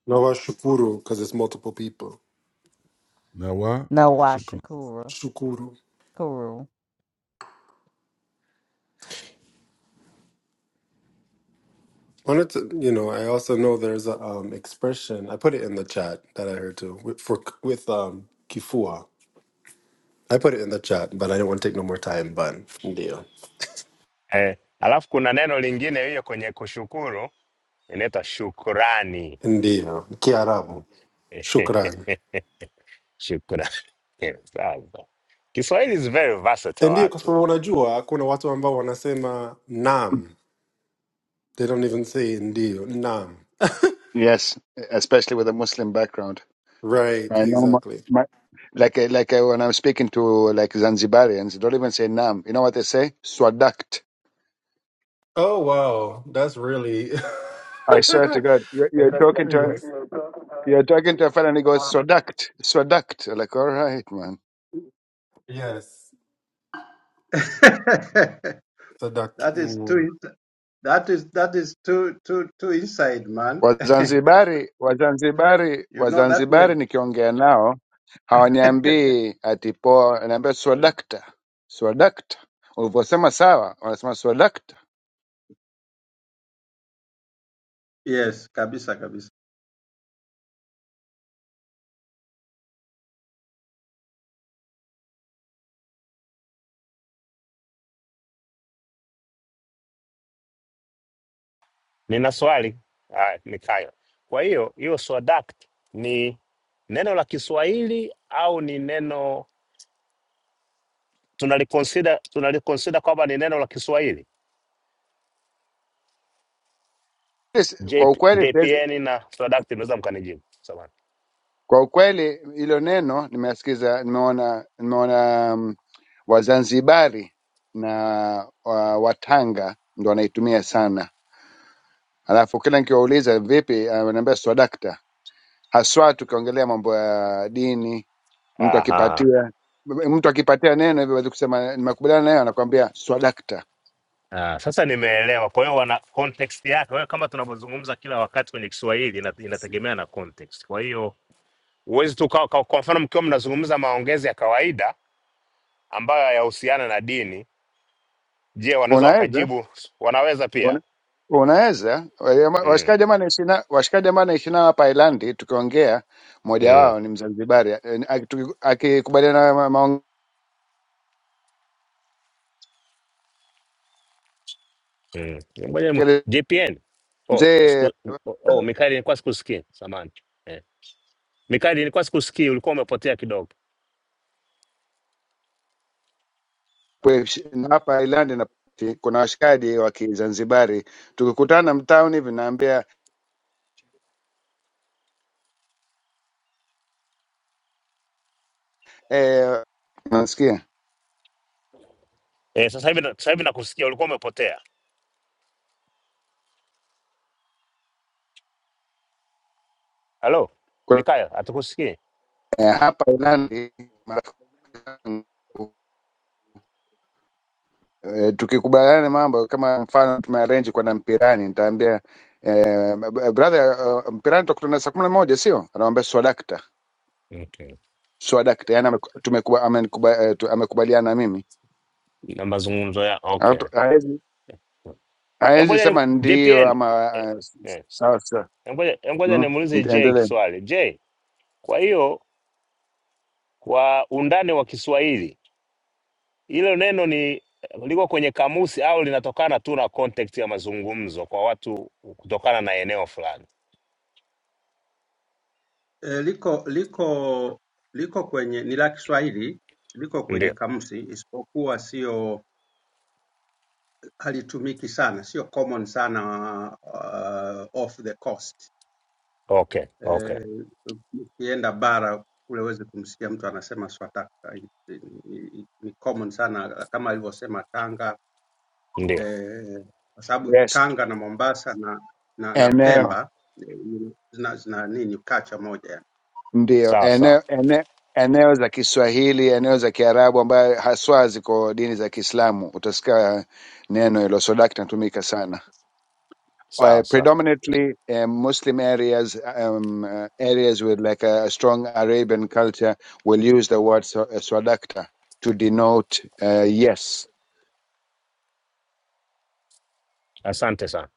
[SPEAKER 4] No shukuru, because it's multiple people.
[SPEAKER 7] Nawa,
[SPEAKER 1] No, why Shakura?
[SPEAKER 4] Shukuru.
[SPEAKER 1] Kuru.
[SPEAKER 4] Wanted to, you know, I also know there's a um, expression. I put it in the chat that I heard too with, for with um kifua. I put it in the chat, but I don't want to take no more time. But ndio,
[SPEAKER 11] Eh, alafu kuna neno lingine hiyo kwenye kushukuru inaitwa shukurani.
[SPEAKER 4] ndio, kiarabu, shukran.
[SPEAKER 11] *laughs* Shukrani sana. Kiswahili is very versatile
[SPEAKER 4] Ndiyo, kwa sababu
[SPEAKER 11] actually.
[SPEAKER 4] unajua kuna watu ambao wanasema nam, they don't even say ndiyo, nam.
[SPEAKER 2] Yes, especially with a Muslim background.
[SPEAKER 4] Right,
[SPEAKER 2] I know my,
[SPEAKER 4] exactly.
[SPEAKER 2] my like uh, like uh, when I'm speaking to like Zanzibarians, they don't even say nam. You know what they say? Swadakt.
[SPEAKER 4] Oh wow, that's really
[SPEAKER 2] I swear to God, you're,
[SPEAKER 4] *laughs*
[SPEAKER 2] you're
[SPEAKER 4] that's
[SPEAKER 2] talking to
[SPEAKER 4] serious.
[SPEAKER 2] you're talking to a fellow and he goes swadakt, swadakt. Like all right, man.
[SPEAKER 4] Yes,
[SPEAKER 10] *laughs* that
[SPEAKER 4] sadaki.
[SPEAKER 10] is too
[SPEAKER 4] mm,
[SPEAKER 10] that is that is too too too inside, man. *laughs*
[SPEAKER 2] Wazanzibari Wazanzibari
[SPEAKER 10] you know that
[SPEAKER 2] Wazanzibari
[SPEAKER 10] word?
[SPEAKER 2] nikiongea nao hawaniambii ati poa, wanaambia swadakta swadakta. Ulivyosema sawa, wanasema swadakta.
[SPEAKER 10] Yes, kabisa kabisa.
[SPEAKER 11] Nina swali uh, Mikayo. Kwa hiyo hiyo swadak ni neno la Kiswahili au ni neno tunaliconsider tunaliconsider kwamba ni neno la Kiswahili?
[SPEAKER 2] Yes, Kwa
[SPEAKER 11] JP,
[SPEAKER 2] ukweli siwezi,
[SPEAKER 11] JPN na swadak inaweza mkanijibu. Samahani.
[SPEAKER 2] kwa ukweli hilo neno nimesikiza, nimeona nimeona um, Wazanzibari na wa, Watanga ndo wanaitumia sana, alafu kila nikiwauliza vipi, ah, wanaambia swadakta, haswa tukiongelea mambo ya dini Mtu
[SPEAKER 11] Aha.
[SPEAKER 2] akipatia mtu akipatia neno hivyo aweze kusema nimekubaliana nayo, anakuambia swadakta.
[SPEAKER 11] Ah, sasa nimeelewa. Kwa hiyo wana context yake. Kwa hiyo kama tunavyozungumza kila wakati kwenye Kiswahili ina- inategemea na context. Kwa hiyo Huwezi tu kwa, kwa, kwa mfano mkiwa mnazungumza maongezi ya kawaida ambayo hayahusiana na dini, je, wanaweza
[SPEAKER 2] Unaweza
[SPEAKER 11] wakajibu? Wanaweza
[SPEAKER 2] una,
[SPEAKER 11] pia
[SPEAKER 2] unaweza
[SPEAKER 11] mm,
[SPEAKER 2] washikaji ambao naishi na washikaji ambao naishi nao hapa Ireland, tukiongea mmoja
[SPEAKER 11] mm,
[SPEAKER 2] wao ni Mzanzibari, eh, aki- akikubaliana na ma-
[SPEAKER 11] mm. Ngoja nimu-
[SPEAKER 2] maongezi
[SPEAKER 11] JPN oh,
[SPEAKER 2] mzee
[SPEAKER 11] siku, oh, Mikali nilikuwa sikusikii samani eh. Mikali nilikuwa sikusikii, ulikuwa umepotea kidogo
[SPEAKER 2] kwe- na hapa Ireland na kuna washikaji wa Kizanzibari tukikutana mtaani hivi naambia eh, nasikia
[SPEAKER 11] eh, sasa hivi na- sasa hivi nakusikia, ulikuwa umepotea. Halo
[SPEAKER 2] Kwa-
[SPEAKER 11] Mikali, hatukusikii
[SPEAKER 2] eh, hapa Ireland marafiki zangu Eh, tukikubaliana na mambo kama mfano tumearrange kwenda mpirani, nitaambia eh, brother uh, mpirani tutakutana saa kumi na moja sio? Anamwambia swadakta
[SPEAKER 11] okay.
[SPEAKER 2] swadakta, yani tumekuwa amenikuba, eh, tu- amekubaliana na mimi,
[SPEAKER 11] na mazungumzo ya okay.
[SPEAKER 2] Hatu- haezi
[SPEAKER 11] Eh,
[SPEAKER 2] haezi
[SPEAKER 11] Ngoja ni
[SPEAKER 2] sema ndio
[SPEAKER 11] JPN
[SPEAKER 2] ama
[SPEAKER 11] eh,
[SPEAKER 2] uh,
[SPEAKER 11] eh.
[SPEAKER 2] sawa sawa.
[SPEAKER 11] Eh, Ngoja eh, ngoja
[SPEAKER 2] Mm,
[SPEAKER 11] nimuulize J
[SPEAKER 2] endelee.
[SPEAKER 11] kiswali J, kwa hiyo kwa undani wa Kiswahili. Hilo neno ni liko kwenye kamusi au linatokana tu na context ya mazungumzo kwa watu kutokana na eneo fulani?
[SPEAKER 10] Eh, liko liko liko kwenye ni la Kiswahili, liko kwenye
[SPEAKER 11] Ndio.
[SPEAKER 10] kamusi isipokuwa sio halitumiki sana, sio common sana uh, off the coast.
[SPEAKER 11] Okay, okay.
[SPEAKER 10] eh, ukienda bara kule huwezi kumsikia mtu anasema swataka ni, ni, ni common sana kama alivyosema Tanga
[SPEAKER 11] Ndio.
[SPEAKER 10] eh, kwa sababu
[SPEAKER 2] Yes,
[SPEAKER 10] Tanga na Mombasa na na, na
[SPEAKER 2] eneo
[SPEAKER 10] Pemba eh, zina, zina nini kacha moja yani.
[SPEAKER 2] ndio
[SPEAKER 11] Sawa sawa.
[SPEAKER 2] eneo eneo eneo za Kiswahili, eneo za Kiarabu ambayo haswa ziko dini za Kiislamu, utasikia neno hilo swadakta natumika sana. uh,
[SPEAKER 11] Sawa sawa.
[SPEAKER 2] predominantly uh, Muslim areas, um, uh, areas with like a, strong Arabian culture, will use the word sa- uh, sadaqta to denote uh, yes.
[SPEAKER 11] Asante sana.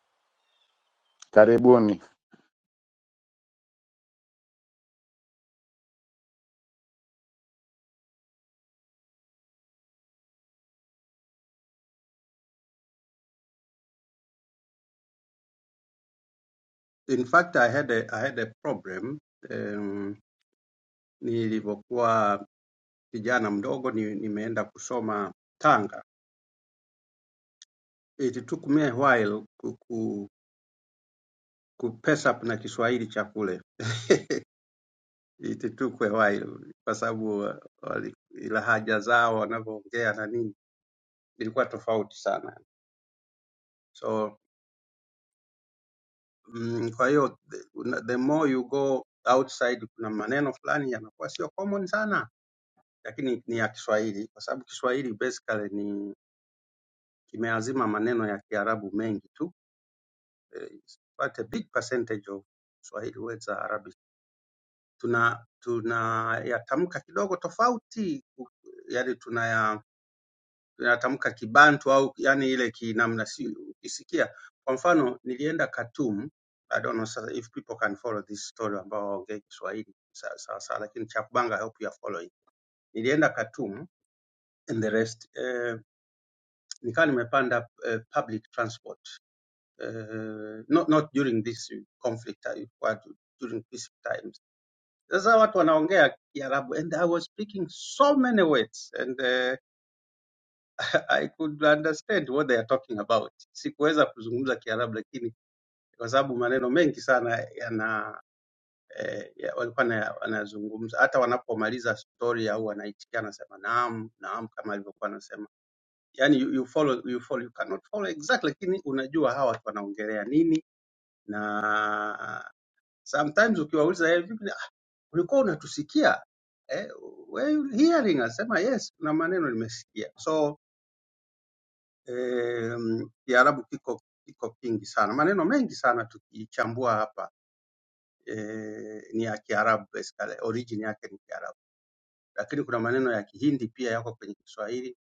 [SPEAKER 2] Karibuni.
[SPEAKER 10] In fact I had a, I had a problem um, nilivyokuwa kijana mdogo ni, nimeenda kusoma Tanga. It took me a while ku, ku, ku pace up na Kiswahili cha kule *laughs* itutukwe wai kwa sababu uh, wali- ila haja zao wanavyoongea na nini ilikuwa tofauti sana so mm, kwa hiyo the una- the more you go outside kuna maneno fulani yanakuwa sio common sana lakini ni ya kiswahili kwa sababu kiswahili basically ni kimeazima maneno ya kiarabu mengi tu Eh, it's quite a big percentage of swahili words are arabic tuna tuna, tunayatamka kidogo tofauti yani inatamka kibantu au yani ile kinamna, si ukisikia. Kwa mfano nilienda Khartoum, I don't know sasa if people can follow this story ambao waongee Kiswahili sawa sawa, lakini cha kubanga I hope you are following. Nilienda Khartoum and the rest eh, nikawa nimepanda eh, public transport eh, not, not during this conflict eh, ilikuwa du- during peace times. Sasa watu wanaongea Kiarabu and I was speaking so many words and uh, I could understand what they are talking about. Sikuweza kuzungumza Kiarabu, lakini kwa sababu maneno mengi sana yana eh, ya- walikuwa na- wanazungumza, hata wanapomaliza story au wanaitikia, anasema naam, naam, kama alivyokuwa anasema yani you, you follow, you follow, you cannot follow exactly, lakini unajua hawa watu wanaongelea nini, na sometimes ukiwauliza "Eh, vipi, ah, ulikuwa unatusikia eh, were you hearing? Anasema yes, kuna maneno nimesikia so Em, Kiarabu kiko, kiko kingi sana, maneno mengi sana tukichambua hapa e, ni ya Kiarabu basically, origin yake ni Kiarabu, lakini kuna maneno ya Kihindi pia yako kwenye Kiswahili,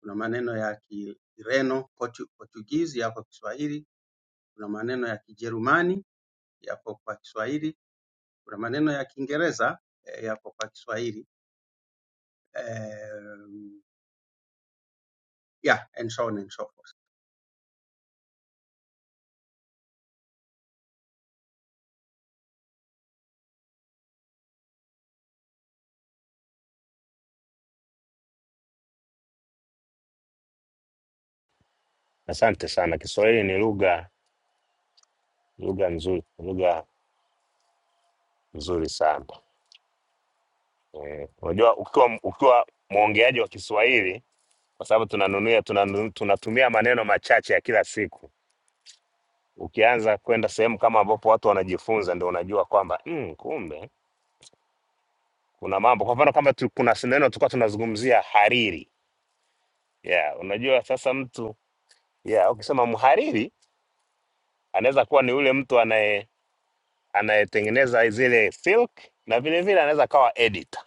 [SPEAKER 10] kuna maneno ya Kireno Portu, Portuguese yako Kiswahili, kuna maneno ya Kijerumani yako kwa Kiswahili, kuna maneno ya Kiingereza eh, yako kwa Kiswahili Em, yeah, and so on and so forth.
[SPEAKER 11] Asante sana. Kiswahili ni lugha lugha nzuri, lugha nzuri sana. Eh, Unajua ukiwa ukiwa mwongeaji wa Kiswahili kwa sababu tunanunia tunanu, tunatumia maneno machache ya kila siku Ukianza kwenda sehemu kama ambapo watu wanajifunza, ndio unajua kwamba mm, kumbe kuna mambo. Kwa mfano kama tu, kuna neno tulikuwa tunazungumzia hariri, yeah, unajua sasa mtu yeah, ukisema mhariri anaweza kuwa ni yule mtu anaye anayetengeneza zile silk na vile vile anaweza kawa editor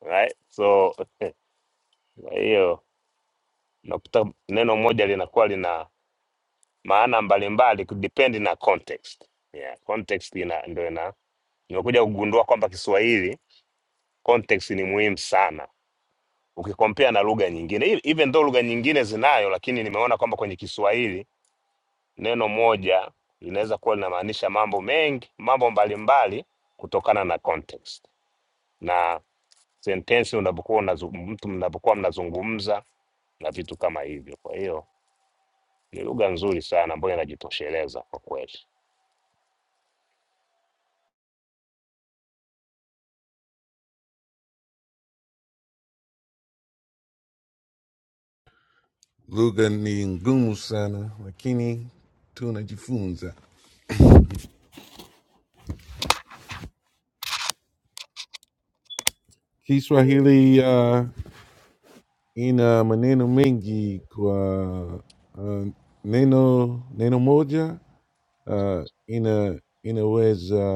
[SPEAKER 11] right? So *laughs* kwa hiyo unakuta neno moja linakuwa lina maana mbalimbali ku- depend na context. Yeah, context ina ndio ina nimekuja kugundua kwamba Kiswahili Context ni muhimu sana ukikompea na lugha nyingine, E- even though lugha nyingine zinayo, lakini nimeona kwamba kwenye Kiswahili neno moja linaweza kuwa linamaanisha mambo mengi, mambo mbalimbali kutokana na context na sentensi unapokuwa unazu- mtu mnapokuwa mnazungumza na vitu kama hivyo. Kwa hiyo ni lugha nzuri sana ambayo inajitosheleza kwa kweli.
[SPEAKER 7] lugha ni ngumu sana lakini tunajifunza kiswahili uh, ina maneno mengi kwa uh, neno neno moja uh, ina inaweza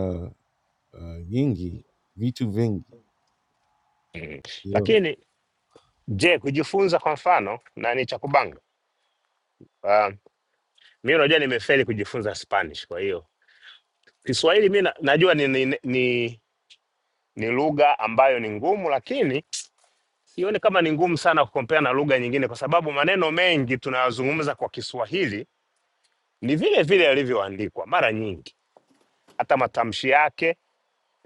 [SPEAKER 7] uh, nyingi vitu vingi you know?
[SPEAKER 11] Lakini je, kujifunza kwa mfano na ni cha kubanga uh, mi unajua nimefeli kujifunza Spanish, kwa hiyo Kiswahili mi na- najua ni, ni, ni, ni lugha ambayo ni ngumu, lakini sioni kama ni ngumu sana kukompea na lugha nyingine, kwa sababu maneno mengi tunayozungumza kwa Kiswahili ni vile vile yalivyoandikwa. Mara nyingi hata matamshi yake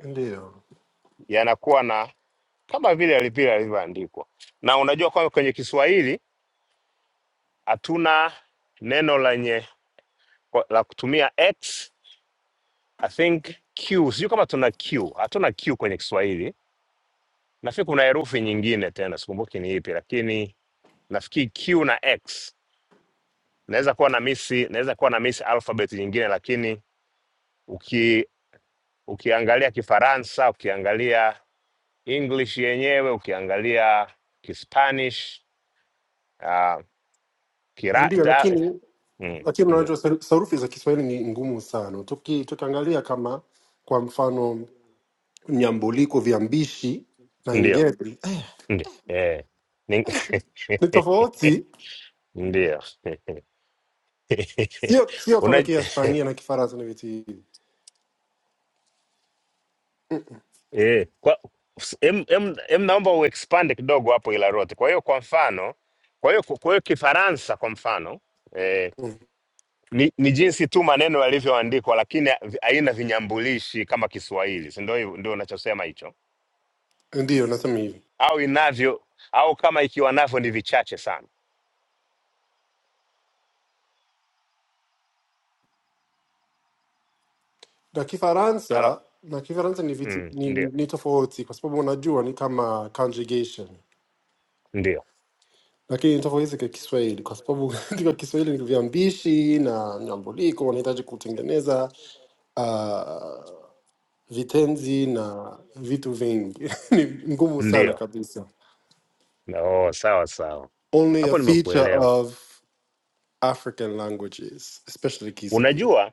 [SPEAKER 4] Ndiyo,
[SPEAKER 11] yanakuwa na kama vile yali- vile yalivyoandikwa, na unajua kwamba kwenye Kiswahili hatuna neno lenye la kutumia x I think q, sijui kama tuna q, hatuna q kwenye Kiswahili Nafikiri kuna herufi nyingine tena, sikumbuki ni ipi, lakini nafikiri Q na X. Naweza kuwa na misi, naweza kuwa na misi alphabet nyingine, lakini uki ukiangalia Kifaransa, ukiangalia English yenyewe, ukiangalia Kispanish uh, kira,
[SPEAKER 4] ndiyo,
[SPEAKER 11] ta,
[SPEAKER 4] lakini
[SPEAKER 11] mm,
[SPEAKER 4] lakini
[SPEAKER 11] ndio.
[SPEAKER 4] unajua saru- sarufi za Kiswahili ni ngumu sana. Tuki, tukiangalia kama kwa mfano nyambuliko, viambishi na
[SPEAKER 11] Ndio,
[SPEAKER 4] ngeli eh,
[SPEAKER 11] ndio, eh, ni-
[SPEAKER 4] ni
[SPEAKER 11] *laughs*
[SPEAKER 4] tofauti,
[SPEAKER 11] ndio. *laughs*
[SPEAKER 4] sio sio
[SPEAKER 11] Una
[SPEAKER 4] kama
[SPEAKER 11] *laughs*
[SPEAKER 4] Kihispania na Kifaransa na vitu hivi. Mm,
[SPEAKER 11] eh, kwa em, em, em, naomba uexpand kidogo hapo Ilarote. Kwa hiyo kwa mfano, kwa hiyo kwa hiyo Kifaransa kwa mfano eh, ni, ni jinsi tu maneno yalivyoandikwa, lakini haina vinyambulishi kama Kiswahili, si ndio? hivo- Ndio unachosema hicho,
[SPEAKER 4] Ndio, nathamini
[SPEAKER 11] au inavyo, au kama ikiwa navyo ni vichache sana.
[SPEAKER 4] na Kifaransa na Kifaransa ni, vitu,
[SPEAKER 11] Mm,
[SPEAKER 4] ni, ni
[SPEAKER 11] ndio
[SPEAKER 4] ni tofauti kwa sababu unajua ni kama conjugation,
[SPEAKER 11] ndio
[SPEAKER 4] lakini ni tofauti kwa Kiswahili kwa sababu *laughs* katika Kiswahili ni viambishi na nyambuliko, unahitaji kutengeneza uh, vitenzi na vitu vingi *laughs* ni ngumu sana
[SPEAKER 11] ndio,
[SPEAKER 4] kabisa.
[SPEAKER 11] oh, sawa sawa,
[SPEAKER 4] Only a
[SPEAKER 11] hapo
[SPEAKER 4] feature
[SPEAKER 11] nimekuelewa.
[SPEAKER 4] of African languages, especially Kiswahili.
[SPEAKER 11] Unajua,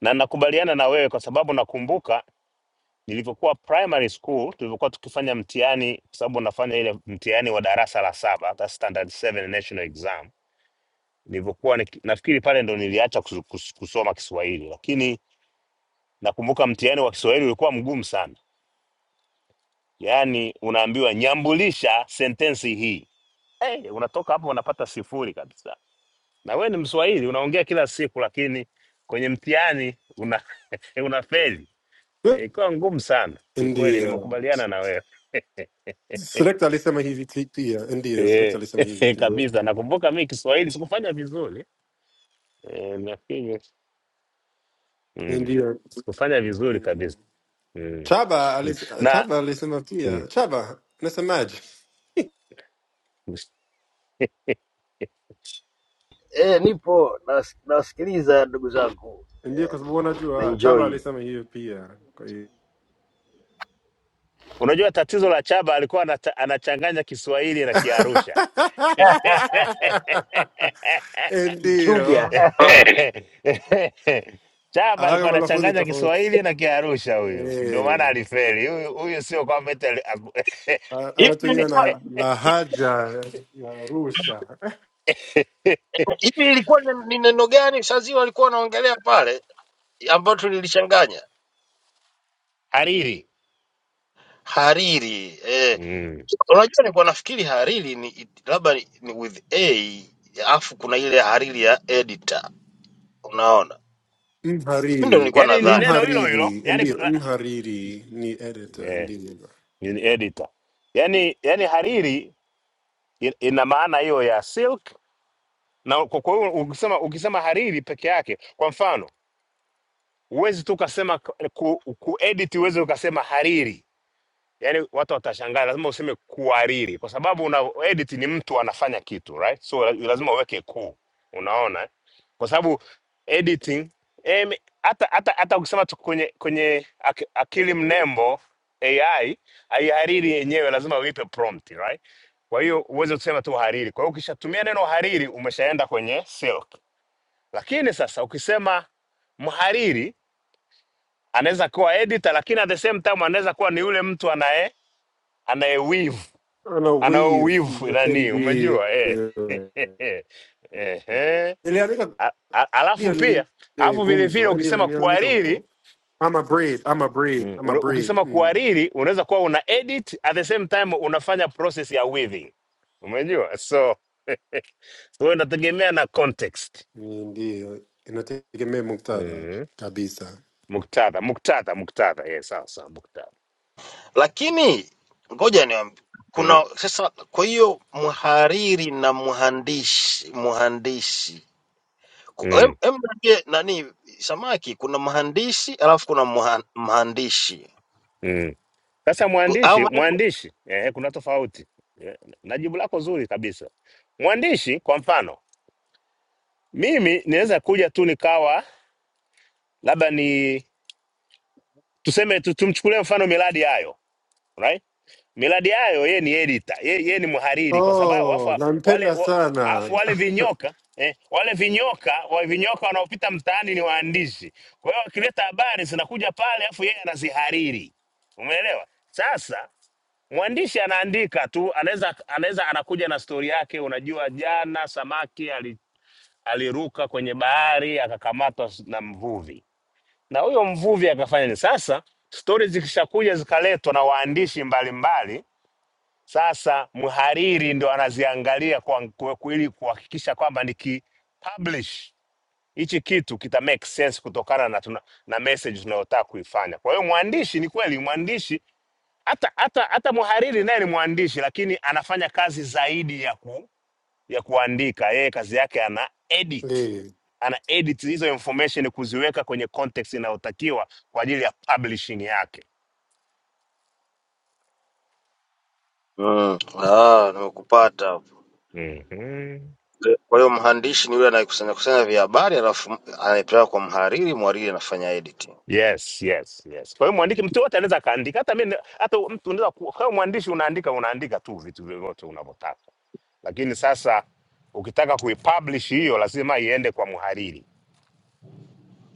[SPEAKER 11] na nakubaliana na wewe kwa sababu nakumbuka nilivyokuwa primary school tulivyokuwa tukifanya mtihani, kwa sababu nafanya ile mtihani wa darasa la saba, that's standard 7 national exam. Nilivyokuwa niki- nafikiri pale ndo niliacha kus- kus- kusoma Kiswahili, lakini nakumbuka mtihani wa Kiswahili ulikuwa mgumu sana, yaani unaambiwa nyambulisha sentensi hii. Hey, unatoka hapo unapata sifuri kabisa na wewe ni Mswahili unaongea kila siku, lakini kwenye mtihani una *laughs* unafeli. Eh,
[SPEAKER 4] *laughs*
[SPEAKER 11] Ilikuwa ngumu sana. Ni kweli,
[SPEAKER 4] Ndio.
[SPEAKER 11] nimekubaliana na wewe *laughs*
[SPEAKER 4] Select alisema hivi ki- pia ndio Select alisema hivi
[SPEAKER 11] Eh, *laughs*
[SPEAKER 4] kidogo.
[SPEAKER 11] kabisa. Nakumbuka mi Kiswahili sikufanya vizuri Eh, nafikiri mm.
[SPEAKER 4] ndio
[SPEAKER 11] sikufanya vizuri
[SPEAKER 4] Mm.
[SPEAKER 11] kabisa mm.
[SPEAKER 4] Chaba alis,
[SPEAKER 11] na
[SPEAKER 4] Chaba alisema
[SPEAKER 11] mm.
[SPEAKER 4] pia Chaba nasemaje?
[SPEAKER 11] *laughs*
[SPEAKER 8] eh nipo nas- nasikiliza ndugu zangu
[SPEAKER 4] Ndio kwa sababu
[SPEAKER 8] na
[SPEAKER 4] unajua Chaba
[SPEAKER 8] enjoy
[SPEAKER 4] alisema hiyo pia, kwa hiyo
[SPEAKER 11] Unajua tatizo la Chaba alikuwa anata- anachanganya Kiswahili na Kiarusha
[SPEAKER 4] *laughs*
[SPEAKER 11] *laughs*
[SPEAKER 8] kichuga
[SPEAKER 4] ndio
[SPEAKER 11] Chaba
[SPEAKER 4] awaka
[SPEAKER 11] alikuwa
[SPEAKER 4] malafudhi
[SPEAKER 11] anachanganya
[SPEAKER 4] tofauti
[SPEAKER 11] Kiswahili na Kiarusha
[SPEAKER 4] *laughs*
[SPEAKER 11] huyu, ndio maana
[SPEAKER 4] eh,
[SPEAKER 11] alifeli huyu. Huyu sio kwamba eti ali-
[SPEAKER 4] a-
[SPEAKER 8] Hivi
[SPEAKER 4] anatumia
[SPEAKER 11] *laughs*
[SPEAKER 4] na lahaja ya Arusha.
[SPEAKER 8] hivi ilikuwa ni ni neno gani Shazia walikuwa wanaongelea pale ambayo tulilichanganya?
[SPEAKER 11] hariri
[SPEAKER 8] Hariri. Eh,
[SPEAKER 11] mm.
[SPEAKER 8] unajua nilikuwa nafikiri hariri ni it- labda ni, ni with a afu kuna ile hariri ya editor. Unaona? Mimi ndio
[SPEAKER 4] Mhariri,
[SPEAKER 8] nilikuwa
[SPEAKER 11] Yaani ni
[SPEAKER 8] nadhani.
[SPEAKER 11] neno hilo hilo
[SPEAKER 4] mhariri
[SPEAKER 11] yaani,
[SPEAKER 4] ndio, mhariri ni editor
[SPEAKER 11] eh,
[SPEAKER 4] ndio
[SPEAKER 11] ni editor yaani, yaani hariri in- ina maana hiyo ya silk, na kwa kwa hiyo ukisema, ukisema hariri peke yake, kwa mfano huwezi tu ukasema ku, ku edit, huwezi ukasema hariri yani watu watashangaa, lazima useme kuhariri, kwa sababu una edit ni mtu anafanya kitu right, so la- lazima uweke ku, unaona eh? kwa sababu editing em, hata hata hata ukisema tu kwenye kwenye ak- akili mnembo AI haihariri yenyewe, lazima uipe prompt right. Kwa hiyo uweze kusema tu hariri. Kwa hiyo ukishatumia neno hariri umeshaenda kwenye silk, lakini sasa ukisema mhariri anaweza kuwa editor, lakini at the same time anaweza kuwa ni yule mtu anaye anayewivu
[SPEAKER 4] Ana
[SPEAKER 11] ana
[SPEAKER 4] wave
[SPEAKER 11] uwivu nani,
[SPEAKER 4] ndio
[SPEAKER 11] umejua eh. *laughs* Ehe.
[SPEAKER 4] iliandika
[SPEAKER 11] A- a- Alafu
[SPEAKER 4] ndio
[SPEAKER 11] pia
[SPEAKER 4] lile
[SPEAKER 11] alafu vile vile
[SPEAKER 4] gumzo ndio
[SPEAKER 11] ukisema
[SPEAKER 4] liliandika
[SPEAKER 11] kuhariri
[SPEAKER 4] huko I'm a breed, I'm a breed,
[SPEAKER 11] mm,
[SPEAKER 4] I'm a
[SPEAKER 11] una-
[SPEAKER 4] breed.
[SPEAKER 11] ukisema
[SPEAKER 4] Mm.
[SPEAKER 11] kuhariri unaweza kuwa una edit at the same time unafanya process ya weaving, umejua so *laughs* so inategemea na context
[SPEAKER 4] Ndio inategemea muktadha
[SPEAKER 11] mm.
[SPEAKER 4] kabisa.
[SPEAKER 11] Muktadha, muktadha, muktadha, yes, sawa sawa, muktadha
[SPEAKER 8] lakini ngoja niambi
[SPEAKER 11] mm.
[SPEAKER 8] kuna sasa. Kwa hiyo mhariri na mhandisi, mhandisi Ku- em,
[SPEAKER 11] Mm.
[SPEAKER 8] em niambie nani samaki, kuna mhandisi alafu kuna mha- mhandisi
[SPEAKER 11] mm. Sasa
[SPEAKER 8] U- au
[SPEAKER 11] mwandishi
[SPEAKER 8] maanake
[SPEAKER 11] mwandishi eh, kuna tofauti eh, na jibu lako zuri kabisa. Mwandishi kwa mfano, mimi ninaweza kuja tu nikawa labda ni tuseme tu, tumchukulie mfano miradi yayo right? miradi yayo yeye ni editor, yeye, yeye ni mhariri kwa sababu afu
[SPEAKER 4] Oh,
[SPEAKER 11] wale
[SPEAKER 4] nampenda
[SPEAKER 11] wa-
[SPEAKER 4] sana
[SPEAKER 11] afu wale
[SPEAKER 4] *laughs*
[SPEAKER 11] vinyoka eh, wale vinyoka wa vinyoka wanaopita mtaani ni waandishi. Kwa hiyo wakileta habari zinakuja pale, afu yeye anazihariri, umeelewa? Sasa mwandishi anaandika tu, anaweza anaweza anakuja na stori yake. Unajua, jana samaki ali, aliruka kwenye bahari akakamatwa s- na mvuvi, na huyo mvuvi akafanya nini? Sasa stori zikishakuja zikaletwa na waandishi mbalimbali, sasa mhariri ndo anaziangalia kwa, kwa, kwa- ili kuhakikisha kwamba nikipublish hichi kitu kita make sense kutokana na, tuna, na message tunayotaka kuifanya. Kwa hiyo mwandishi, ni kweli mwandishi hata hata hata muhariri naye ni mwandishi, lakini anafanya kazi zaidi ya ku, ya kuandika. Yeye kazi yake ana edit,
[SPEAKER 4] Eh,
[SPEAKER 11] ana edit hizo information kuziweka kwenye context inayotakiwa kwa ajili ya publishing yake.
[SPEAKER 8] mm. Ah, nimekupata hapo.
[SPEAKER 11] mm
[SPEAKER 8] Kwa hiyo mhandisi ni yule anayekusanya kusanya vya habari alafu anaipeleka kwa mhariri, mhariri anafanya editing,
[SPEAKER 11] Yes, yes, yes. Kwa hiyo mwandiki, mtu yote anaweza akaandika, hata mimi, hata mtu unaweza ku- kama mwandishi unaandika, unaandika tu vitu vyovyote unavyotaka, lakini sasa ukitaka kuipublish hiyo lazima iende kwa mhariri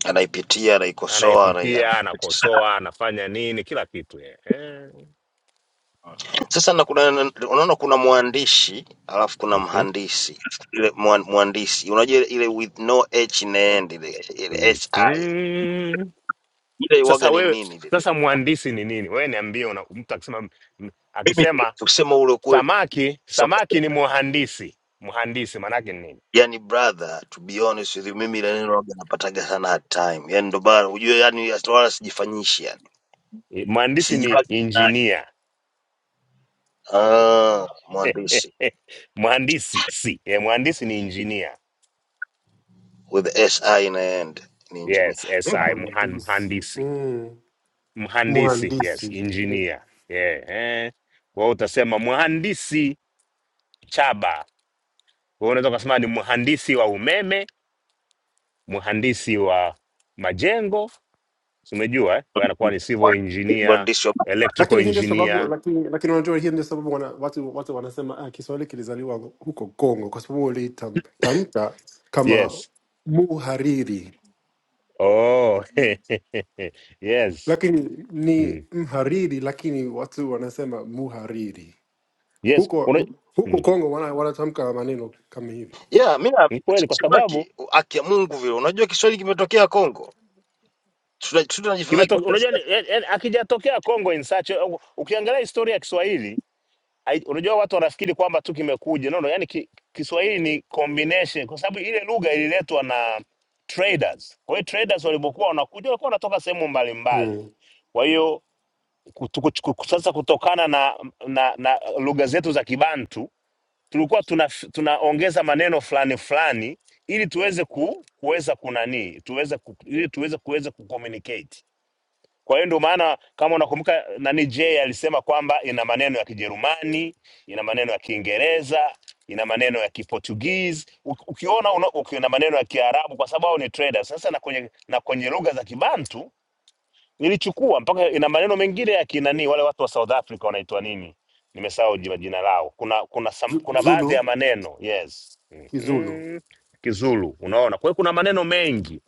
[SPEAKER 8] anaipitia, anaikosoa, anai
[SPEAKER 11] anayepitia, anakosoa, anafanya nini, kila kitu yeye. Eh.
[SPEAKER 8] Sasa na kuna na- unaona kuna mwandishi alafu kuna
[SPEAKER 11] Mhm.
[SPEAKER 8] mhandisi. Ile mwan- mwandishi unajua ile ile with no h in the end ile, ile si
[SPEAKER 11] Mhm.
[SPEAKER 8] ile
[SPEAKER 11] Sasa
[SPEAKER 8] waga ni
[SPEAKER 11] wewe
[SPEAKER 8] nini ile?
[SPEAKER 11] sasa mhandisi ni nini? Wewe niambie, una- mtu akisema m-
[SPEAKER 8] Mimi
[SPEAKER 11] akisema
[SPEAKER 8] kusema ule kweli
[SPEAKER 11] samaki,
[SPEAKER 8] sema-
[SPEAKER 11] samaki ni muhandisi. Mhandisi maanake ni nini?
[SPEAKER 8] yani brother to be honest with you mimi ile neno waga napataga sana hard time. Yani ndo bana unajua yani hata wala sijifanyishi yani.
[SPEAKER 11] Eh, Mhandisi ni
[SPEAKER 8] Sijua
[SPEAKER 11] injinia
[SPEAKER 8] ah mwandishi
[SPEAKER 11] *laughs* mhandisi si eh, mhandisi ni injinia
[SPEAKER 8] with si in the end ni engineer.
[SPEAKER 11] yes si
[SPEAKER 8] Mimi
[SPEAKER 11] mhan,
[SPEAKER 4] mhandisi
[SPEAKER 11] mhandisi
[SPEAKER 4] mm.
[SPEAKER 11] mhandisi yes
[SPEAKER 4] mhandisi Mm.
[SPEAKER 11] injinia yeah, eh. Kwa hiyo utasema mhandisi Chaba Kwa hiyo unaweza ukasema ni mhandisi wa umeme, mhandisi wa majengo, si umejua eh? Kwa hiyo anakuwa ni civil engineer,
[SPEAKER 8] mwandishi
[SPEAKER 11] electrical
[SPEAKER 4] lakini hii ndio sababu
[SPEAKER 11] engineer.
[SPEAKER 4] lakini lakini unajua hii ndio sababu wana, watu watu wanasema ah, kiswahili kilizaliwa huko Kongo kwa sababu walitamka kama
[SPEAKER 11] Yes.
[SPEAKER 4] muhariri
[SPEAKER 11] Oh. *laughs* yes.
[SPEAKER 4] lakini ni
[SPEAKER 11] Mm.
[SPEAKER 4] mhariri lakini watu wanasema muhariri
[SPEAKER 11] Yes. Una...
[SPEAKER 4] huko huko
[SPEAKER 11] Mm.
[SPEAKER 4] Kongo wana- wanatamka maneno kama hivi
[SPEAKER 8] yeah mi na-
[SPEAKER 11] Ni kweli kwa sababu
[SPEAKER 8] sitaki haki ya Mungu vile. Unajua Kiswahili kimetokea Kongo, Tuna- tunajivunaga
[SPEAKER 11] imetoka, unajua ni- yani- yani akijatokea Congo in such a- ukiangalia historia ya Kiswahili hai- unajua watu wanafikiri kwamba tu kimekuja no, no, yani ki, Kiswahili ni combination, kwa sababu ile lugha ililetwa na traders. Kwa hiyo traders walipokuwa wanakuja walikuwa wanatoka sehemu mbalimbali,
[SPEAKER 4] mm.
[SPEAKER 11] kwa hiyo kutu- kuchu- ku- sasa kutokana na, na, na lugha zetu za Kibantu tulikuwa tuna, tunaongeza maneno fulani fulani ili tuweze ku, kuweza kunanii tuweze ku, ili tuweze kuweza kucommunicate kwa hiyo ndio maana kama unakumbuka nani Jay alisema kwamba ina maneno ya Kijerumani, ina maneno ya Kiingereza, ina maneno ya Kiportuguese. Uki- Ukiona una, uki- ina maneno ya Kiarabu kwa sababu hao ni traders. Sasa na kwenye na kwenye lugha za Kibantu nilichukua mpaka ina maneno mengine ya kinani wale watu wa South Africa wanaitwa nini? Nimesahau jina jina lao. Kuna kuna some,
[SPEAKER 4] Zu-
[SPEAKER 11] kuna baadhi ya
[SPEAKER 4] Zulu
[SPEAKER 11] maneno, yes.
[SPEAKER 4] Kizulu
[SPEAKER 11] Mhm. Kizulu, unaona. Kwa hiyo kuna maneno mengi.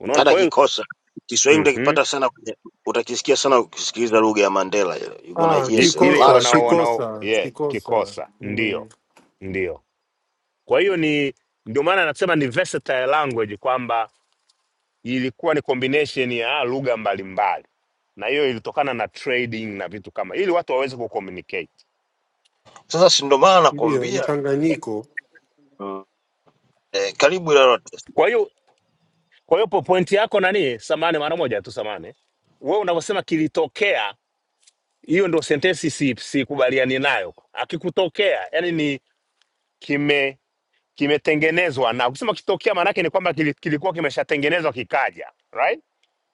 [SPEAKER 11] Unaona.
[SPEAKER 8] hata
[SPEAKER 11] Kwa hiyo
[SPEAKER 8] kikosa Kiswahili
[SPEAKER 11] mhm.
[SPEAKER 8] utakipata sana kwenye- utakisikia sana ukisikiliza lugha ya Mandela ile. You're gonna
[SPEAKER 4] ah,
[SPEAKER 8] hear
[SPEAKER 11] I-
[SPEAKER 8] a
[SPEAKER 11] ile
[SPEAKER 8] lot of
[SPEAKER 4] kikosa
[SPEAKER 11] wanao
[SPEAKER 8] Swahili.
[SPEAKER 11] wanao
[SPEAKER 4] kikosa
[SPEAKER 11] yeah,
[SPEAKER 4] kikosa
[SPEAKER 11] kikosa ndio
[SPEAKER 4] mm.
[SPEAKER 11] ndio. Kwa hiyo ni ndio maana nasema ni versatile language kwamba ilikuwa ni combination ya lugha mbalimbali, na hiyo ilitokana na trading na vitu kama ili watu waweze kucommunicate.
[SPEAKER 8] Sasa si ndo maana
[SPEAKER 4] ndio
[SPEAKER 8] nakwambia
[SPEAKER 4] mchanganyiko
[SPEAKER 8] eh, karibu ile lote
[SPEAKER 11] Kwa hiyo kwa hiyo po- pointi yako nani, samani, mara moja tu samani, wewe unavyosema kilitokea, hiyo ndo sentensi si- sikubaliani nayo. Akikutokea yani ni kime kimetengenezwa, na kusema kitokea maana yake ni kwamba kili- kilikuwa kimeshatengenezwa kikaja, right?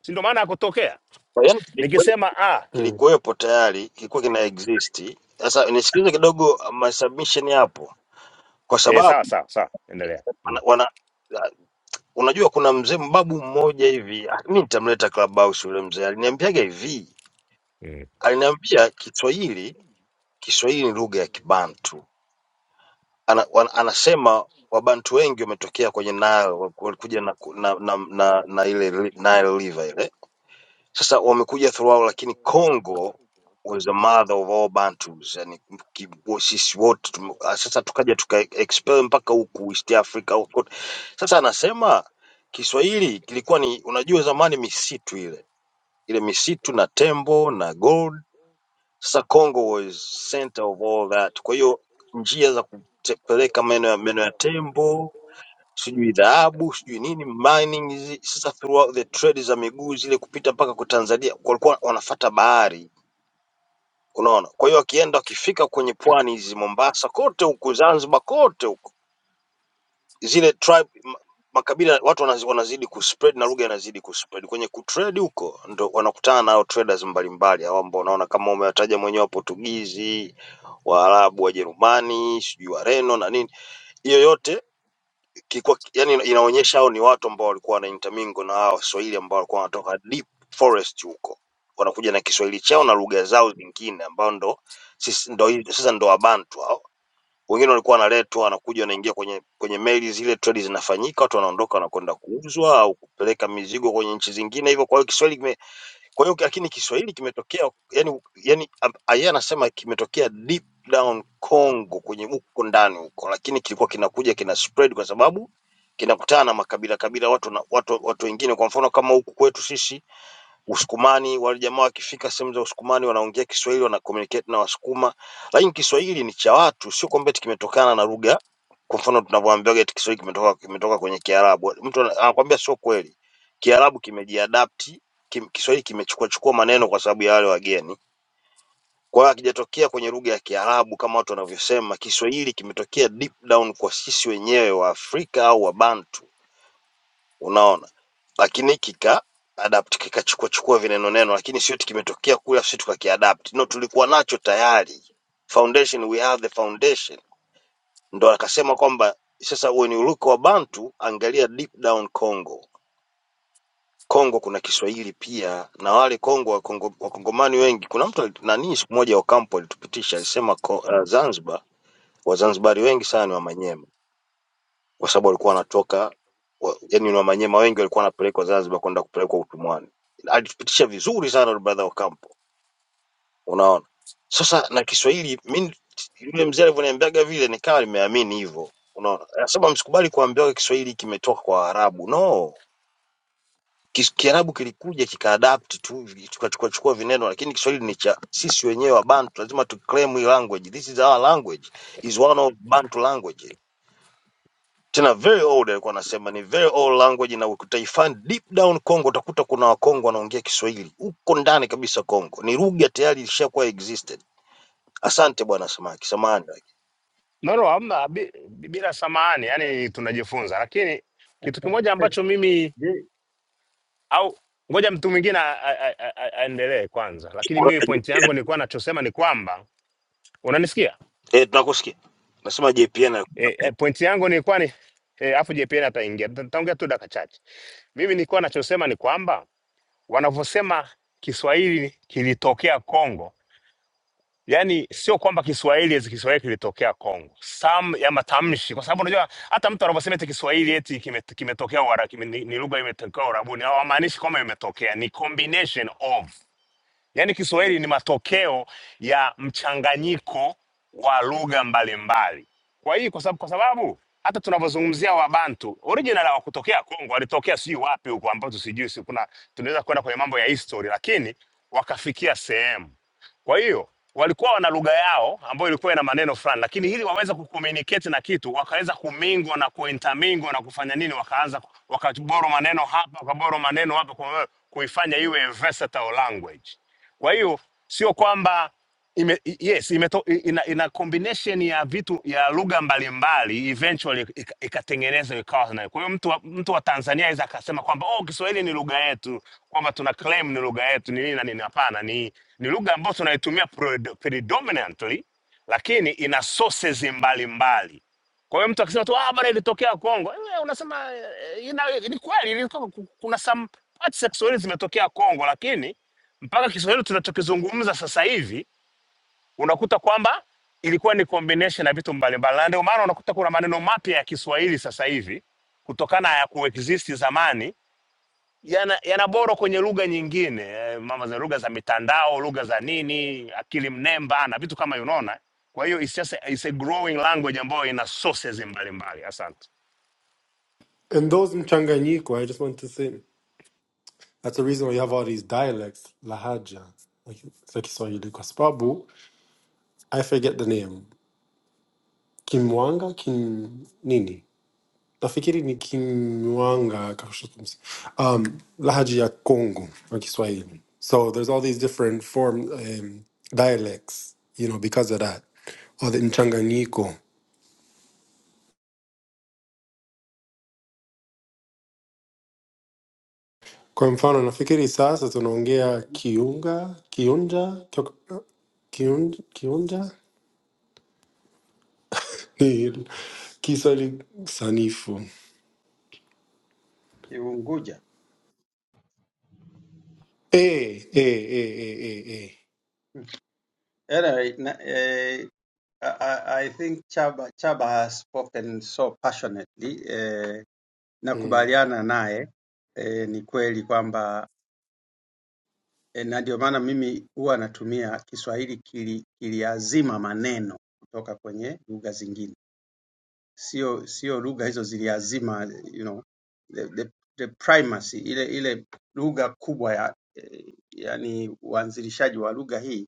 [SPEAKER 11] Si ndo maana ya kutokea.
[SPEAKER 8] yaani kilikuwe-
[SPEAKER 11] Nikisema ah,
[SPEAKER 4] mm.
[SPEAKER 8] kilikuwepo tayari kilikuwa kina exist. Sasa nisikilize kidogo my submission hapo, kwa
[SPEAKER 11] eh,
[SPEAKER 8] sababu
[SPEAKER 11] sawa sawa sawa, endelea.
[SPEAKER 8] wana,
[SPEAKER 11] Ndio.
[SPEAKER 8] wana, unajua kuna mzee mbabu mmoja hivi ah, mi nitamleta Clubhouse yule mzee aliniambiaga hivi
[SPEAKER 11] Mm.
[SPEAKER 8] Aliniambia Kiswahili Kiswahili ni lugha ya Kibantu. Ana, wana, anasema Wabantu wengi wametokea kwenye Nile, wa- walikuja na, ku- na, na, na, na ile li- Nile River ile. Sasa wamekuja throughout, lakini Congo was the mother of all Bantus, yani ki- wo- sisi wote tume- ah, sasa tukaja tuka expel mpaka huku East Africa. huku kote. Sasa anasema Kiswahili kilikuwa ni, unajua zamani misitu ile ile misitu na tembo na gold Sasa Congo is center of all that. Kwa hiyo njia za kupeleka meno ya meno ya tembo sijui dhahabu sijui nini mining hizi sasa throughout the trade za miguu zile kupita mpaka kwa Tanzania walikuwa wanafata bahari unaona kwa hiyo wakienda wakifika kwenye pwani hizi Mombasa kote huku Zanzibar kote huku zile tribe ma- makabila watu wanazi- wanazidi kuspread na lugha inazidi kuspread kwenye kutrade huko ndo wanakutana nao traders mbalimbali hao ambao unaona kama umewataja mwenyewe Waportugizi, Waarabu, Wajerumani, sijui Wareno na nini. Hiyo yote kilikuwa yani inaonyesha hao ni watu ambao walikuwa wana intermingle na hao Waswahili ambao walikuwa wanatoka deep forest huko. Wanakuja na Kiswahili chao na lugha zao zingine ambao ndo sisi ndo sasa ndo Wabantu hao wengine walikuwa wanaletwa wanakuja wanaingia kwenye kwenye meli zile, trade zinafanyika, watu wanaondoka wanakwenda kuuzwa au kupeleka mizigo kwenye nchi zingine hivyo. Kwa hiyo Kiswahili kime, kwa hiyo lakini Kiswahili kimetokea yani, yani yeye anasema kimetokea deep down Congo kwenye huko ndani huko, lakini kilikuwa kinakuja kina spread kwa sababu kinakutana na makabila kabila watu na watu watu wengine, kwa mfano kama huku kwetu sisi Usukumani wale jamaa wakifika sehemu za Usukumani wanaongea Kiswahili, wana communicate na Wasukuma, lakini Kiswahili ni cha watu, sio kwamba eti kimetokana na lugha. Kwa mfano tunavyoambiwa eti Kiswahili kimetoka kimetoka kwenye Kiarabu, mtu ana- anakuambia sio kweli. Kiarabu kimejiadapti kim, Kiswahili kimechukua chukua maneno kwa sababu ya wale wageni. Kwa hiyo hakijatokea kwenye lugha ya Kiarabu kama watu wanavyosema. Kiswahili kimetokea deep down kwa sisi wenyewe wa Afrika au wa Bantu unaona? Lakini kika adapt kikachukua chukua vineno neno, lakini sio eti kimetokea kule sisi tukakiadapt. No, tulikuwa nacho tayari foundation, we have the foundation. Ndo akasema kwamba sasa when you look wa Bantu, angalia deep down Congo. Kongo kuna Kiswahili pia na wale Kongo Wakongomani Kongo, Wakongomani wengi. Kuna mtu ali- nani siku moja Ocampo alitupitisha alisema ko- uh, Zanzibar Wazanzibari wengi sana ni Wamanyema kwa sababu walikuwa wanatoka wa, yani na Manyema wengi walikuwa wanapelekwa Zanzibar kwenda kupelekwa utumwani. Alitupitisha vizuri sana yule brother Ocampo, unaona. Sasa na Kiswahili mimi yule mzee alivyoniambiaga vile nikawa nimeamini hivyo, unaona. Anasema msikubali kuambiwa Kiswahili kimetoka kwa Waarabu. No, Kis- Kiarabu kilikuja kikaadapt tu tukachukua chukua vineno, lakini Kiswahili ni cha sisi wenyewe wa Bantu, lazima tu claim hii language. This is our language, is one of Bantu language. tena very old alikuwa anasema ni very old language na ukitaifan deep down Congo utakuta kuna Wakongo wanaongea Kiswahili huko ndani kabisa Congo, ni lugha tayari ilishakuwa existed. Asante bwana Samaki, samahani.
[SPEAKER 11] No, no, hamna, bi- bi- bila samahani, yani tunajifunza, lakini kitu kimoja ambacho mimi
[SPEAKER 10] Je,
[SPEAKER 11] au ngoja mtu mwingine a- a- a- a- a- aendelee kwanza, lakini mimi pointi yangu nilikuwa nachosema ni kwamba unanisikia?
[SPEAKER 8] Eh, tunakusikia. Nasema JPN
[SPEAKER 11] E,
[SPEAKER 8] alikuwa
[SPEAKER 11] e, pointi yangu nilikuwa ni e, afu JPN ataingia, Nita- nitaongea tu dakika chache. Mimi nilikuwa nachosema ni kwamba wanavyosema Kiswahili kilitokea Kongo, yani sio kwamba Kiswahili eti Kiswahili kilitokea Kongo, sam ya matamshi, kwa sababu unajua hata mtu anaposema eti Kiswahili eti kime- kimetokea wara, kime, ni, ni lugha imetokea Uarabuni, hawamaanishi kwamba imetokea, ni combination of Yaani Kiswahili ni matokeo ya mchanganyiko wa lugha mbalimbali. Kwa hiyo kwa sababu, kwa sababu hata tunavyozungumzia Wabantu original hawakutokea Kongo, walitokea sijui wapi huko, ambapo sijui si kuna tunaweza kwenda kwenye mambo ya history, lakini wakafikia sehemu kwa hiyo walikuwa wana lugha yao ambayo ilikuwa ina maneno fulani, lakini ili waweze kucommunicate na kitu wakaweza kumingo na kuintermingo na kufanya nini, wakaanza wakaboro maneno hapa, wakaboro maneno hapa, kwa hiyo kuifanya iwe a versatile language. Kwa hiyo sio kwamba ime, i- yes imeto, i- ina, ina combination ya vitu ya lugha mbalimbali eventually ika- ikatengenezwa ikawa na kwa hiyo mtu wa, mtu wa Tanzania aweza akasema kwamba oh Kiswahili ni lugha yetu kwamba tuna claim ni lugha yetu ni nini na nini hapana ni ni lugha ambayo tunaitumia pred- predominantly lakini ina sources mbalimbali kwa hiyo mtu akisema tu ah bwana ilitokea Kongo eh, unasema eh, ina, ni kweli ilitoka ku- kuna some parts za Kiswahili zimetokea Kongo lakini mpaka Kiswahili tunachokizungumza sasa hivi unakuta kwamba ilikuwa ni combination ya vitu mbalimbali, na ndio maana unakuta kuna maneno mapya ya Kiswahili sasa hivi kutokana ya kuexist zamani yana, yana boro kwenye lugha nyingine eh, mama za lugha za mitandao, lugha za nini, akili mnemba na vitu kama unaona. Kwa hiyo it's just a, it's a growing language ambayo ina sources mbalimbali. Asante.
[SPEAKER 4] and those mchanganyiko I just want to say That's the reason why you have all these dialects, Lahaja, like it's like Kiswahili, kwa sababu I forget the name Kimwanga, Kim nini, nafikiri ni Kimwanga, kakoshotumsi. um, Lahaja ya Kongo or Kiswahili. So there's all these different form um, dialects, you know, because of that, or the mchanganyiko. Kwa mfano, nafikiri sasa tunaongea Kiunga, Kiunja, Tok- Kiun, Kiunja, Eh, kisa ni sanifu
[SPEAKER 10] Unguja
[SPEAKER 4] eh, eh, eh, eh, eh, eh.
[SPEAKER 10] All right. na- eh, I, I I think Chaba, Chaba has spoken so passionately eh,
[SPEAKER 4] Mm.
[SPEAKER 10] nakubaliana naye eh, ni kweli kwamba eh, na ndio maana mimi huwa natumia Kiswahili kili, kiliazima maneno kutoka kwenye lugha zingine, sio sio lugha hizo ziliazima you know, the, the, the primacy ile ile lugha kubwa ya eh, yani uanzilishaji wa lugha hii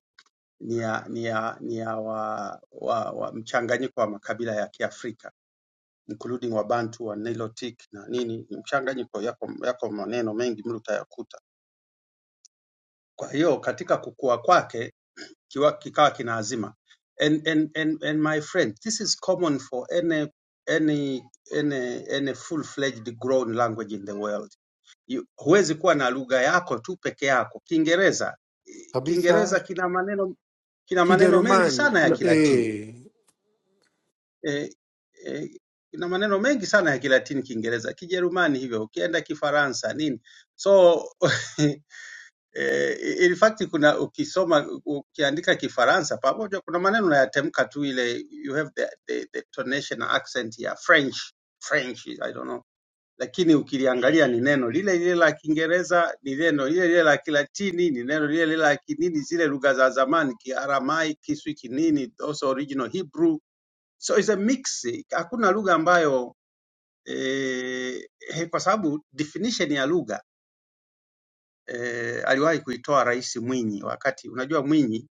[SPEAKER 10] ni ya, ni ya, ni ya wa, wa, wa mchanganyiko wa makabila ya Kiafrika including Wabantu wa Nilotic na nini, ni mchanganyiko, yako, yako maneno mengi mle utayakuta. Kwa hiyo katika kukua kwake kiwa, kikawa kina azima and, and, and, and my friend this is common for any any any, any full fledged grown language in the world. You- Huwezi kuwa na lugha yako tu peke yako. Kiingereza
[SPEAKER 4] kabisa
[SPEAKER 10] Kiingereza kina maneno kina maneno mengi
[SPEAKER 4] kijerumani
[SPEAKER 10] sana ya Kilatini
[SPEAKER 4] eh.
[SPEAKER 10] eh, eh, ina maneno mengi sana ya Kilatini, Kiingereza, Kijerumani hivyo, ukienda Kifaransa nini, so *laughs* eh, in fact kuna ukisoma ukiandika Kifaransa pamoja, kuna maneno unayatamka tu, ile you have the, the, the tonation accent ya French French, I don't know, lakini ukiliangalia ni neno lile lile la Kiingereza, ni neno lile lile la Kilatini, ni neno lile lile la kinini, zile lugha za zamani, Kiaramai, Kiswi, kinini, those original Hebrew so it's a mix si. hakuna lugha ambayo eh, he, kwa sababu definition ya lugha eh, aliwahi kuitoa rais mwinyi wakati unajua mwinyi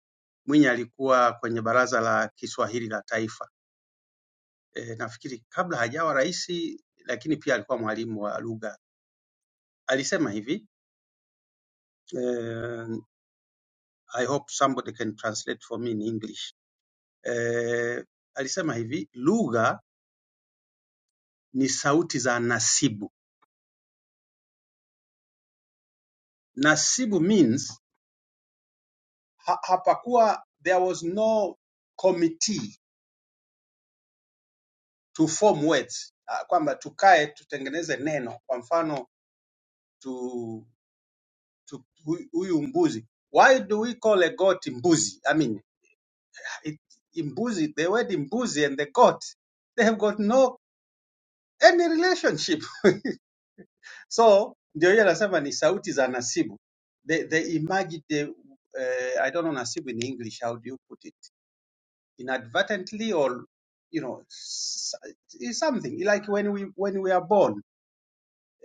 [SPEAKER 10] mwinyi alikuwa kwenye baraza la kiswahili la taifa eh, nafikiri kabla hajawa rais lakini pia alikuwa mwalimu wa lugha alisema hivi eh, i hope somebody can translate for me in english eh, alisema hivi lugha ni sauti za nasibu nasibu means ha, hapakuwa there was no committee to form words Ah, kwamba tukae tutengeneze neno kwa mfano tu, tu, hu- huyu mbuzi why do we call a goat mbuzi i mean it, mbuzi the word mbuzi and the goat they have got no any relationship *laughs* so ndio hiyo anasema ni sauti za nasibu they, they emerged the, uh, i don't know nasibu in english how do you put it inadvertently or you know s- it's something like when we when we are born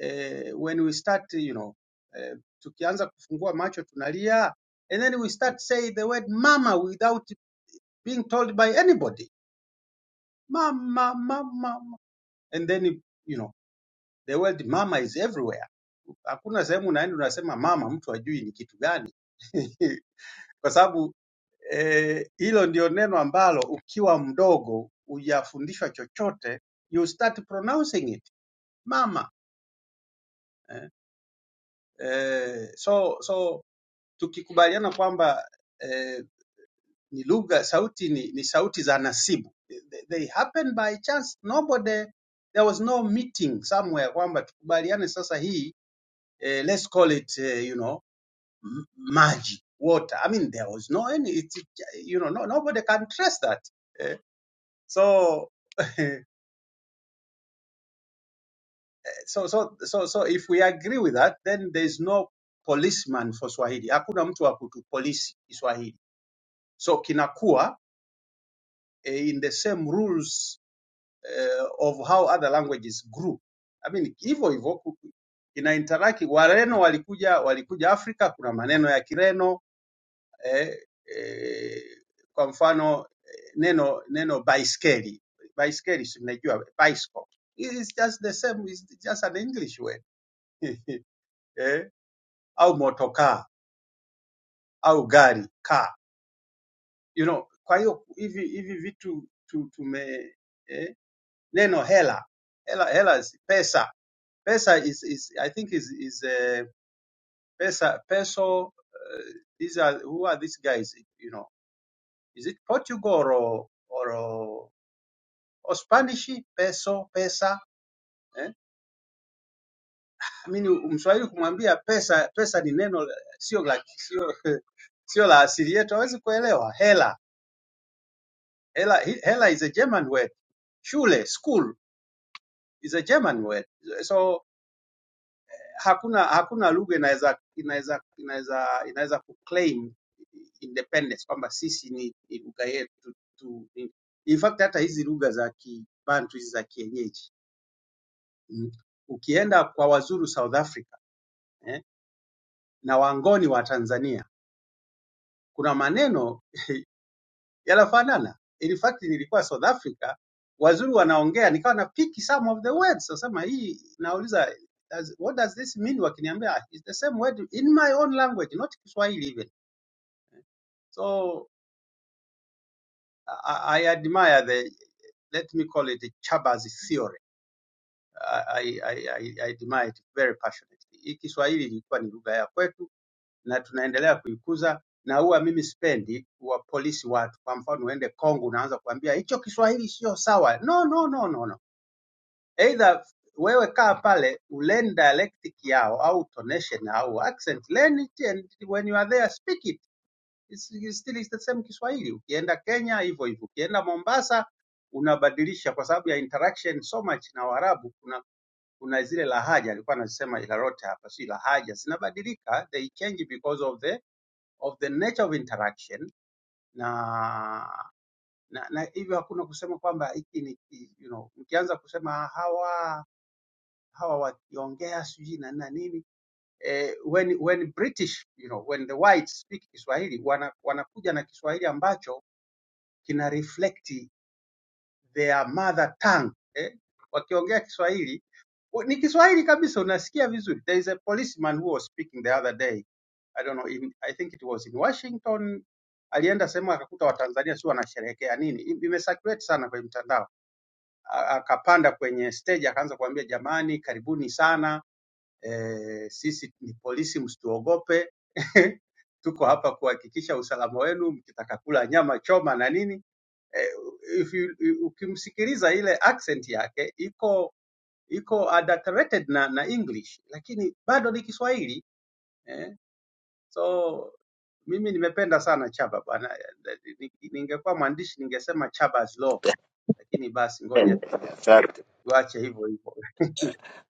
[SPEAKER 10] uh, when we start you know uh, tukianza kufungua macho tunalia and then we start say the word mama without being told by anybody mama mama mama. and then you know the word mama is everywhere hakuna sehemu unaenda unasema mama mtu ajui ni kitu gani *laughs* kwa sababu eh, hilo e, ndio neno ambalo ukiwa mdogo hujafundishwa chochote, you start pronouncing it mama eh, eh, so so tukikubaliana kwamba eh, ni lugha sauti ni, ni sauti za nasibu they, they happen by chance nobody there was no meeting somewhere kwamba tukubaliane sasa hii eh, let's call it eh, you know m- maji water i mean there was no any it's, you know no, nobody can trace that Eh, So, *laughs* so, so, so, so if we agree with that, then there's no policeman for Swahili. Hakuna mtu wa kutupolisi Kiswahili. So kinakuwa eh, in the same rules eh, of how other languages grew. I mean, hivyo hivyo ku- ku- inainteract. Wareno walikuja walikuja Afrika, kuna maneno ya Kireno eh, eh, kwa mfano eh, neno neno baiskeli baiskeli, si mnajua bicycle. It's just the same, it's just an English word *laughs* eh, au motokaa au gari car. You know, kwa hiyo hivi hivi vitu tu, tume eh, neno hela hela hela is pesa pesa is, is I think is is uh, pesa peso uh, these are who are these guys you know is it Portugal or or or Spanish peso pesa eh? I mean mswahili kumwambia pesa pesa ni neno sio la *laughs* sio la asili yetu hawezi kuelewa hela Hela, hela is a German word. Shule, school is a German word. So hakuna hakuna lugha inaweza inaweza inaweza inaweza kuclaim independence kwamba sisi ni, ni lugha yetu tu. In fact hata hizi lugha za Kibantu hizi za kienyeji mm. Ukienda kwa Wazuru South Africa eh, na Wangoni wa Tanzania kuna maneno yanafanana. In fact nilikuwa South Africa, wazuri wanaongea, nikawa na pick some of the words. Sasema hii nauliza does, what does this mean? Wakiniambia "Ah, it's the same word in my own language, not Kiswahili even. So I, I admire the let me call it the Chabazi theory. I, I, I, I admire it very passionately. Hii Kiswahili ilikuwa ni lugha ya kwetu na tunaendelea kuikuza na huwa mimi sipendi kuwapolisi watu. Kwa mfano uende Kongo unaanza kuambia hicho Kiswahili sio sawa. No, no, no, no, no. Either wewe kaa pale learn dialectic yao au tonation au accent, learn it and when you are there speak it. It's, it's still is the same Kiswahili. Ukienda Kenya hivyo hivyo, ukienda Mombasa unabadilisha kwa sababu ya interaction so much na Waarabu. Kuna kuna zile lahaja alikuwa anasema Ilarote hapa, si lahaja zinabadilika, they change because of the of the nature of interaction na na, na hivyo hakuna kusema kwamba hiki ni ki- you know, mkianza kusema hawa hawa wakiongea sijui na na nini eh, when, when British you know, when the whites speak Kiswahili wana, wanakuja na Kiswahili ambacho kina reflect their mother tongue eh, wakiongea Kiswahili u- ni Kiswahili kabisa, unasikia vizuri. There is a policeman who was speaking the other day I don't know in, I think it was in Washington alienda sehemu akakuta Watanzania sio wanasherehekea nini, I- imesaturated sana kwenye mtandao, A- akapanda kwenye stage akaanza kuambia jamani, karibuni sana eh, sisi ni polisi msituogope *laughs* tuko hapa kuhakikisha usalama wenu mkitaka kula nyama choma na nini eh, if you, ukimsikiliza ile accent yake iko iko adulterated na, na english lakini bado ni kiswahili eh, so mimi nimependa sana chaba bwana Ni- ningekuwa mwandishi ningesema chaba's law lakini basi ngoja tu
[SPEAKER 8] Asante,
[SPEAKER 10] tuache hivyo hivyo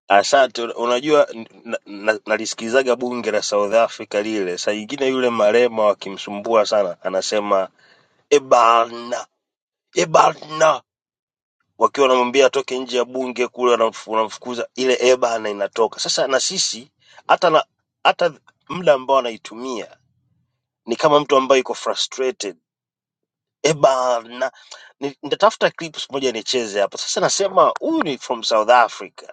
[SPEAKER 8] asante. Una- Unajua n- na- na- nalisikizaga bunge la South Africa lile, saa nyingine yule marema wakimsumbua sana, anasema ebana ebana wakiwa wanamwambia atoke nje ya bunge kule, wanamf- wanamfukuza, ile e na inatoka. Sasa na sisi hata na hata muda ambao anaitumia ni kama mtu ambaye yuko frustrated e na ni- Nitatafuta clips moja nicheze hapa. Sasa nasema huyu ni from South Africa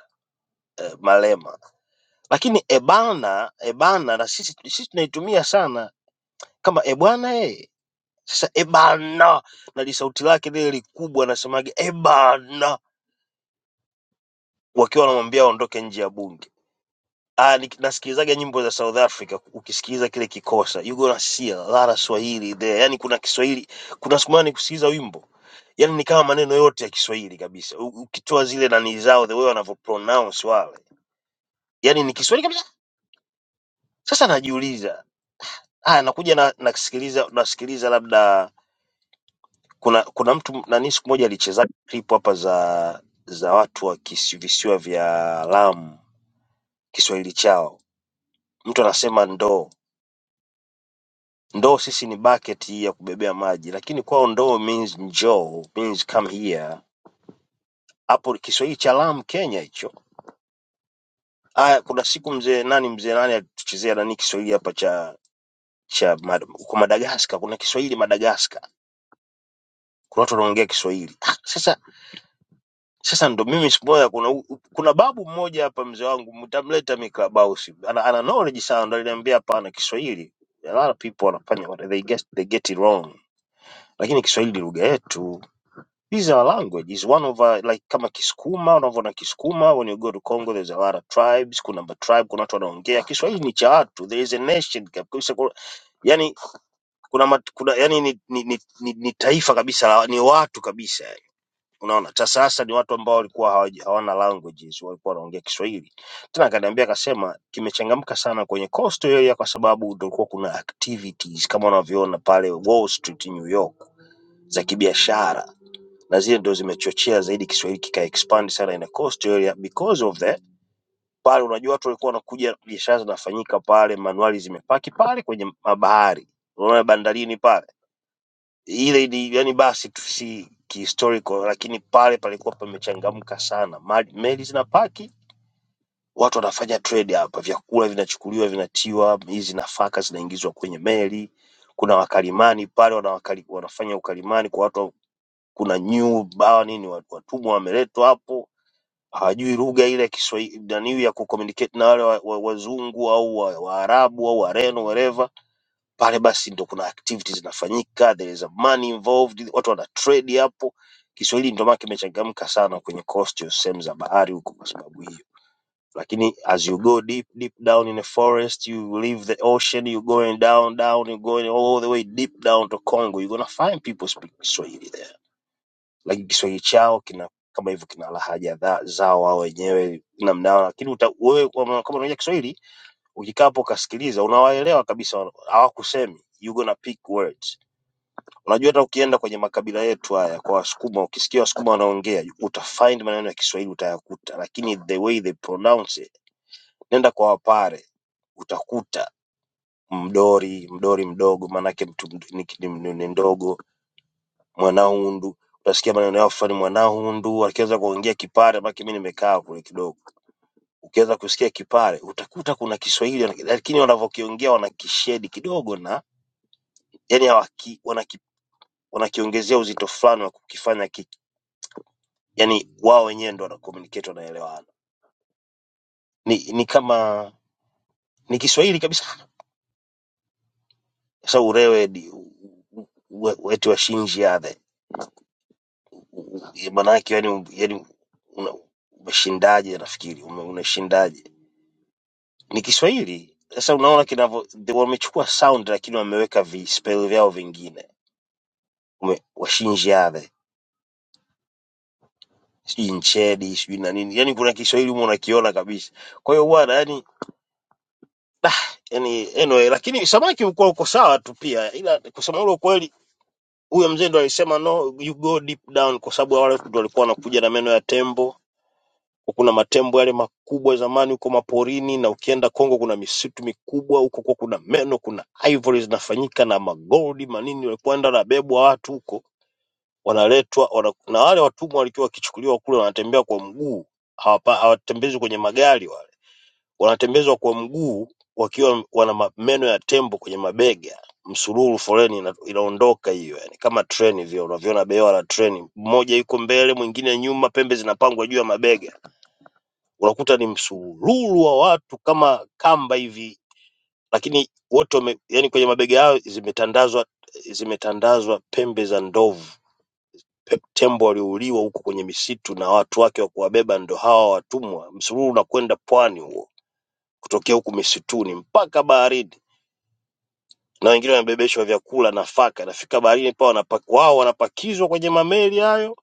[SPEAKER 8] eh, Malema, lakini ebana ebana na sisi sisi tunaitumia sana kama ebwana eh. Sasa ebana na lisauti lake lile likubwa, anasemaga ebana wakiwa wanamwambia aondoke nje ya bunge. Ah, nik- nasikilizaga nyimbo za South Africa, ukisikiliza kile kikosa you gonna see a lot of Swahili there. Yani kuna Kiswahili, kuna siku moja nikusikiliza wimbo yani ni kama maneno yote ya Kiswahili kabisa, U- ukitoa zile nani zao the way wanavyo pronounce wale, yani ni Kiswahili kabisa. Sasa najiuliza haya, nakuja na nasikiliza nasikiliza labda kuna kuna mtu nani siku moja alicheza clip hapa za za watu wa kisi- visiwa vya Lamu, Kiswahili chao, mtu anasema ndoo Ndoo sisi ni bucket hii ya kubebea maji, lakini kwao ndoo means njoo, means come here. Hapo Kiswahili cha Lamu Kenya hicho. Aya, kuna siku mzee nani mzee nani alituchezea nani Kiswahili hapa cha cha Mad- huko Madagaskar, kuna Kiswahili Madagaskar. Kuna watu wanaongea Kiswahili. Ah, sasa sasa ndo mimi siku moja kuna u- u- kuna babu mmoja hapa mzee wangu mtamleta Mikabausi. Ana, ana knowledge sana ndo aliniambia hapana Kiswahili. A lot of people wanafanya what they get they get it wrong. Lakini Kiswahili ni lugha yetu These are language It's one of uh, like kama Kisukuma, unavyoona Kisukuma, when you go to Congo there's a lot of tribes, kuna ma tribe, kuna watu wanaongea Kiswahili ni cha watu, there is a nation kabisa, kuna- yani kuna, mat, kuna yani ni, ni, ni, ni, ni taifa kabisa, la- ni watu kabisa yani. Unaona, sasa sasa ni watu ambao walikuwa hawaji- hawana languages, walikuwa wanaongea Kiswahili. Tena akaniambia akasema kimechangamka sana kwenye coast area kwa sababu ndio kulikuwa kuna activities kama unavyoona pale Wall Street New York za kibiashara na zile ndo zimechochea zaidi Kiswahili kika expand sana in a coastal area because of that. Pale unajua watu walikuwa wanakuja, biashara zinafanyika pale, manuali zimepaki pale kwenye mabahari, unaona bandarini pale. Ile ni yani basi tu si kihistorical, lakini pale palikuwa pamechangamka sana, Mali- meli zinapaki watu wanafanya trade hapa, vyakula vinachukuliwa vinatiwa, hizi nafaka zinaingizwa kwenye meli. Kuna wakalimani pale wanawakali, wanafanya ukalimani kwa watu, kuna new bawa nini, watumwa wameletwa hapo hajui lugha ile ya Kiswahili nani ya kucommunicate na wale wazungu wa, wa wazungu au wa- Waarabu au Wareno whatever pale, basi ndo kuna activities zinafanyika, there is a money involved, watu wana trade hapo. Kiswahili ndio maana kimechangamka sana kwenye coast ya sehemu za bahari huko kwa sababu hiyo, lakini as you go deep deep down in the forest you leave the ocean you going down down you going all the way deep down to Congo you're gonna find people speak Kiswahili there lakini Kiswahili chao kina kama hivyo kina lahaja dha- zao wao wenyewe namna yao, lakini uta, wewe kwa ma- kama unaongea Kiswahili ukikaa hapo ukasikiliza unawaelewa kabisa, wana- hawakusemi you gonna pick words. Unajua, hata ukienda kwenye makabila yetu haya kwa Wasukuma, ukisikia Wasukuma wanaongea uta find maneno ya Kiswahili utayakuta, lakini the way they pronounce it, nenda kwa Wapare utakuta mdori mdori mdogo, maanake mtu md- ni, ni, ni, ni ndogo mwanahundu. Utasikia maneno yao fulani, mwanahundu, akiweza kuongea Kipare, maana mimi nimekaa kule kidogo. Ukiweza kusikia Kipare utakuta kuna Kiswahili, lakini wanavyokiongea wanakishedi kidogo, na yani hawaki, wanaki, wanakiongezea uzito fulani wa kukifanya ki, yani wao wenyewe ndo wana communicate, wanaelewana. Ni, ni kama ni Kiswahili kabisa. Sasa urewe di- u- u- u- wetu wa shinji yade maana yake yani, yani una, umeshindaje? Nafikiri ume, unashindaje ni Kiswahili. Sasa unaona kinavyo the- wamechukua sound lakini wameweka vispell vyao vingine, Ume- washinjiave sijui nchedi sijui na nini, yani kuna Kiswahili humo unakiona kabisa. Kwa hiyo bwana, yani yani anyway, lakini samaki ulikuwa uko sawa tu pia, ila kusema ule ukweli, huyo mzee ndo alisema no you go deep down, kwa sababu wale watu ndo walikuwa wanakuja na meno ya tembo kuna matembo yale makubwa ya zamani huko maporini, na ukienda Kongo kuna misitu mikubwa huko, kwa kuna meno, kuna ivory zinafanyika na magoldi manini, walikuwa enda nabebwa watu huko, wanaletwa wana, na wale watumwa walikuwa wakichukuliwa kule, wanatembea kwa mguu, hawapa- hawatembezwi kwenye magari, wale wanatembezwa kwa mguu wakiwa wana ma- meno ya tembo kwenye mabega msururu foleni ina, inaondoka hiyo yani kama treni vile unavyoona bewa la treni mmoja yuko mbele mwingine nyuma pembe zinapangwa juu ya mabega unakuta ni msururu wa watu kama kamba hivi, lakini wote wame, yani kwenye mabega yao zimetandazwa zimetandazwa pembe za ndovu, pe- tembo waliouliwa huko kwenye misitu na watu wake wa kuwabeba ndo hawa watumwa. Msururu unakwenda pwani huo, kutokea huku misituni mpaka baharini, na wengine wanabebeshwa vyakula, nafaka. Nafika baharini pa wanapak, wao wanapakizwa kwenye mameli hayo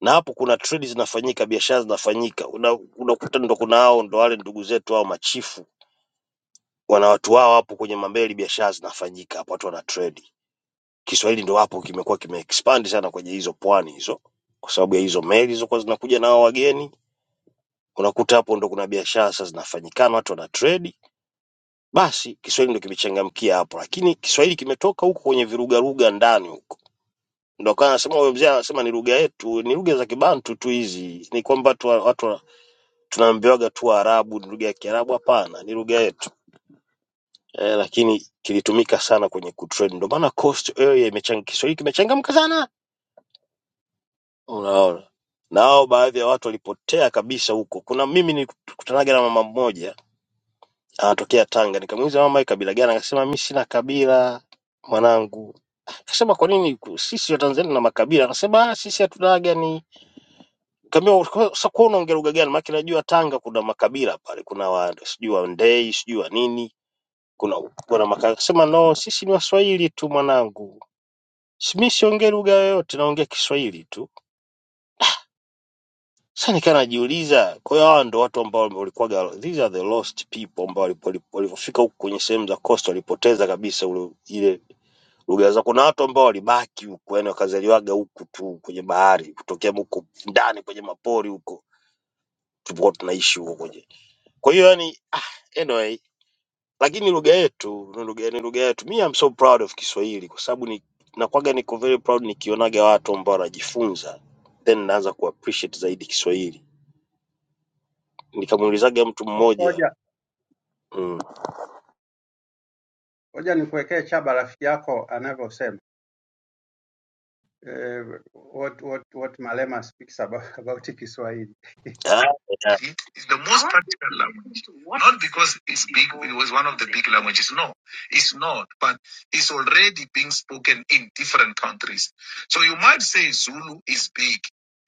[SPEAKER 8] na hapo kuna trade zinafanyika, biashara zinafanyika, Una- unakuta ndo kuna hao ndo wale ndugu zetu hao machifu wana watu wao hapo kwenye mambeli, biashara zinafanyika hapo, watu wana trade. Kiswahili ndo hapo kimekuwa kimeexpand sana kwenye hizo pwani hizo, kwa sababu ya hizo meli zilizokuwa zinakuja na hao wageni. Unakuta hapo ndo kuna biashara sasa zinafanyikana, watu wana trade. Basi Kiswahili ndo kimechangamkia hapo, lakini Kiswahili kimetoka huko kwenye virugaruga ndani huko, ndo akawa anasema huyo mzee, anasema ni lugha yetu, ni lugha za Kibantu tu hizi, ni kwamba tu watu wa- tunaambiwaga tu Waarabu ni lugha ya Kiarabu. Hapana, ni lugha yetu. eh, lakini kilitumika sana kwenye kutrade. Ndio maana coast area imechangamka, Kiswahili kimechangamka sana, unaona. Nao baadhi ya watu walipotea kabisa huko. Kuna mimi nilikutanaga na mama mmoja anatokea Tanga, nikamuuliza mama, hii kabila gani? Akasema mimi sina kabila mwanangu. Akasema kwa nini ku- sisi wa Tanzania na makabila? Akasema "Ah, sisi hatunaaga ni Kaambia sasa kwa unaongea lugha gani? Maana najua Tanga kuna makabila pale, kuna wa sijui wa Ndei, sijui wa nini, kuna kuna makabila. Akasema no, sisi ni Waswahili tu mwanangu Smith ongea lugha yoyote naongea Kiswahili tu. Sasa nikaa najiuliza, kwa hiyo hawa ndo watu ambao walikuwaga, these are the lost people ambao walipo- walipo- walivyofika huku kwenye sehemu za coast walipoteza kabisa ule ile lugha zao. Kuna watu ambao walibaki huku, yani wakazaliwaga huku tu kwenye bahari, kutokea huko ndani kwenye mapori huko tulipokuwa tunaishi huko kwenye. Kwa hiyo yani, ah, anyway lakini lugha yetu ni lugha ni lugha yetu. Me I'm so proud of Kiswahili kwa sababu ni nakuwaga niko very proud nikionaga watu ambao wanajifunza then naanza ku appreciate zaidi Kiswahili. Nikamuulizaga mtu
[SPEAKER 10] *laughs*
[SPEAKER 8] mmoja
[SPEAKER 10] ngoja
[SPEAKER 8] mm.
[SPEAKER 10] ngoja nikuwekee chaba rafiki yako anavyosema uh, what what what Malema speaks about *laughs* about Kiswahili.
[SPEAKER 8] ah, yeah.
[SPEAKER 10] It's the most practical language. Not because it's big, it was one of the big languages. No, it's not. But it's already being spoken in different countries. So you might say Zulu is big,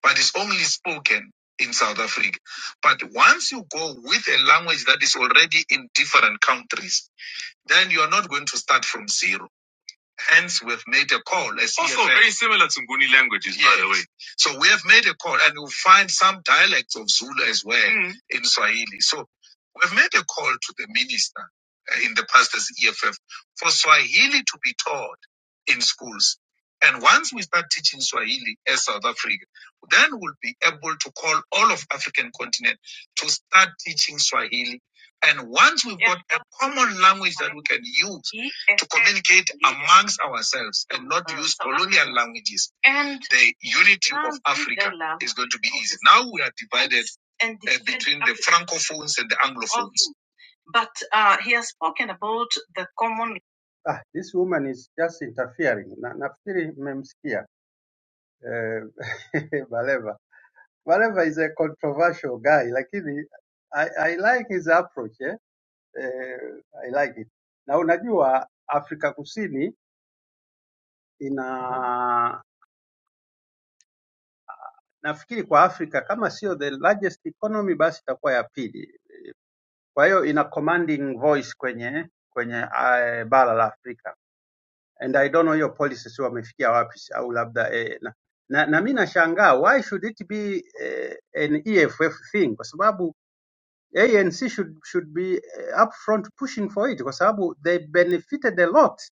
[SPEAKER 10] but it's only spoken in South Africa. But once you go with a language that is already in different countries, then you are not going to start from zero. Hence, we've made a call, a Also CFA. very similar to Nguni languages, yes. by the way. Yes. So we have made a call, and you'll find some dialects of Zulu as well Mm. in Swahili. So we've made a call to the minister uh, in the past as EFF for Swahili to be taught in schools. And once we start teaching Swahili as South Africa, then we'll be able to call all of African continent to start teaching Swahili and once we've got a common language that we can use to communicate amongst ourselves and not use colonial languages, the unity of Africa is going to be easy. Now we are divided uh, between the Francophones and the Anglophones. But uh, he has spoken about the common. Ah, this woman is just interfering. Na, nafikiri mmemsikia *laughs* eh, Baleva. Baleva is a controversial guy, lakini I, I like his approach eh? eh, I like it. Na unajua Afrika Kusini ina nafikiri kwa Afrika kama sio the largest economy basi itakuwa ya pili. Kwa hiyo ina commanding voice kwenye kwenye uh, bara la Afrika. And I don't know hiyo policy si wamefikia wapi au labda eh, na, na, na mimi nashangaa why should it be eh, an EFF thing kwa sababu ANC should, should be eh, upfront pushing for it kwa sababu they benefited a lot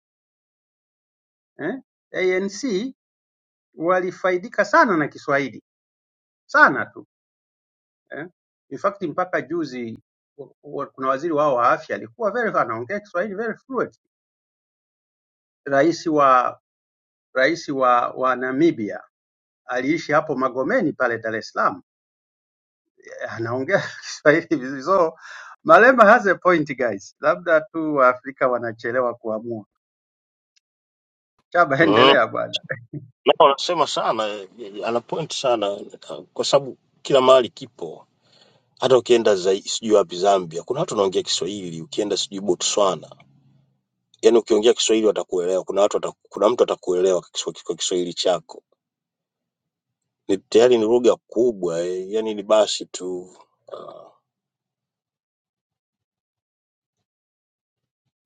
[SPEAKER 10] eh? ANC walifaidika sana na Kiswahili sana tu eh. In fact mpaka juzi wa- wa- kuna waziri wao wa afya alikuwa very anaongea Kiswahili very fluent. Rais wa rais wa, wa Namibia aliishi hapo Magomeni pale Dar es Salaam, Eh, anaongea *laughs* Kiswahili vizuri. So Malema has a point guys, labda tu Waafrika wanachelewa kuamua. Chaba,
[SPEAKER 8] mm.
[SPEAKER 10] endelea bwana.
[SPEAKER 8] na wanasema sana eh, eh, ana point sana eh, kwa sababu kila mahali kipo. Hata ukienda zai- sijui wapi Zambia, kuna watu wanaongea Kiswahili. Ukienda sijui Botswana, yani ukiongea Kiswahili watakuelewa. Kuna watu wataku, kuna mtu atakuelewa kwa Kiswa- kwa Kiswahili chako ni tayari ni lugha kubwa eh, yani ni basi tu uh,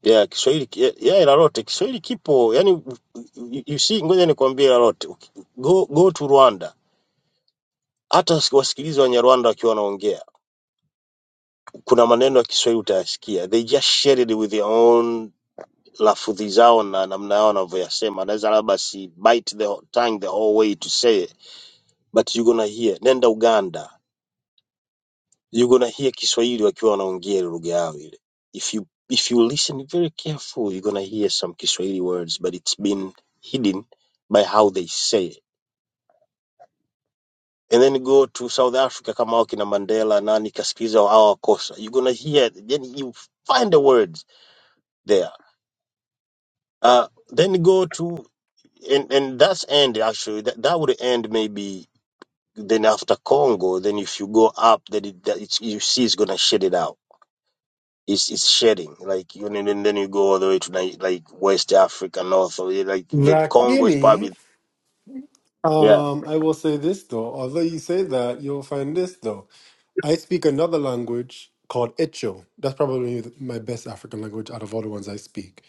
[SPEAKER 8] yeah, Kiswahili ki- yeah, ila lote Kiswahili kipo yani you you see, ngoja nikwambie ila lote Uki- go, go to Rwanda, hata si- wasikilize Wanyarwanda wakiwa wanaongea, kuna maneno ya Kiswahili utayasikia, they just share it with their own lafudhi zao na namna yao wanavyoyasema. Naweza labda si bite the whole- tongue the whole way to say it, but you gonna hear. Nenda Uganda You're gonna hear Kiswahili wakiwa wanaongea ile lugha yao ile. If you if you listen very careful, you're gonna hear some Kiswahili words, but it's been hidden by how they say it. And then go to South Africa kama hao kina Mandela nani kaskiza hao wakosa. You're gonna hear then you find the words there. Uh, then go to and and that's end actually that that would end maybe then after Congo then if you go up then it, that it's, you see it's gonna shit it out It's it's shedding. Like you and then then you go all the way to Ni- like West Africa, North or yeah, like the Congo is probably
[SPEAKER 4] lakini
[SPEAKER 8] yeah
[SPEAKER 4] um, i will say this though although you say that you'll find this though i speak another language called echo that's probably my best african language out of all the ones i speak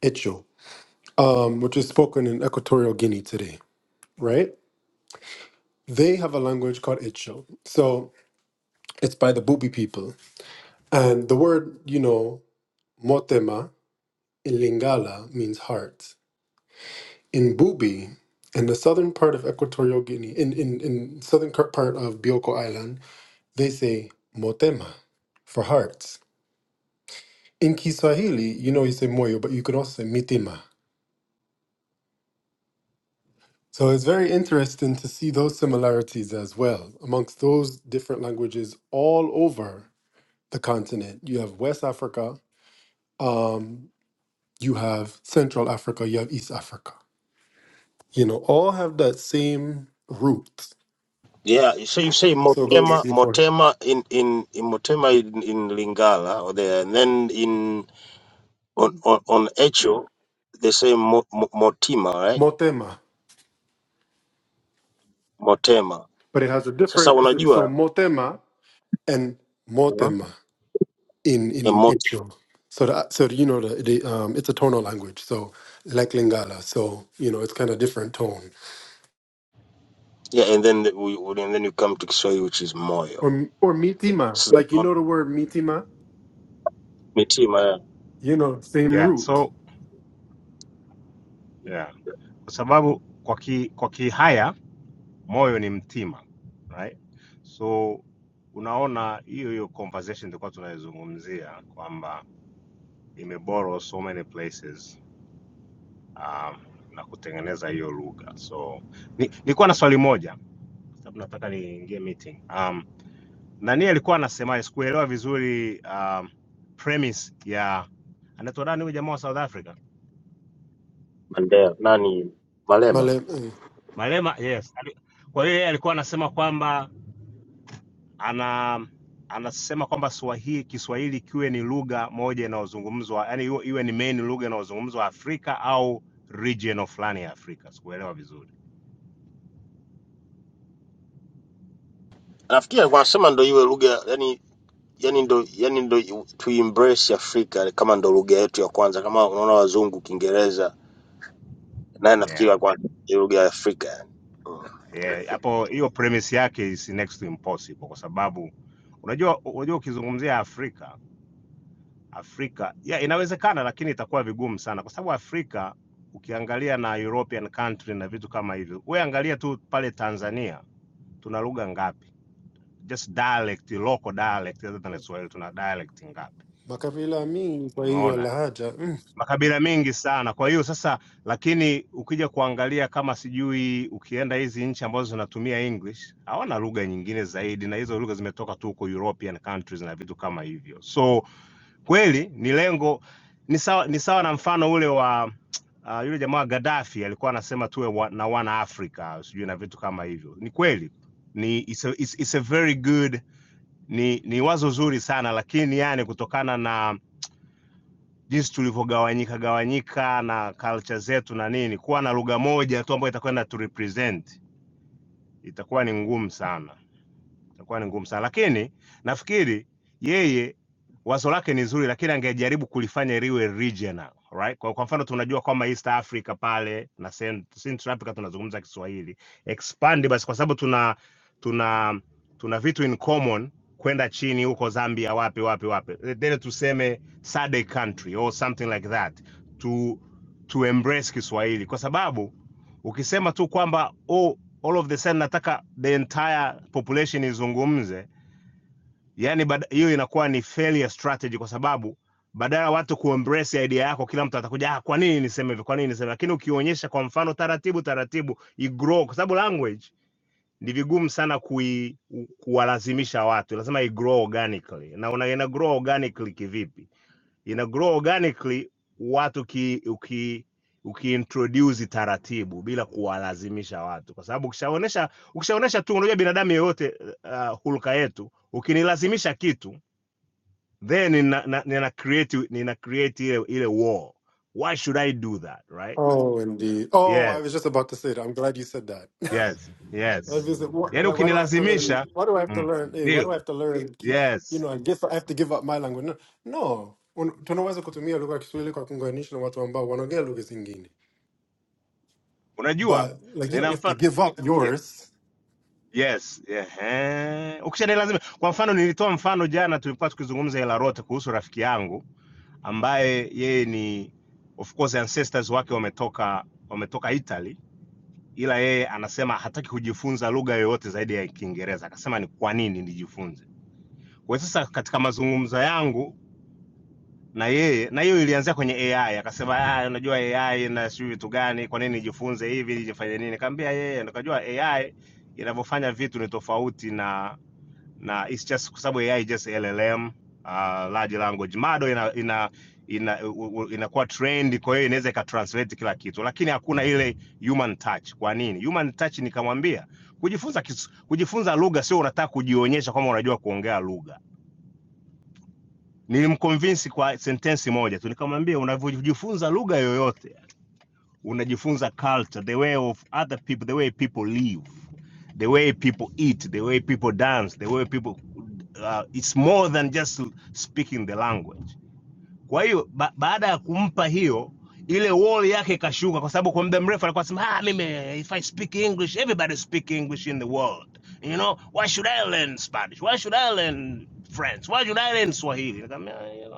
[SPEAKER 4] echo um, which is spoken in equatorial guinea today right they have a language called echo so it's by the bubi people And the word, you know, motema in Lingala means heart. In Bubi, in the southern part of Equatorial Guinea, in, in, in southern cur- part of Bioko Island, they say motema for heart. In Kiswahili, you know, you say moyo, but you can also say mitima. So it's very interesting to see those similarities as well amongst those different languages all over the continent. You have West Africa, um, you have Central Africa, you have East Africa you know, all have that same root.
[SPEAKER 8] yeah. So you say
[SPEAKER 4] So go to
[SPEAKER 8] Motema
[SPEAKER 4] see for
[SPEAKER 8] Motema in in, in Motema in, in Lingala or there, and then in on on, on Echo they say Mo, Mo, Motima right
[SPEAKER 4] motema,
[SPEAKER 8] Motema.
[SPEAKER 4] but it has a
[SPEAKER 8] Sasa
[SPEAKER 4] different. So
[SPEAKER 8] unajua
[SPEAKER 4] motema and
[SPEAKER 8] uh-huh.
[SPEAKER 4] motema in in
[SPEAKER 8] mot,
[SPEAKER 4] Icho. So that so you know the, the um it's a tonal language. So like Lingala, so you know it's kind of different tone.
[SPEAKER 8] yeah, and then the, we, we- and then you come to Kiswahili which is Moyo.
[SPEAKER 4] Or or mitima,
[SPEAKER 8] So
[SPEAKER 4] like you
[SPEAKER 8] on
[SPEAKER 4] know the word mitima,
[SPEAKER 8] Mitima yeah,
[SPEAKER 4] you know same
[SPEAKER 11] yeah
[SPEAKER 4] root.
[SPEAKER 11] so yeah. kwa sababu kwa ki, kwa kihaya moyo ni mtima right? So unaona hiyo hiyo conversation tulikuwa tunaizungumzia kwamba imeborrow so many places um, na kutengeneza hiyo lugha. So ni- nilikuwa ni na swali moja sababu nataka niingie meeting. Um, nani alikuwa anasemaje? Sikuelewa vizuri um, premise ya anaitwa nani huyu jamaa wa South Africa,
[SPEAKER 8] Mandela nani Malema.
[SPEAKER 4] Male, mm.
[SPEAKER 11] Malema. Yes, Ali- kwa hiyo yeye alikuwa anasema kwamba ana anasema kwamba Swahili Kiswahili kiwe ni lugha moja inayozungumzwa yani iwe iwe ni main lugha inayozungumzwa Afrika au region fulani ya Afrika. Sikuelewa vizuri.
[SPEAKER 8] Nafikiri wanasema ndo iwe lugha yani yani ndo yani ndo tu embrace Afrika kama ndo lugha yetu ya kwanza, kama unaona wazungu Kiingereza naye nafikiri
[SPEAKER 11] Yeah.
[SPEAKER 8] kwa ni lugha ya Afrika yani. Mm.
[SPEAKER 11] Yeah, hapo hiyo premise yake is next to impossible kwa sababu unajua unajua ukizungumzia Afrika, Afrika yeah, inawezekana lakini itakuwa vigumu sana kwa sababu Afrika ukiangalia na European country na vitu kama hivyo, wewe angalia tu pale Tanzania tuna lugha ngapi? just dialect, local dialect rather than Kiswahili. Tuna dialect ngapi?
[SPEAKER 4] Makabila means Swahili or
[SPEAKER 11] Umeona
[SPEAKER 4] Lahaja. Mm.
[SPEAKER 11] makabila mengi sana. Kwa hiyo sasa, lakini ukija kuangalia kama sijui, ukienda hizi nchi ambazo zinatumia English hawana lugha nyingine zaidi, na hizo lugha zimetoka tu huko European countries na vitu kama hivyo. So kweli ni lengo, ni sawa, ni sawa na mfano ule wa uh, yule jamaa Gaddafi alikuwa anasema tuwe wa, na wana Africa sijui na vitu kama hivyo. Ni kweli ni it's a, it's, it's a very good ni, ni wazo zuri sana lakini yani kutokana na jinsi tulivyogawanyika gawanyika na culture zetu na nini, kuwa na lugha moja tu ambayo itakwenda tu represent itakuwa ni ngumu sana itakuwa ni ngumu sana, lakini nafikiri yeye wazo lake ni zuri, lakini angejaribu kulifanya liwe regional right? Kwa, kwa mfano tunajua kwamba East Africa pale na Cent- Central Africa tunazungumza Kiswahili, expand basi, kwa sababu tuna tuna tuna vitu in common kwenda chini huko Zambia, wapi wapi wapi, then tuseme SADC country or something like that to to embrace Kiswahili kwa sababu Ukisema tu kwamba oh, all of the sudden nataka the entire population izungumze, yani hiyo inakuwa ni failure strategy, kwa sababu badala ya watu kuembrace idea yako, kila mtu atakuja ah, kwa nini niseme hivyo, kwa nini niseme. Lakini ukionyesha kwa mfano taratibu taratibu, igrow, kwa sababu language ni vigumu sana kui, kuwalazimisha watu, lazima igrow organically. Na una ina grow organically kivipi? ina grow organically watu uki, uki, ukiintroduce taratibu bila kuwalazimisha watu, kwa sababu ukishaonesha ukishaonesha tu, unajua binadamu yeyote uh, hulka yetu, ukinilazimisha kitu then nina, na- nina create nina create ile ile wall. Why should I do that right?
[SPEAKER 4] Oh, indeed. Oh, I
[SPEAKER 11] Yes,
[SPEAKER 4] was just about to say that. I'm glad you said that.
[SPEAKER 11] yes,
[SPEAKER 4] I was
[SPEAKER 11] yes.
[SPEAKER 4] just like, what,
[SPEAKER 11] Yani
[SPEAKER 4] like, why do I have to learn?
[SPEAKER 11] ukinilazimisha
[SPEAKER 4] Why do I have to
[SPEAKER 11] mm.
[SPEAKER 4] learn? Hey, why
[SPEAKER 11] ni-
[SPEAKER 4] do I have to learn? ki- You
[SPEAKER 11] yes,
[SPEAKER 4] know, I guess I have to give up my language. No, no. Un- tunaweza kutumia lugha ya Kiswahili kwa kuunganisha na watu ambao wanaongea lugha zingine.
[SPEAKER 11] unajua
[SPEAKER 4] But like you don't
[SPEAKER 11] nina
[SPEAKER 4] have to
[SPEAKER 11] mfano
[SPEAKER 4] give up
[SPEAKER 11] Yes.
[SPEAKER 4] yours.
[SPEAKER 11] Yes, ehe. Ukishadai lazima. Kwa mfano, nilitoa mfano jana, tulikuwa tukizungumza Ilarote kuhusu rafiki yangu ambaye yeye ni of course ancestors wake wametoka wametoka Italy, ila yeye anasema hataki kujifunza lugha yoyote zaidi ya Kiingereza. Akasema ni kwa nini nijifunze? Kwa hiyo sasa katika mazungumzo yangu na yeye, na hiyo ilianzia kwenye AI, akasema ah, unajua AI na sijui vitu gani, kwa nini nijifunze hivi, nijifanye nini? Nikamwambia yeye, nikajua AI inavyofanya vitu ni tofauti na na it's just kwa sababu AI just LLM uh, large language model ina ina ina u- u- inakuwa trend, kwa hiyo inaweza ikatranslate kila kitu, lakini hakuna ile human touch. Kwa nini human touch? Nikamwambia kujifunza kis, kujifunza lugha sio unataka kujionyesha kwamba unajua kuongea lugha. Nilimconvince kwa sentensi moja tu, nikamwambia unavyojifunza lugha yoyote unajifunza culture the way of other people the way people live the way people eat the way people dance the way people uh, it's more than just speaking the language kwa hiyo ba baada ya kumpa hiyo ile wall yake ikashuka kwa sababu kwa muda mrefu alikuwa anasema ah mimi if i speak english everybody speak english in the world you know why should i learn spanish why should i learn french why should i learn swahili Nikamwambia "Ah, yeah,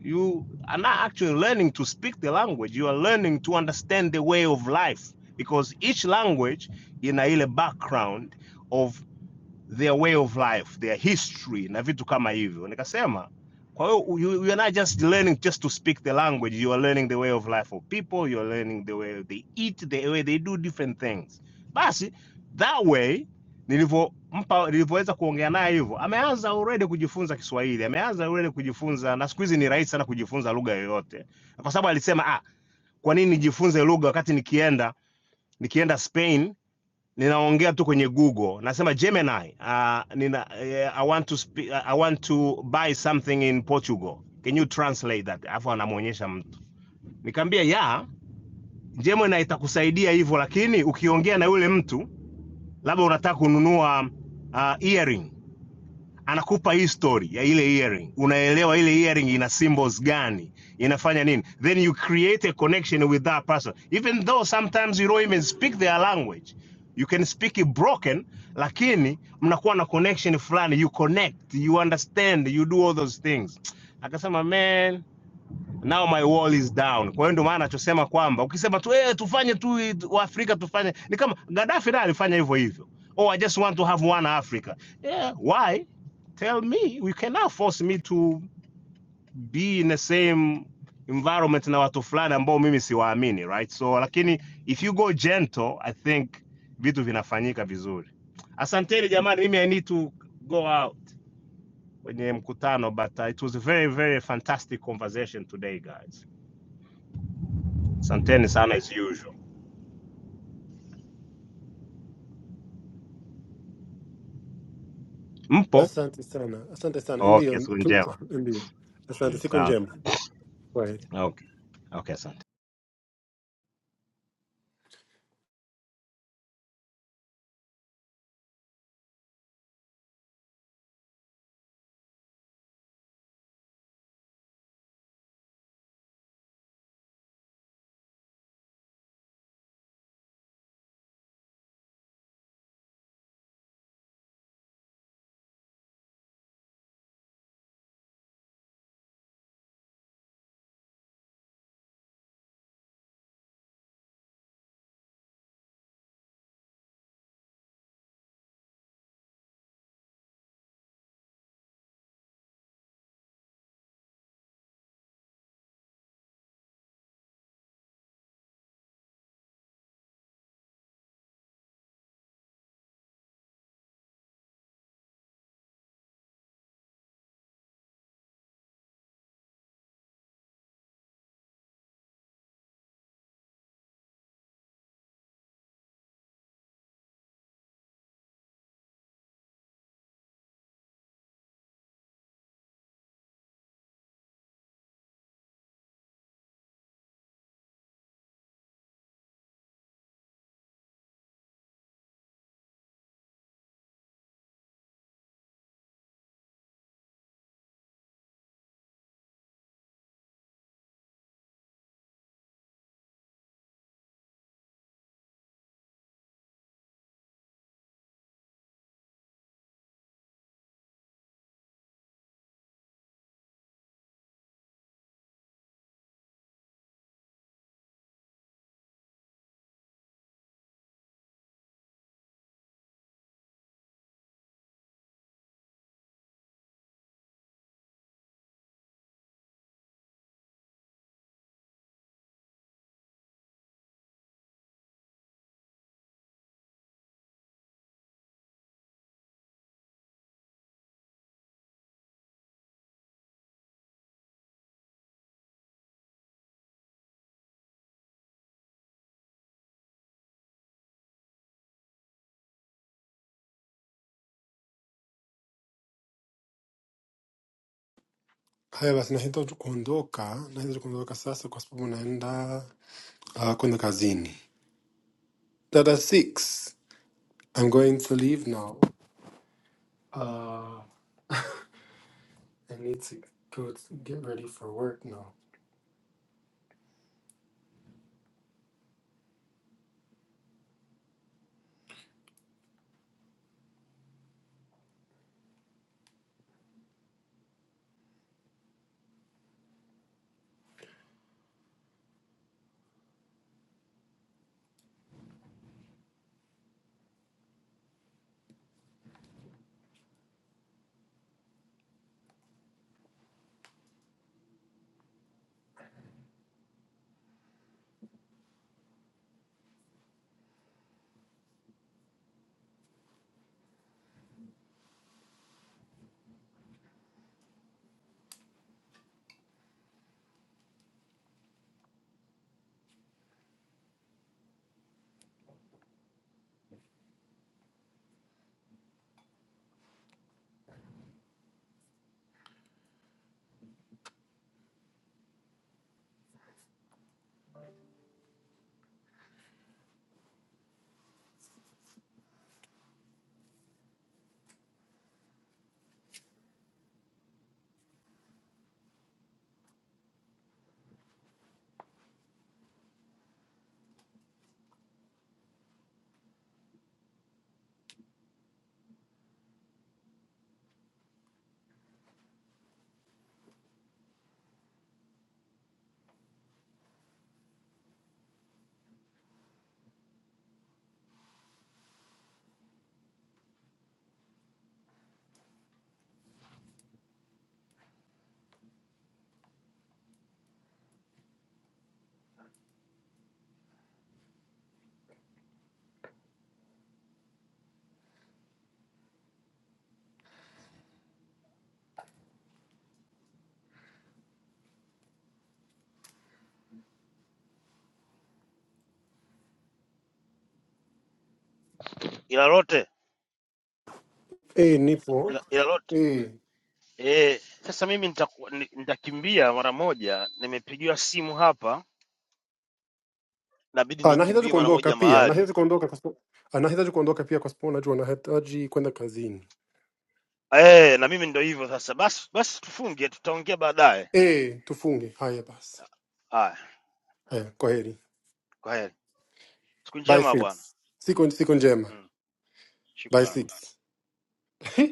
[SPEAKER 11] you are not actually learning to speak the language you are learning to understand the way of life because each language ina ile background of their way of life, their history na vitu kama hivyo. Nikasema kwa hiyo you, you are not just learning just to speak the language, you are learning the way of life of people, you are learning the way they eat, the way they do different things. Basi that way nilivyompa nilivyoweza kuongea naye hivyo, ameanza already kujifunza Kiswahili, ameanza already kujifunza, na siku hizi ni rahisi sana kujifunza lugha yoyote, kwa sababu alisema ah, kwa nini nijifunze lugha wakati nikienda nikienda Spain ninaongea tu kwenye google nasema gemini uh, nina, uh, i want to spe- uh, i want to buy something in portugal can you translate that alafu anamwonyesha mtu nikamwambia ya gemini itakusaidia hivyo lakini ukiongea na yule mtu labda unataka kununua uh, earring anakupa history ya ile earring, unaelewa ile earring ina symbols gani, inafanya nini, then you create a connection with that person, even though sometimes you don't even speak their language, you can speak it broken, lakini mnakuwa na connection fulani, you connect, you understand, you do all those things. Akasema man, now my wall is down. Kwa hiyo ndio maana anachosema kwamba ukisema tu eh, tufanye tu Waafrika tufanye, ni kama Gaddafi naye alifanya hivyo hivyo, oh I just want to have one Africa. Yeah, why? Tell me, you cannot force me to be in the same environment na watu fulani ambao mimi siwaamini, right? So lakini if you go gentle, I think vitu vinafanyika vizuri. Asanteni jamani, mimi I need to go out kwenye mkutano, but uh, it was a very very fantastic conversation today guys. Asanteni sana as usual. Mpo?
[SPEAKER 4] Asante sana, asante sana.
[SPEAKER 11] Okay,
[SPEAKER 4] Ndio, tupo
[SPEAKER 11] njema.
[SPEAKER 4] ndio. Asante,
[SPEAKER 11] Mm,
[SPEAKER 4] siku
[SPEAKER 11] sawa.
[SPEAKER 4] njema. Kwaheri.
[SPEAKER 11] Okay.
[SPEAKER 4] Haya basi, nahitaji kuondoka, nahitaji kuondoka sasa kwa sababu naenda uh, kwenda kazini. Dada six, I'm going to leave now. Uh, I need to go to get ready for work now.
[SPEAKER 8] ila lote
[SPEAKER 4] Hey, nipo.
[SPEAKER 8] ila, ila lote
[SPEAKER 4] Hey.
[SPEAKER 8] eh, sasa mimi nitaku- ni- nitakimbia mara moja, nimepigiwa simu hapa, inabidi
[SPEAKER 4] Ah, nahitaji
[SPEAKER 8] nikimbie mara
[SPEAKER 4] kuondoka
[SPEAKER 8] moja
[SPEAKER 4] pia.
[SPEAKER 8] mahali
[SPEAKER 4] Nahitaji kuondoka kwa sababu ah, nahitaji kuondoka pia kwa sababu najua nahitaji kwenda kazini.
[SPEAKER 8] eh, na mimi ndo hivyo sasa. Basi basi tufunge, tutaongea baadaye.
[SPEAKER 4] Eh, tufunge. Haya basi.
[SPEAKER 8] Haya,
[SPEAKER 4] Haya, kwaheri.
[SPEAKER 8] kwaheri.
[SPEAKER 4] Bye six. Siku siku njema. Bye six. *laughs*